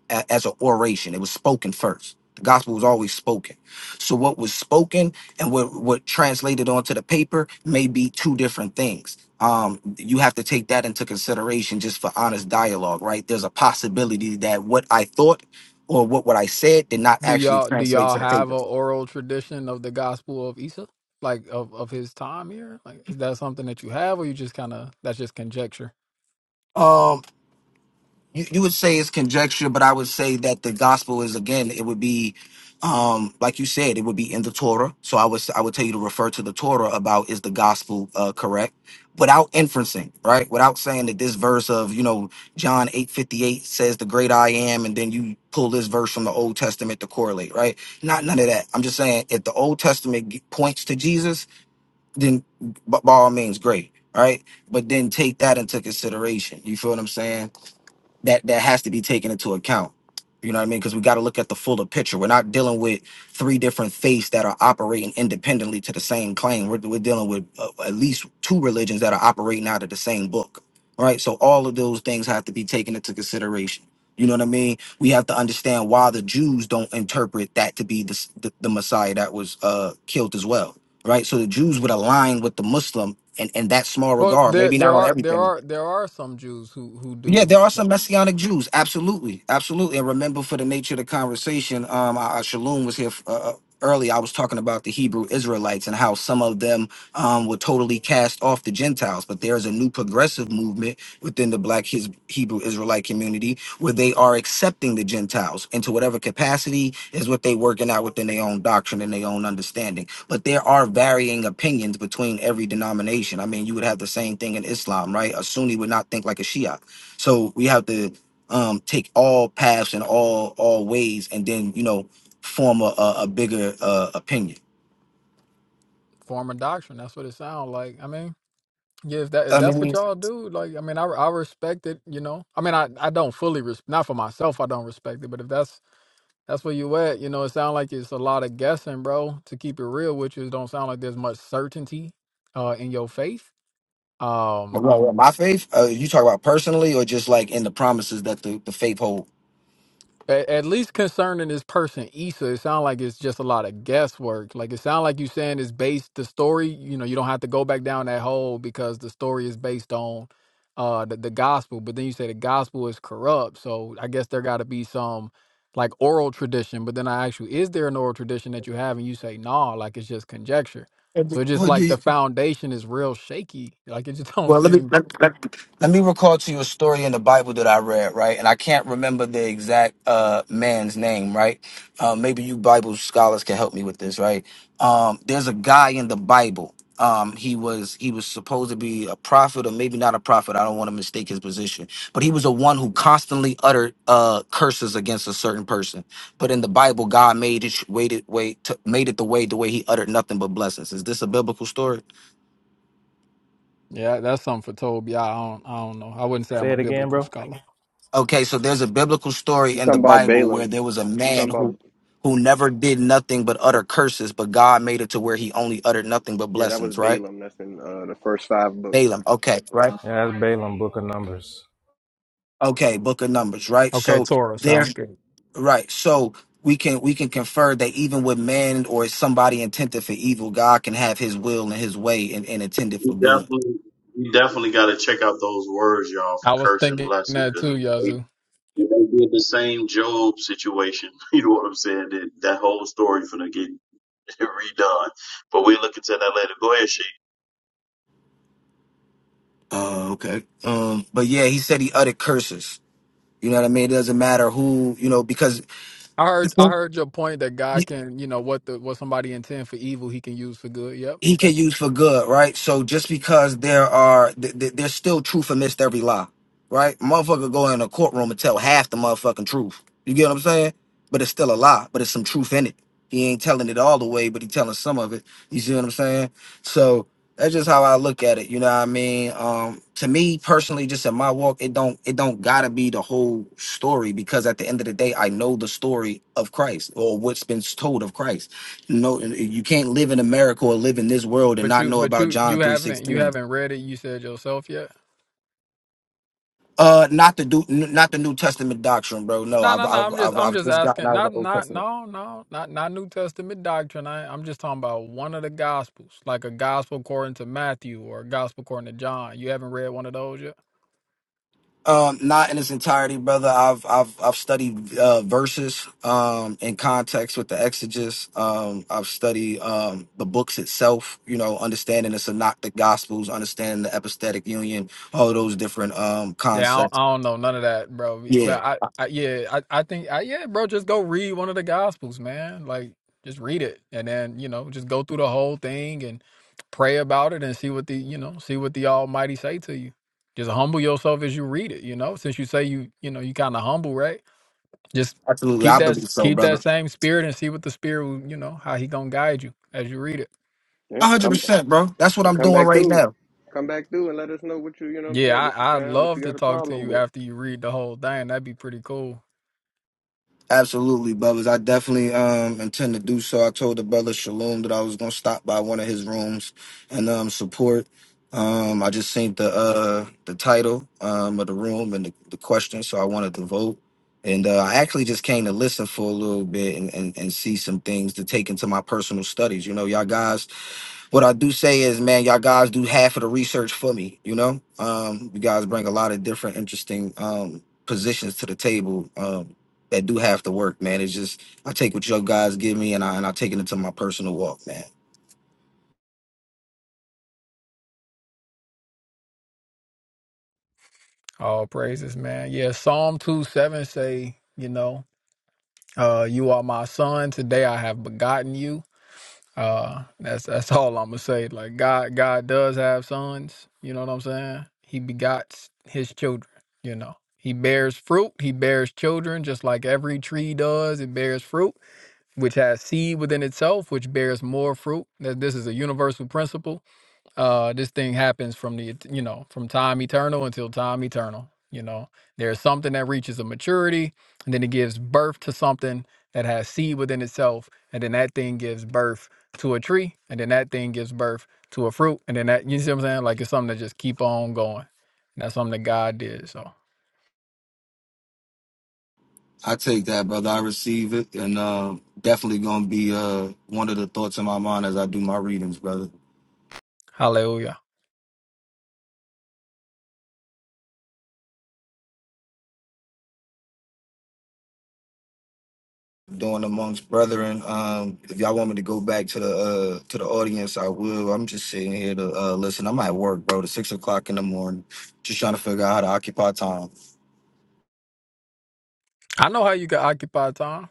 Speaker 4: a, as an oration. It was spoken first. The gospel was always spoken. So what was spoken and what what translated onto the paper may be two different things. Um, you have to take that into consideration just for honest dialogue, right? There's a possibility that what I thought or what what I said did not
Speaker 6: Do
Speaker 4: actually
Speaker 6: y'all do
Speaker 4: translate
Speaker 6: y'all
Speaker 4: to the paper.
Speaker 6: have a oral tradition of the Gospel of Isa, like of of his time here? Like, is that something that you have, or you just kind of that's just conjecture?
Speaker 4: Um, you, you would say it's conjecture, but I would say that the gospel is again, it would be, um, like you said, it would be in the Torah. So I was I would tell you to refer to the Torah about is the gospel uh, correct, without inferencing, right? Without saying that this verse of you know John eight fifty eight says the great I am, and then you pull this verse from the Old Testament to correlate, right? Not none of that. I'm just saying if the Old Testament g- points to Jesus, then b- by all means, great, right? But then take that into consideration. You feel what I'm saying? that that has to be taken into account. You know what I mean? Because we got to look at the fuller picture. We're not dealing with three different faiths that are operating independently to the same claim. We're, we're dealing with uh, at least two religions that are operating out of the same book, All right? So all of those things have to be taken into consideration. You know what I mean? We have to understand why the Jews don't interpret that to be the s- the, the Messiah that was uh, killed as well, right? So the Jews would align with the Muslim in, in that small
Speaker 6: Well,
Speaker 4: regard,
Speaker 6: there
Speaker 4: maybe
Speaker 6: there
Speaker 4: not on
Speaker 6: are there
Speaker 4: everything,
Speaker 6: are there are some Jews who who
Speaker 4: yeah,
Speaker 6: do
Speaker 4: there are some
Speaker 6: though
Speaker 4: messianic Jews. Absolutely, absolutely. And remember, for the nature of the conversation, um, uh, uh, Shalom was here uh, early. I was talking about the Hebrew Israelites and how some of them um, were totally cast off the Gentiles, but there is a new progressive movement within the Black His- Hebrew Israelite community where they are accepting the Gentiles into whatever capacity is what they working out within their own doctrine and their own understanding. But there are varying opinions between every denomination. I mean, you would have the same thing in Islam, right? A Sunni would not think like a Shia so we have to um, take all paths and all all ways, and then you know form a, a, a bigger uh, opinion.
Speaker 6: form a doctrine. That's what it sounds like. I mean, yeah, if that if
Speaker 4: I
Speaker 6: that's what
Speaker 4: mean,
Speaker 6: y'all do, like, I mean, I I respect it. You know, I mean, I I don't fully res- not for myself. I don't respect it, but if that's that's where you at, you know, it sounds like it's a lot of guessing, bro. To keep it real with you, it don't sound like there's much certainty uh in your faith Um,
Speaker 4: well, well, my faith. Uh, you talk about personally, or just like in the promises that the, the faith hold.
Speaker 6: at, at least concerning this person Issa, it sounds like it's just a lot of guesswork. Like it sounds like you saying it's based the story. You know, you don't have to go back down that hole because the story is based on uh the, the gospel. But then you say the gospel is corrupt, so I guess there got to be some like oral tradition. But then I ask you, is there an oral tradition that you have? And you say no, like it's just conjecture. So it's just
Speaker 4: Well, do
Speaker 6: like
Speaker 4: you-
Speaker 6: the foundation is real shaky. Like it just don't
Speaker 4: Well, let me
Speaker 6: seem.
Speaker 4: let, let, let me recall to you a story in the Bible that I read, right? And I can't remember the exact uh, man's name, right? Uh, maybe you Bible scholars can help me with this, right? Um, there's a guy in the Bible. Um, he was he was supposed to be a prophet, or maybe not a prophet. I don't want to mistake his position, but he was the one who constantly uttered uh, curses against a certain person. But in the Bible, God made it waited way to, made it the way the way he uttered nothing but blessings. Is this a biblical story?
Speaker 6: Yeah, that's something for Toby. I don't. I don't know. I wouldn't say I'm
Speaker 10: Say
Speaker 6: a
Speaker 10: it again,
Speaker 6: biblical
Speaker 10: bro.
Speaker 6: scholar.
Speaker 4: Okay, so there's a biblical story
Speaker 7: You
Speaker 4: in the
Speaker 7: talking about
Speaker 4: Bible where
Speaker 7: Balaam?
Speaker 4: there was a
Speaker 7: You
Speaker 4: man
Speaker 7: talking about
Speaker 4: who who never did nothing but utter curses, but God made it to where he only uttered nothing but
Speaker 7: yeah? That was
Speaker 4: blessings, right?
Speaker 7: Balaam. That's in uh, the first five books.
Speaker 4: Balaam. Okay, right?
Speaker 10: Yeah, that's Balaam, Book of Numbers.
Speaker 4: Okay, book of numbers, right?
Speaker 6: Okay,
Speaker 4: So
Speaker 6: Torah
Speaker 4: there
Speaker 6: sounds good.
Speaker 4: right. So we can we can confer that even with man or somebody intended for evil, God can have his will and his way and, and intended for good.
Speaker 8: definitely, you definitely got to check out those words, y'all, for
Speaker 6: I was
Speaker 8: curse and
Speaker 6: thinking
Speaker 8: blessing,
Speaker 6: that
Speaker 8: because
Speaker 6: too,
Speaker 8: they,
Speaker 6: Yazoo.
Speaker 8: they did the same Job situation. You know what I'm saying? That, that whole story for them. redone. But we'll look into that later. Go ahead, she.
Speaker 4: Uh okay. Um but yeah, he said he uttered curses. You know what I mean? It doesn't matter who, you know, because
Speaker 6: I heard I heard your point that God can, you know, what the what somebody intend for evil, he can use for good. Yep.
Speaker 4: he
Speaker 6: Okay.
Speaker 4: can use for good, right? So just because there are, th- th- there's still truth amidst every lie, right? Motherfucker go in a courtroom and tell half the motherfucking truth. You get what I'm saying? But it's still a lie, but it's some truth in it. He ain't telling it all the way, but he telling some of it. You see what I'm saying? So that's just how I look at it. You know what I mean? Um, to me personally, just in my walk, it don't, it don't gotta be the whole story because at the end of the day, I know the story of Christ or what's been told of Christ no you can't live in america or live in this world and
Speaker 6: But
Speaker 4: not
Speaker 6: you
Speaker 4: know
Speaker 6: but
Speaker 4: about
Speaker 6: you you
Speaker 4: john
Speaker 6: haven't you
Speaker 4: 3.16
Speaker 6: haven't read it, you said yourself yet?
Speaker 4: uh not the do not the new testament doctrine bro no
Speaker 6: No,
Speaker 4: i've
Speaker 6: no, no.
Speaker 4: i've
Speaker 6: I'm just
Speaker 4: i've,
Speaker 6: I'm
Speaker 4: I've
Speaker 6: just
Speaker 4: just gotten
Speaker 6: asking.
Speaker 4: out of the
Speaker 6: Not
Speaker 4: old
Speaker 6: not
Speaker 4: testament
Speaker 6: no, no, not not New Testament doctrine. I I'm just talking about one of the gospels, like a gospel according to Matthew or a gospel according to John. You haven't read one of those yet?
Speaker 4: um not in its entirety brother i've i've i've studied uh verses um in context with the exegesis um i've studied um the books itself you know understanding the synoptic gospels understanding the epistatic union all those different um
Speaker 6: Yeah, I don't,
Speaker 4: concepts
Speaker 6: I don't know none of that, bro.
Speaker 4: yeah
Speaker 6: But I, I yeah, I, I think, I, yeah, bro, just go read one of the Gospels, man. Like, just read it, and then you know, just go through the whole thing and pray about it, and see what the you know, see what the Almighty say to you. Just humble yourself as you read it, you know. Since you say you, you know, you kind of humble, right? Just
Speaker 4: absolutely
Speaker 6: keep
Speaker 4: i
Speaker 6: that
Speaker 4: believe so
Speaker 6: keep
Speaker 4: brother
Speaker 6: that same spirit and see what the spirit, will, you know, how he gonna guide you as you read it.
Speaker 7: Yeah,
Speaker 4: hundred
Speaker 7: come
Speaker 4: percent, bro. That's what
Speaker 7: and
Speaker 4: I'm
Speaker 7: come
Speaker 4: doing
Speaker 7: back
Speaker 4: right
Speaker 7: through.
Speaker 4: now.
Speaker 7: Come back through and let us know what you you know what I'm
Speaker 6: Yeah,
Speaker 7: saying. What you
Speaker 6: I, I'd
Speaker 7: found? What
Speaker 6: love
Speaker 7: you
Speaker 6: to
Speaker 7: got a
Speaker 6: talk to
Speaker 7: problem
Speaker 6: you
Speaker 7: with?
Speaker 6: after you read the whole thing. That'd be pretty cool.
Speaker 4: Absolutely, brothers. I definitely um intend to do so. I told the brother Shalom that I was gonna stop by one of his rooms and um support. Um, I just seen the uh the title um of the room and the, the question, so I wanted to vote. And uh, I actually just came to listen for a little bit and, and, and see some things to take into my personal studies. You know, y'all guys what I do say is, man, y'all guys do half of the research for me. You know, um, you guys bring a lot of different interesting um, positions to the table um, that do half the work, man. It's just I take what you guys give me, and I and I take it into my personal walk, man.
Speaker 6: All praises, man. Yeah, Psalm 2 7 say, you know, uh, you are my son. Today I have begotten you. Uh, that's that's all I'm gonna say. Like God, God does have sons. You know what I'm saying? He begots his children. You know, he bears fruit. He bears children, just like every tree does. It bears fruit, which has seed within itself, which bears more fruit. That this is a universal principle uh this thing happens from the et- you know from time eternal until time eternal you know there's something that reaches a maturity and then it gives birth to something that has seed within itself and then that thing gives birth to a tree and then that thing gives birth to a fruit and then that you see what i'm saying like it's something that just keep on going and that's something that god did so
Speaker 4: I take that, brother. I receive it, and uh, definitely gonna be uh, one of the thoughts in my mind as I do my readings, brother.
Speaker 6: hallelujah
Speaker 4: doing amongst brethren. Um, if y'all want me to go back to the uh to the audience, I will. I'm just sitting here to uh listen. I'm at work, bro. It's six o'clock in the morning, just trying to figure out how to occupy time.
Speaker 6: i know how you can occupy time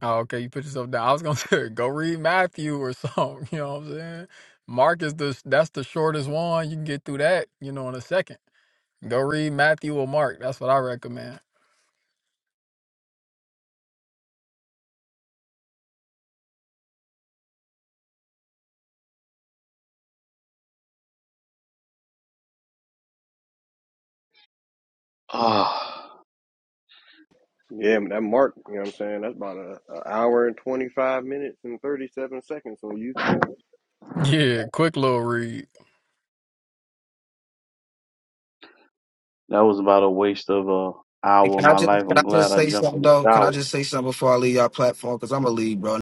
Speaker 6: Oh, okay. You put yourself down. I was gonna say, go read Matthew or something. You know what I'm saying? Mark is the that's the shortest one. You can get through that, you know, in a second. Go read Matthew or Mark. That's what I recommend.
Speaker 8: Ah,
Speaker 7: Yeah, that mark. You know what I'm saying? That's about a, a hour and twenty five minutes and thirty seven seconds on YouTube.
Speaker 6: Yeah, quick little read.
Speaker 8: that was about a waste of a
Speaker 4: Hey,
Speaker 8: hour of
Speaker 4: can I
Speaker 8: my
Speaker 4: just
Speaker 8: life.
Speaker 4: can
Speaker 8: I'm
Speaker 4: I
Speaker 8: glad
Speaker 4: just
Speaker 8: I
Speaker 4: say
Speaker 8: jumped in
Speaker 4: something
Speaker 8: the
Speaker 4: though? Can
Speaker 8: shower.
Speaker 4: I just say something before I leave y'all platform? Cause I'm a lead, bro.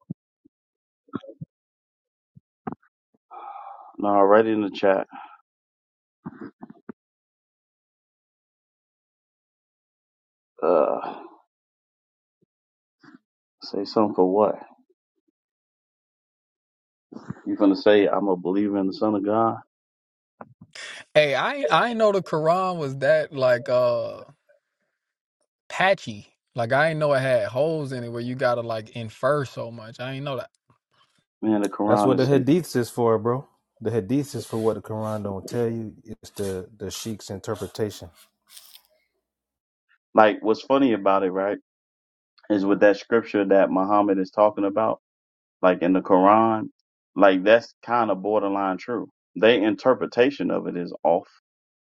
Speaker 8: No, already in the chat. Uh, say something for what? You gonna say I'm a believer in the Son of God?
Speaker 6: Hey, I ain't- I did know the Quran was that like uh patchy. Like I ain't know it had holes in it where you gotta like infer so much. I ain't know that.
Speaker 8: Man, the
Speaker 10: That's
Speaker 8: Quran
Speaker 10: what the
Speaker 8: is some-
Speaker 10: Hadiths is for, bro. The Hadiths is for what the Quran don't tell you. It's the the Sheikh's interpretation.
Speaker 8: like what's funny about it, right? Is with that scripture that Muhammad is talking about. like in the Quran, like that's kind of borderline true. Their interpretation of it is off.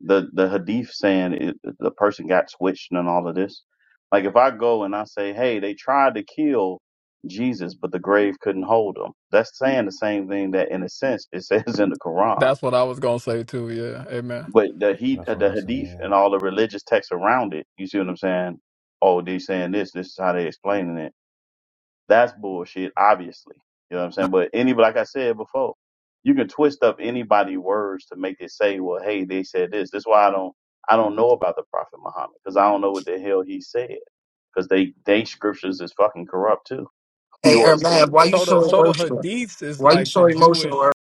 Speaker 8: The the hadith saying it, the person got switched and all of this. Like if I go and I say, hey, they tried to kill Jesus, but the grave couldn't hold him. That's saying the same thing that in a sense it says in the Quran.
Speaker 6: That's what I was gonna say too. Yeah, amen.
Speaker 8: But the he
Speaker 10: That's what
Speaker 8: the
Speaker 10: I say.
Speaker 8: hadith
Speaker 10: Yeah.
Speaker 8: and all the religious texts around it, you see what I'm saying? Oh, they saying this. This is how they explaining it that's bullshit, obviously. You know what I'm saying? But any, like I said before, you can twist up anybody's words to make it say, well, hey, they said this. That's why I don't, I don't know about the Prophet Muhammad because I don't know what the hell he said because they, they scriptures is fucking corrupt too.
Speaker 4: Hey,
Speaker 8: You
Speaker 4: Ermav,
Speaker 8: understand?
Speaker 4: why you
Speaker 6: So the
Speaker 4: so
Speaker 6: so the
Speaker 4: emotional?
Speaker 6: hadiths is
Speaker 4: Why you
Speaker 6: like
Speaker 4: so
Speaker 6: the
Speaker 4: emotional,
Speaker 6: Jewish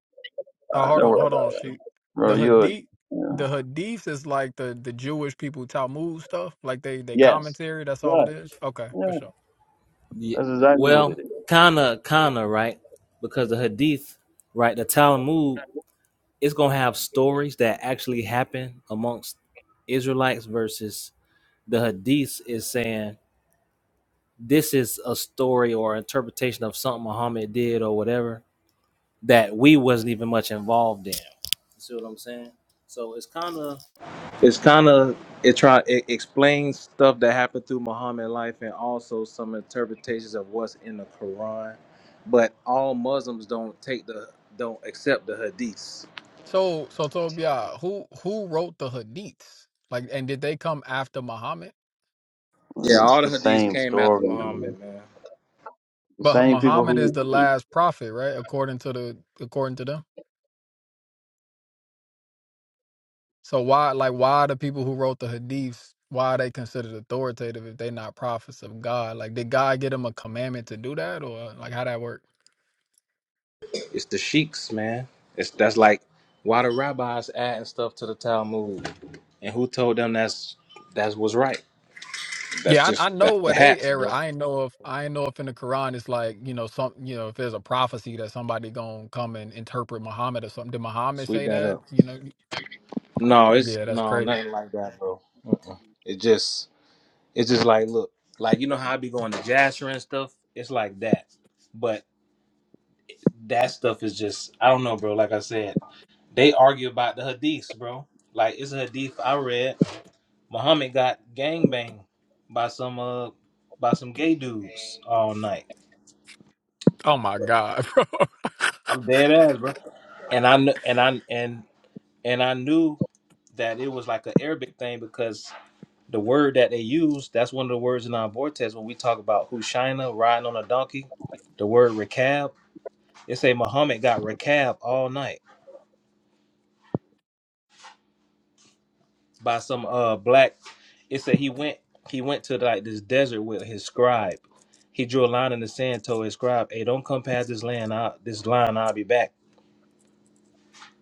Speaker 6: Oh,
Speaker 8: Uh,
Speaker 6: hold
Speaker 8: don't
Speaker 6: on,
Speaker 8: worry
Speaker 6: hold on.
Speaker 8: about it,
Speaker 6: She,
Speaker 8: bro.
Speaker 6: the
Speaker 8: You're,
Speaker 6: hadith,
Speaker 8: yeah.
Speaker 6: the hadiths is like the the Jewish people Talmud stuff. Like they they
Speaker 8: yes,
Speaker 6: commentary. That's all
Speaker 8: yeah,
Speaker 6: it is. Okay, for
Speaker 8: yeah.
Speaker 6: sure.
Speaker 10: Yeah,
Speaker 8: That's exactly what it
Speaker 10: well,
Speaker 8: is.
Speaker 10: kinda, kinda, right? Because the Hadith, right, the Talmud, it's gonna have stories that actually happen amongst Israelites versus the Hadith is saying this is a story or interpretation of something Muhammad did or whatever that we wasn't even much involved in. You see what I'm saying? So it's kind of it's kind of it try it explains stuff that happened through Muhammad life and also some interpretations of what's in the Quran. But all Muslims don't take the don't accept the hadiths.
Speaker 6: So so Tobiah, who who wrote the hadiths? Like, and did they come after Muhammad?
Speaker 8: Well,
Speaker 10: Yeah,
Speaker 8: yeah, It's
Speaker 10: all the
Speaker 8: the
Speaker 10: hadiths
Speaker 8: same
Speaker 10: came after
Speaker 8: story.
Speaker 10: Muhammad, man.
Speaker 8: The
Speaker 6: But
Speaker 8: same people
Speaker 6: Muhammad is
Speaker 8: who,
Speaker 6: the last prophet, right? According to the according to them. So why like why the people who wrote the hadiths? Why are they considered authoritative if they're not prophets of God? Like, did God give them a commandment to do that, or like how that work?
Speaker 10: It's the sheiks, man. It's that's like why the rabbis adding stuff to the Talmud and who told them that's that's what's right. That's
Speaker 6: Yeah, I, I
Speaker 10: just
Speaker 6: know
Speaker 10: that's the
Speaker 6: where they
Speaker 10: hats,
Speaker 6: error.
Speaker 10: bro.
Speaker 6: I ain't know if I ain't know if in the Quran it's like you know some you know if there's a prophecy that somebody gonna come and interpret Muhammad or something. Did Muhammad
Speaker 10: Sweep
Speaker 6: say
Speaker 10: that
Speaker 6: that?
Speaker 10: up.
Speaker 6: You know,
Speaker 10: No, it's
Speaker 6: yeah, that's
Speaker 10: no
Speaker 6: crazy.
Speaker 10: nothing like that, bro. Uh-uh. It just It's just like, look, like you know how I be going to Jasher and stuff. It's like that, but that stuff is just I don't know, bro. Like I said, they argue about the hadiths, bro. Like it's a hadith I read. Muhammad got gangbanged by some uh by some gay dudes all night.
Speaker 6: Oh my God, bro.
Speaker 10: I'm dead ass, bro. And I kn- and I and and I knew that it was like an Arabic thing because the word that they use, that's one of the words in our vortex when we talk about Hushaina riding on a donkey. The word Rechab, it say Muhammad got Rechab all night by some uh black. It said he went he went to like this desert with his scribe. He drew a line in the sand, told his scribe, "Hey, don't come past this land. I, this line, I'll be back."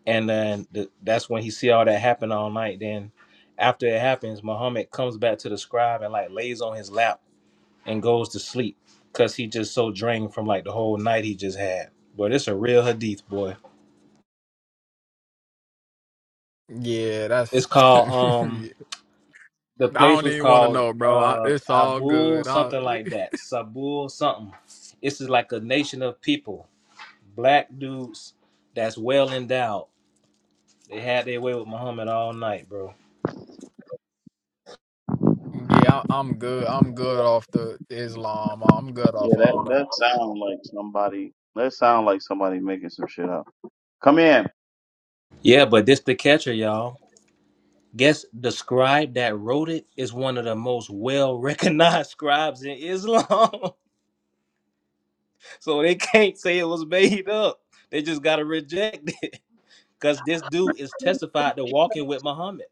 Speaker 10: And then the, that's when he see all that happen all night. Then after it happens, Muhammad comes back to the scribe and like lays on his lap and goes to sleep because he just so drained from like the whole night he just had. But it's a real hadith, boy.
Speaker 6: yeah,
Speaker 10: It's
Speaker 6: that's.
Speaker 10: called um the
Speaker 6: I
Speaker 10: place
Speaker 6: don't
Speaker 10: was
Speaker 6: even want to
Speaker 10: called
Speaker 6: know, bro. I,
Speaker 10: uh
Speaker 6: it's all
Speaker 10: Abul
Speaker 6: good. I,
Speaker 10: something like that. Sabul something. This is like a nation of people, black dudes that's well endowed. They had their way with Muhammad all night, bro.
Speaker 6: yeah, I, I'm good. I'm good off the Islam. I'm good
Speaker 8: yeah,
Speaker 6: off
Speaker 8: that
Speaker 6: all that.
Speaker 8: that sound like somebody. That sound like somebody making some shit up. Come in.
Speaker 10: Yeah, but this the catcher, y'all. Guess the scribe that wrote it is one of the most well recognized scribes in Islam. So they can't say it was made up. They just gotta reject it. Cause this dude is testified to walking with Muhammad.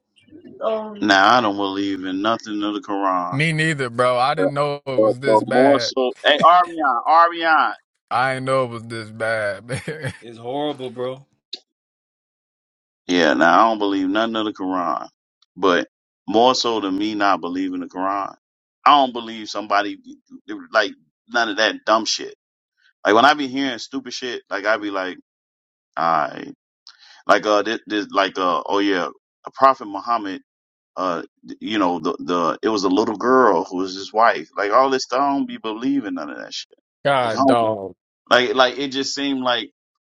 Speaker 8: Um, Now I don't believe in nothing of the Quran.
Speaker 6: Me neither, bro. I
Speaker 8: But,
Speaker 6: didn't know it
Speaker 8: but
Speaker 6: was this
Speaker 8: but more
Speaker 6: bad.
Speaker 8: so, hey Arian, Arian.
Speaker 6: I didn't know it was this bad.
Speaker 10: It's horrible, bro.
Speaker 8: Yeah, now I don't believe nothing of the Quran, but more so than me not believing the Quran, I don't believe somebody like none of that dumb shit. Like when I be hearing stupid shit, like I be like, I like uh this, this like uh oh yeah, a Prophet Muhammad. uh you know the the it was a little girl who was his wife like all this stuff i don't be believing none of that shit like I
Speaker 6: God
Speaker 8: don't,
Speaker 6: dog.
Speaker 8: like like it just seemed like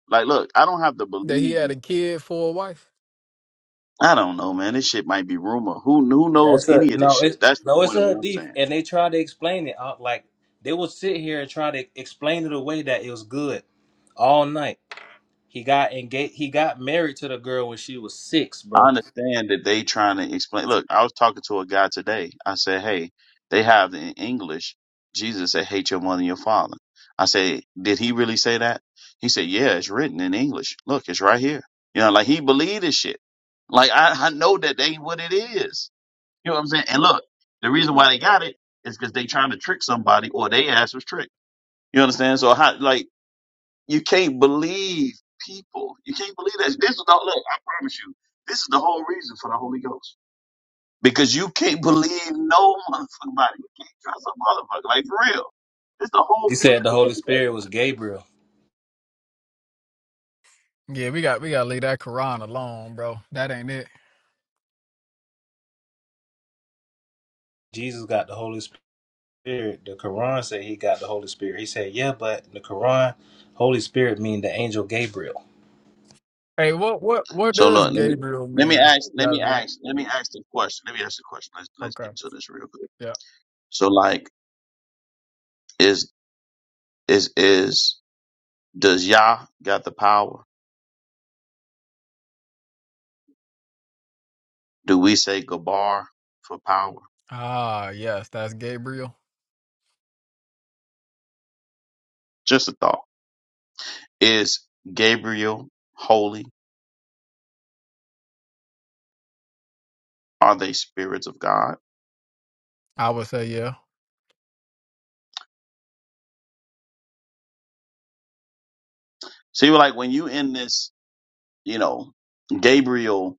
Speaker 8: like look i don't have to
Speaker 6: That he
Speaker 8: believe
Speaker 6: had a kid for a wife.
Speaker 8: i don't know man this shit might be rumor who who
Speaker 10: Yeah,
Speaker 8: knows
Speaker 10: it's a
Speaker 8: any of this
Speaker 10: no, it's
Speaker 8: shit that's the
Speaker 10: no, it's
Speaker 8: point of
Speaker 10: a
Speaker 8: what i'm
Speaker 10: hadith.
Speaker 8: saying
Speaker 10: And they try to explain it. uh, Like they would sit here and try to explain it away that it was good all night. He got engaged he got married to the girl when she was six,
Speaker 8: I
Speaker 10: bro.
Speaker 8: understand that they trying to explain. Look, I was talking to a guy today. I said, "Hey, they have in English, Jesus said, hate your mother and your father." I said, "Did he really say that?" He said, "Yeah, it's written in English. Look, it's right here." You know, like he believed this shit. Like I, I know that they what it is. You know what I'm saying? And look, the reason why they got it is because they trying to trick somebody, or they ass was tricked. You understand? So how like. You can't believe people. You can't believe that. This is the look. I promise you, this is the whole reason for the Holy Ghost because you can't believe no motherfucking body. You can't trust a motherfucker like for real. This is the whole
Speaker 10: He
Speaker 8: point
Speaker 10: said
Speaker 8: of
Speaker 10: the
Speaker 8: the
Speaker 10: Holy
Speaker 8: Holy Ghost.
Speaker 10: Spirit was Gabriel.
Speaker 6: Yeah, we got we gotta leave that Quran alone, bro. That ain't it.
Speaker 10: Jesus got the Holy Spirit. Spirit. The Quran said he got the Holy Spirit. He said, yeah, but in the Quran, Holy Spirit mean the angel Gabriel.
Speaker 6: Hey, what what what
Speaker 8: So
Speaker 6: does
Speaker 8: look, let me
Speaker 6: Gabriel
Speaker 8: let me
Speaker 6: mean?
Speaker 8: ask let me
Speaker 6: Yazoo.
Speaker 8: ask let me ask the question. Let me ask the question. Let's let's
Speaker 6: Okay.
Speaker 8: get to this real quick.
Speaker 6: Yeah.
Speaker 8: So like, is is is does Yah got the power? Do we say Gabar for power?
Speaker 6: Ah, yes, that's Gabriel.
Speaker 8: Just a thought. Is Gabriel holy? Are they spirits of God?
Speaker 6: I would say yeah.
Speaker 8: So you See, like when you in this, you know, Gabriel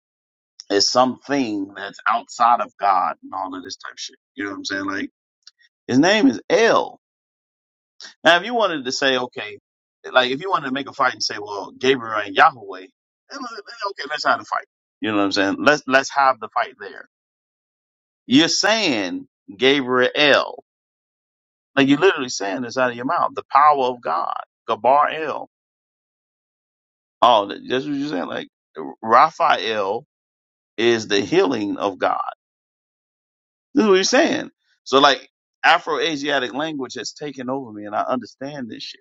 Speaker 8: is something that's outside of God and all of this type of shit. You know what I'm saying? Like his name is El. Now, if you wanted to say, okay, like if you wanted to make a fight and say, well, Gabriel and Yahweh, then, uh, okay, let's have the fight. You know what I'm saying? Let's let's have the fight there. You're saying Gabriel, like you're literally saying this out of your mouth, the power of God, Gabar El. Oh, that- that's what you're saying. Like Raphael is the healing of God. This is what you're saying. So like Afro-Asiatic language has taken over me, and I understand this shit.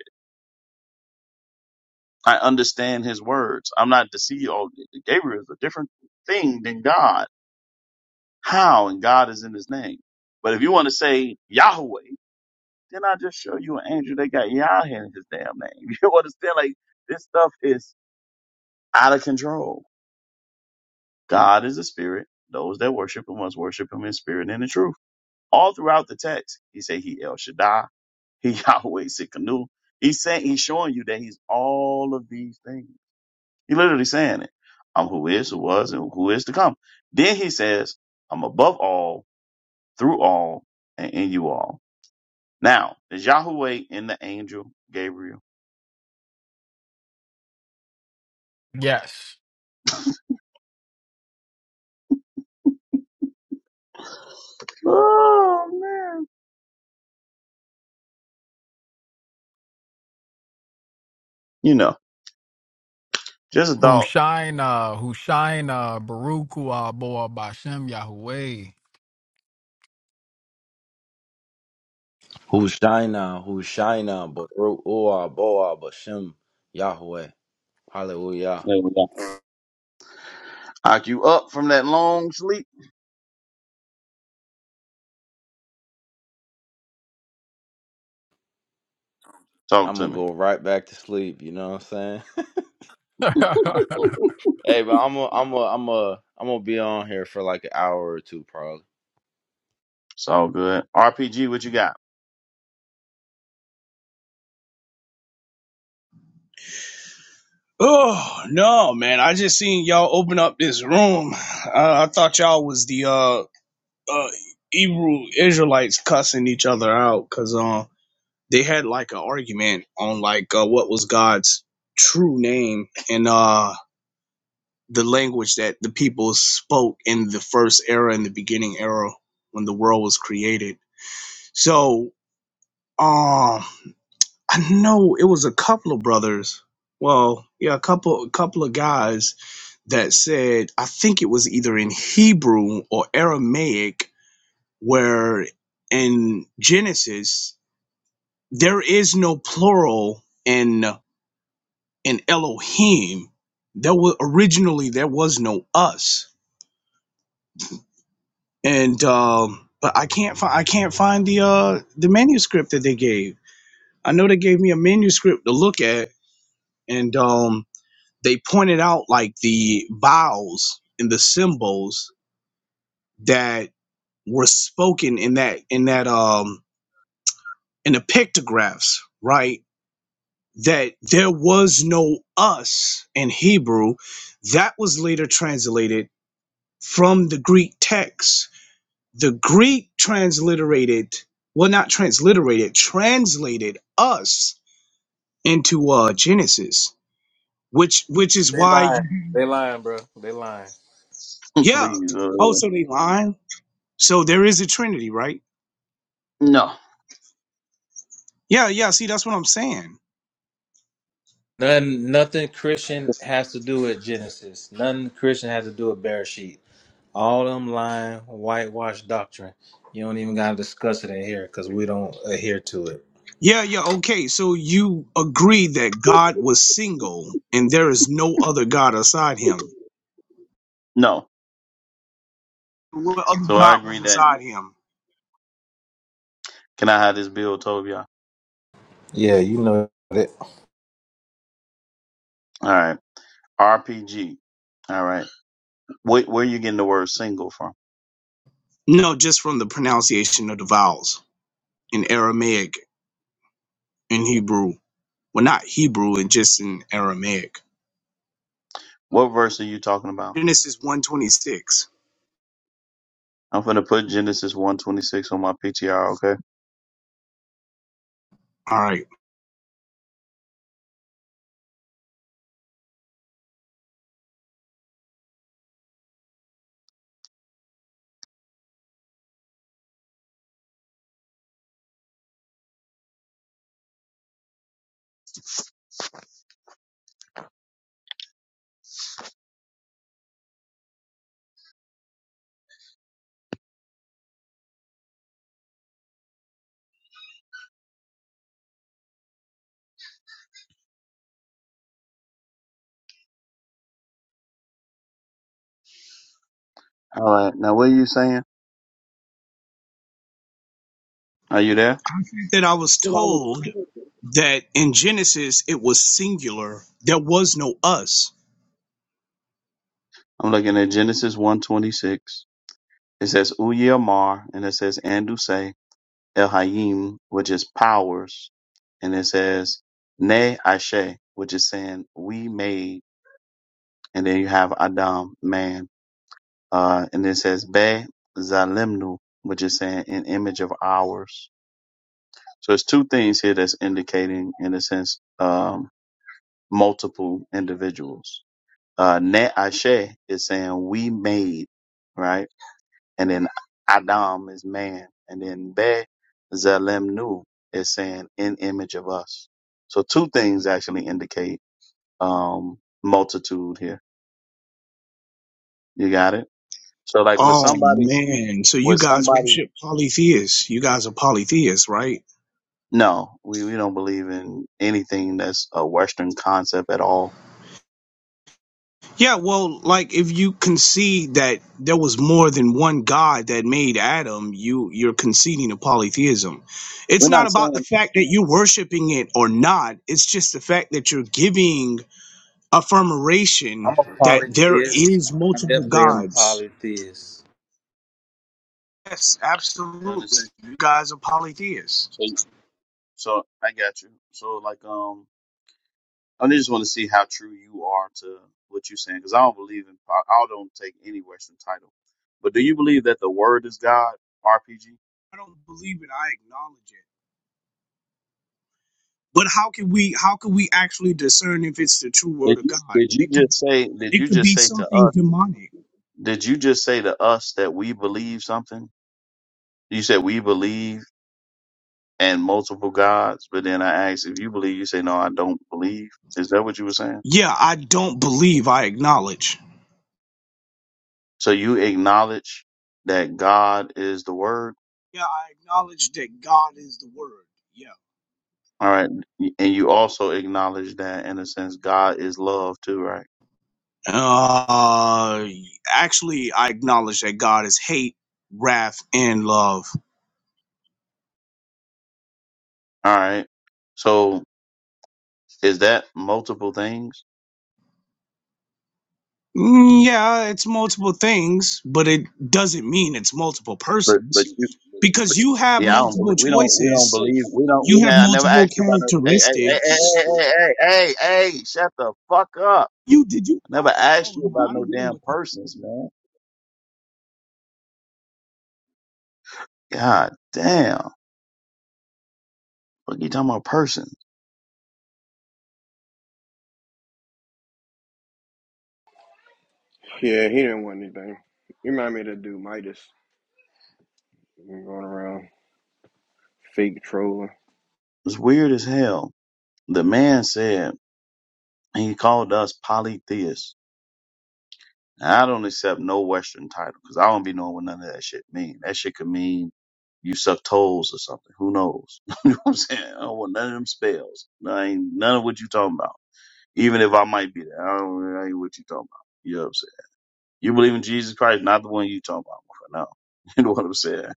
Speaker 8: I understand His words. I'm not deceived. Oh, Gabriel is a different thing than God. How? And God is in His name. But if you want to say Yahweh, then I just show you an angel that got Yah in His damn name. You understand? Like this stuff is out of control. God is a spirit. Those that worship Him must worship Him in spirit and in truth. all throughout the text. He said he El Shaddai, he Yahweh Sikkenu. He's saying he's showing you that he's all of these things. He literally saying it. I'm who is, who was, and who is to come. Then he says, I'm above all, through all, and in you all. Now, is Yahweh in the angel Gabriel?
Speaker 6: Yes.
Speaker 8: Oh man. You know, just a thought.
Speaker 6: Hushaina, Hushaina, Baruch Hu Aboah Bashem Yahweh.
Speaker 11: Hushaina, Hushaina, Baruch Ua, Boa, Bashem, Yahweh. Hallelujah.
Speaker 8: There we go. Knock you up from that long sleep. Talk
Speaker 11: I'm
Speaker 8: to
Speaker 11: gonna
Speaker 8: me.
Speaker 11: go right back to sleep, you know what I'm saying? hey, but I'm a, I'm a, I'm a, I'm gonna be on here for like an hour or two probably.
Speaker 8: It's all good. RPG, what you got?
Speaker 12: Oh no, man! I just seen y'all open up this room. I, I thought y'all was the uh, uh Hebrew Israelites cussing each other out because uh, they had like an argument on like uh, what was God's true name and uh the language that the people spoke in the first era in the beginning era when the world was created. So um, I know it was a couple of brothers. Well, yeah, a couple, a couple of guys that said, I think it was either in Hebrew or Aramaic, where in Genesis there is no plural in in Elohim. There was originally there was no us, and um, but I can't find I can't find the uh, the manuscript that they gave. I know they gave me a manuscript to look at, and um, they pointed out like the vowels and the symbols that were spoken in that in that um in the pictographs, right? That there was no us in Hebrew. That was later translated from the Greek text. The Greek transliterated, well, not transliterated, translated us into uh Genesis, which which is
Speaker 10: They
Speaker 12: why
Speaker 10: lying.
Speaker 12: you
Speaker 10: They lying, bro. They lying.
Speaker 12: yeah.
Speaker 8: Please. Uh,
Speaker 12: Oh, so they lying. So there is a Trinity, right?
Speaker 8: no.
Speaker 12: Yeah, yeah. See, that's what I'm saying.
Speaker 10: None, nothing Christian has to do with Genesis. Nothing Christian has to do with Bereshit. All them lying, whitewashed doctrine. You don't even gotta discuss it in here because we don't adhere to it.
Speaker 12: Yeah, yeah, okay. So you agree that God was single and there is no other God aside him.
Speaker 8: No.
Speaker 12: What other
Speaker 8: So I
Speaker 12: God
Speaker 8: agree
Speaker 12: was
Speaker 8: that
Speaker 12: beside him?
Speaker 8: can I have this bill, Tobia?
Speaker 10: Yeah, you know it.
Speaker 8: All right. RPG. All right. Where, where are you getting the word single from?
Speaker 12: No, just from the pronunciation of the vowels in Aramaic and Hebrew. Well, not Hebrew, and just in Aramaic.
Speaker 8: What verse are you talking about?
Speaker 12: Genesis 126.
Speaker 8: I'm gonna put Genesis one twenty six on my PTR. Okay.
Speaker 12: All right.
Speaker 8: All right. Now what are you saying? Are you there?
Speaker 12: That I was
Speaker 8: I
Speaker 12: told that in Genesis it was singular. There was no us.
Speaker 8: I'm looking at Genesis one twenty six. It says Uyamar and it says Anduse El Hayim, which is powers, and it says Ne Ashe, which is saying we made, and then you have Adam, man. Uh, and then it says Be Zalimnu, which is saying an image of ours. So it's two things here that's indicating, in a sense, um, multiple individuals. Uh, ne Ashe is saying we made, right? And then Adam is man. And then Be Zalimnu is saying in image of us. So two things actually indicate, um, multitude here. You got it? So like with
Speaker 12: Oh
Speaker 8: somebody,
Speaker 12: man. So you
Speaker 8: with
Speaker 12: guys
Speaker 8: somebody
Speaker 12: worship polytheists. You guys are polytheists, right?
Speaker 8: No, we, we don't believe in anything that's a Western concept at all.
Speaker 12: Yeah, well, like if you concede that there was more than one God that made Adam, you you're conceding to polytheism. It's
Speaker 8: We're
Speaker 12: not
Speaker 8: not
Speaker 12: about the
Speaker 8: saying
Speaker 12: fact that you're worshiping it or not. It's just the fact that you're giving
Speaker 10: I'm
Speaker 12: affirmation
Speaker 10: a
Speaker 12: that there
Speaker 10: polytheist.
Speaker 12: is
Speaker 10: I
Speaker 12: multiple
Speaker 10: definitely am a
Speaker 12: gods.
Speaker 10: polytheist.
Speaker 12: Yes,
Speaker 8: under
Speaker 12: absolutely. You guys are polytheists.
Speaker 8: So, so I got you. So like um, I just want to see how true you are to what you're saying because I don't believe in I I don't take any Western title. But do you believe that the Word is God? RPG.
Speaker 12: I don't believe it. I acknowledge it. But how can we how can we actually discern if it's the true word
Speaker 8: Did
Speaker 12: of
Speaker 8: you
Speaker 12: God?
Speaker 8: did you
Speaker 12: It could
Speaker 8: just say did
Speaker 12: it
Speaker 8: you
Speaker 12: could
Speaker 8: just
Speaker 12: be
Speaker 8: say to
Speaker 12: something
Speaker 8: us
Speaker 12: demonic.
Speaker 8: did you just say to us that we believe something? You said we believe and multiple gods, but then I ask if you believe, you say, no, I don't believe. Is that what you were saying?
Speaker 12: Yeah, I don't believe I acknowledge.
Speaker 8: So you acknowledge that God is the word.
Speaker 12: Yeah, I acknowledge that God is the word. Yeah.
Speaker 8: All right. And you also acknowledge that in a sense, God is love too, right?
Speaker 12: Uh actually I acknowledge that God is hate, wrath, and love.
Speaker 8: All right. So is that multiple things?
Speaker 12: Mm, yeah, it's multiple things, but it doesn't mean it's multiple
Speaker 8: But,
Speaker 12: persons
Speaker 8: but you,
Speaker 12: because
Speaker 8: but,
Speaker 12: you have
Speaker 8: yeah, I don't
Speaker 12: multiple
Speaker 8: believe, we don't, we don't
Speaker 12: choices,
Speaker 8: believe, we don't,
Speaker 12: you
Speaker 8: we,
Speaker 12: have
Speaker 8: I never
Speaker 12: multiple
Speaker 8: asked you about no, hey, hey, hey, hey, hey,
Speaker 12: characteristics.
Speaker 8: hey, hey, hey, hey, shut the fuck up.
Speaker 12: You did you
Speaker 8: I never asked
Speaker 12: Oh
Speaker 8: you
Speaker 12: no,
Speaker 8: about
Speaker 12: I
Speaker 8: no
Speaker 12: don't deal
Speaker 8: damn
Speaker 12: with
Speaker 8: persons, man. God damn. Fuck you talking about person.
Speaker 7: Yeah, he didn't want anything. You remind me of that dude Midas going around fake trolling.
Speaker 8: It's weird as hell. The man said he called us polytheists. And I don't accept no Western title because I don't be knowing what none of that shit mean. That shit could mean you suck toes or something. Who knows? you know what I'm saying? I don't want none of them spells. I ain't none of what you talking about. Even if I might be there, I don't I ain't what you talking about. You know what I'm saying? You believe in Jesus Christ, not the one you talking about. No, you know what I'm saying?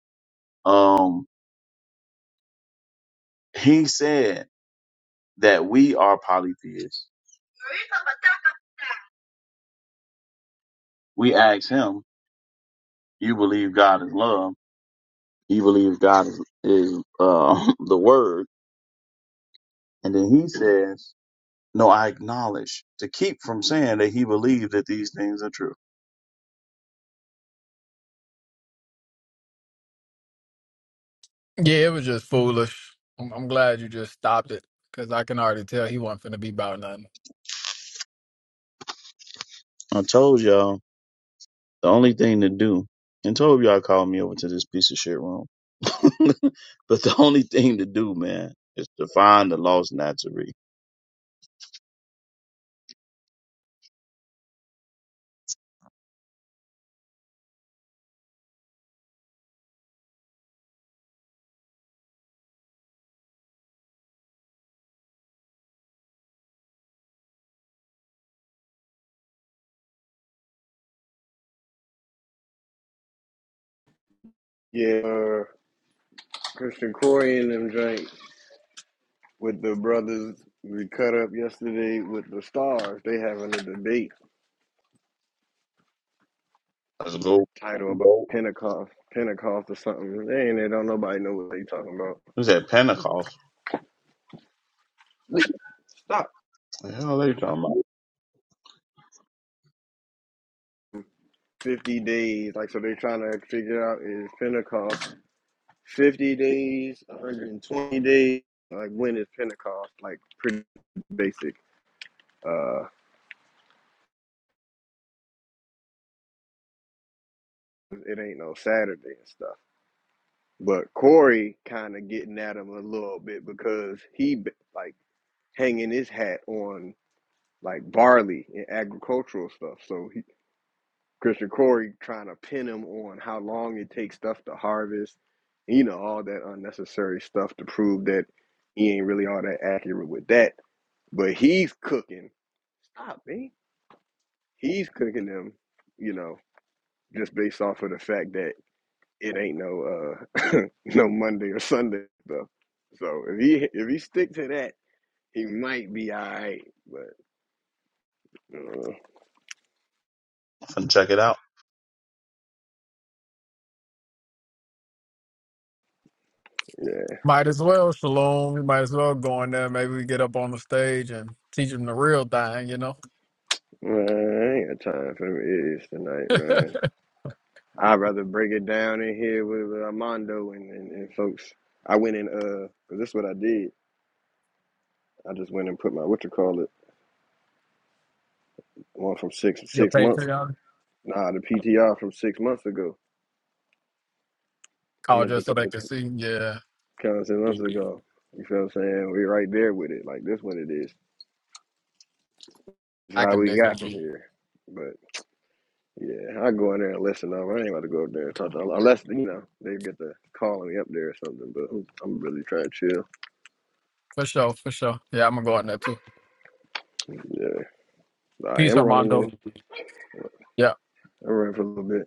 Speaker 8: Um, he said. that we are polytheists. We ask him, you believe God is love. You believe God is, is uh, the word. And then he says, no, I acknowledge to keep from saying that he believed that these things are true.
Speaker 6: yeah, it was just foolish. I'm, I'm glad you just stopped it because I can already tell he wasn't finna be about nothing.
Speaker 8: I told y'all the only thing to do and told y'all called me over to this piece of shit room. but the only thing to do, man, is to find the lost Nazarene.
Speaker 7: Yeah. uh, Christian Corey and them drank with the brothers we cut up yesterday with the stars. They having a debate
Speaker 8: Let's go.
Speaker 7: title about
Speaker 8: go.
Speaker 7: Pentecost, Pentecost or something. They ain't they don't nobody know what they talking about.
Speaker 8: Who's at Pentecost?
Speaker 7: Stop.
Speaker 8: The hell are they talking about?
Speaker 7: Fifty days, like so they trying to figure out is Pentecost fifty days, one hundred and twenty days. Like when is Pentecost? Like pretty basic. Uh, it ain't no Saturday and stuff. But Corey kind of getting at him a little bit because he b- like hanging his hat on like barley and agricultural stuff. So he, Christian Corey trying to pin him on how long it takes stuff to harvest, you know, all that unnecessary stuff to prove that he ain't really all that accurate with that. But he's cooking. Stop, man. He's cooking them, you know, just based off of the fact that it ain't no uh no Monday or Sunday stuff. So if he if he stick to that, he might be all right. But uh,
Speaker 8: I'm finna check it out.
Speaker 7: yeah,
Speaker 6: Might as well, Shalom. We might as well go in there. Maybe we get up on the stage and teach them the real thing, you know?
Speaker 7: man, I ain't got time for them idiots tonight, man. I'd rather break it down in here with, with Armando and, and, and folks. I went in uh, 'cause this is what I did. I just went and put my what you call it one from six
Speaker 6: Your
Speaker 7: six months.
Speaker 6: Patreon?
Speaker 7: Nah, the PTR from six months ago. I
Speaker 6: Oh,
Speaker 7: mean the
Speaker 6: just so
Speaker 7: the,
Speaker 6: they
Speaker 7: the,
Speaker 6: can see. Yeah,
Speaker 7: kind of six months ago. You feel what I'm saying? we right there with it. Like this, what it is. That's
Speaker 6: I
Speaker 7: how
Speaker 6: can
Speaker 7: we
Speaker 6: dig
Speaker 7: got from
Speaker 6: it.
Speaker 7: here. But yeah, I go in there and listen up. I ain't about to go up there and talk to unless you know they get to calling me up there or something. But I'm, I'm really trying to chill.
Speaker 6: For sure, for sure. Yeah, I'm going to go in there too.
Speaker 7: Yeah, I
Speaker 6: Peace,
Speaker 7: am running
Speaker 6: Armando.
Speaker 7: this.
Speaker 6: Yeah.
Speaker 7: I'm running for a little bit.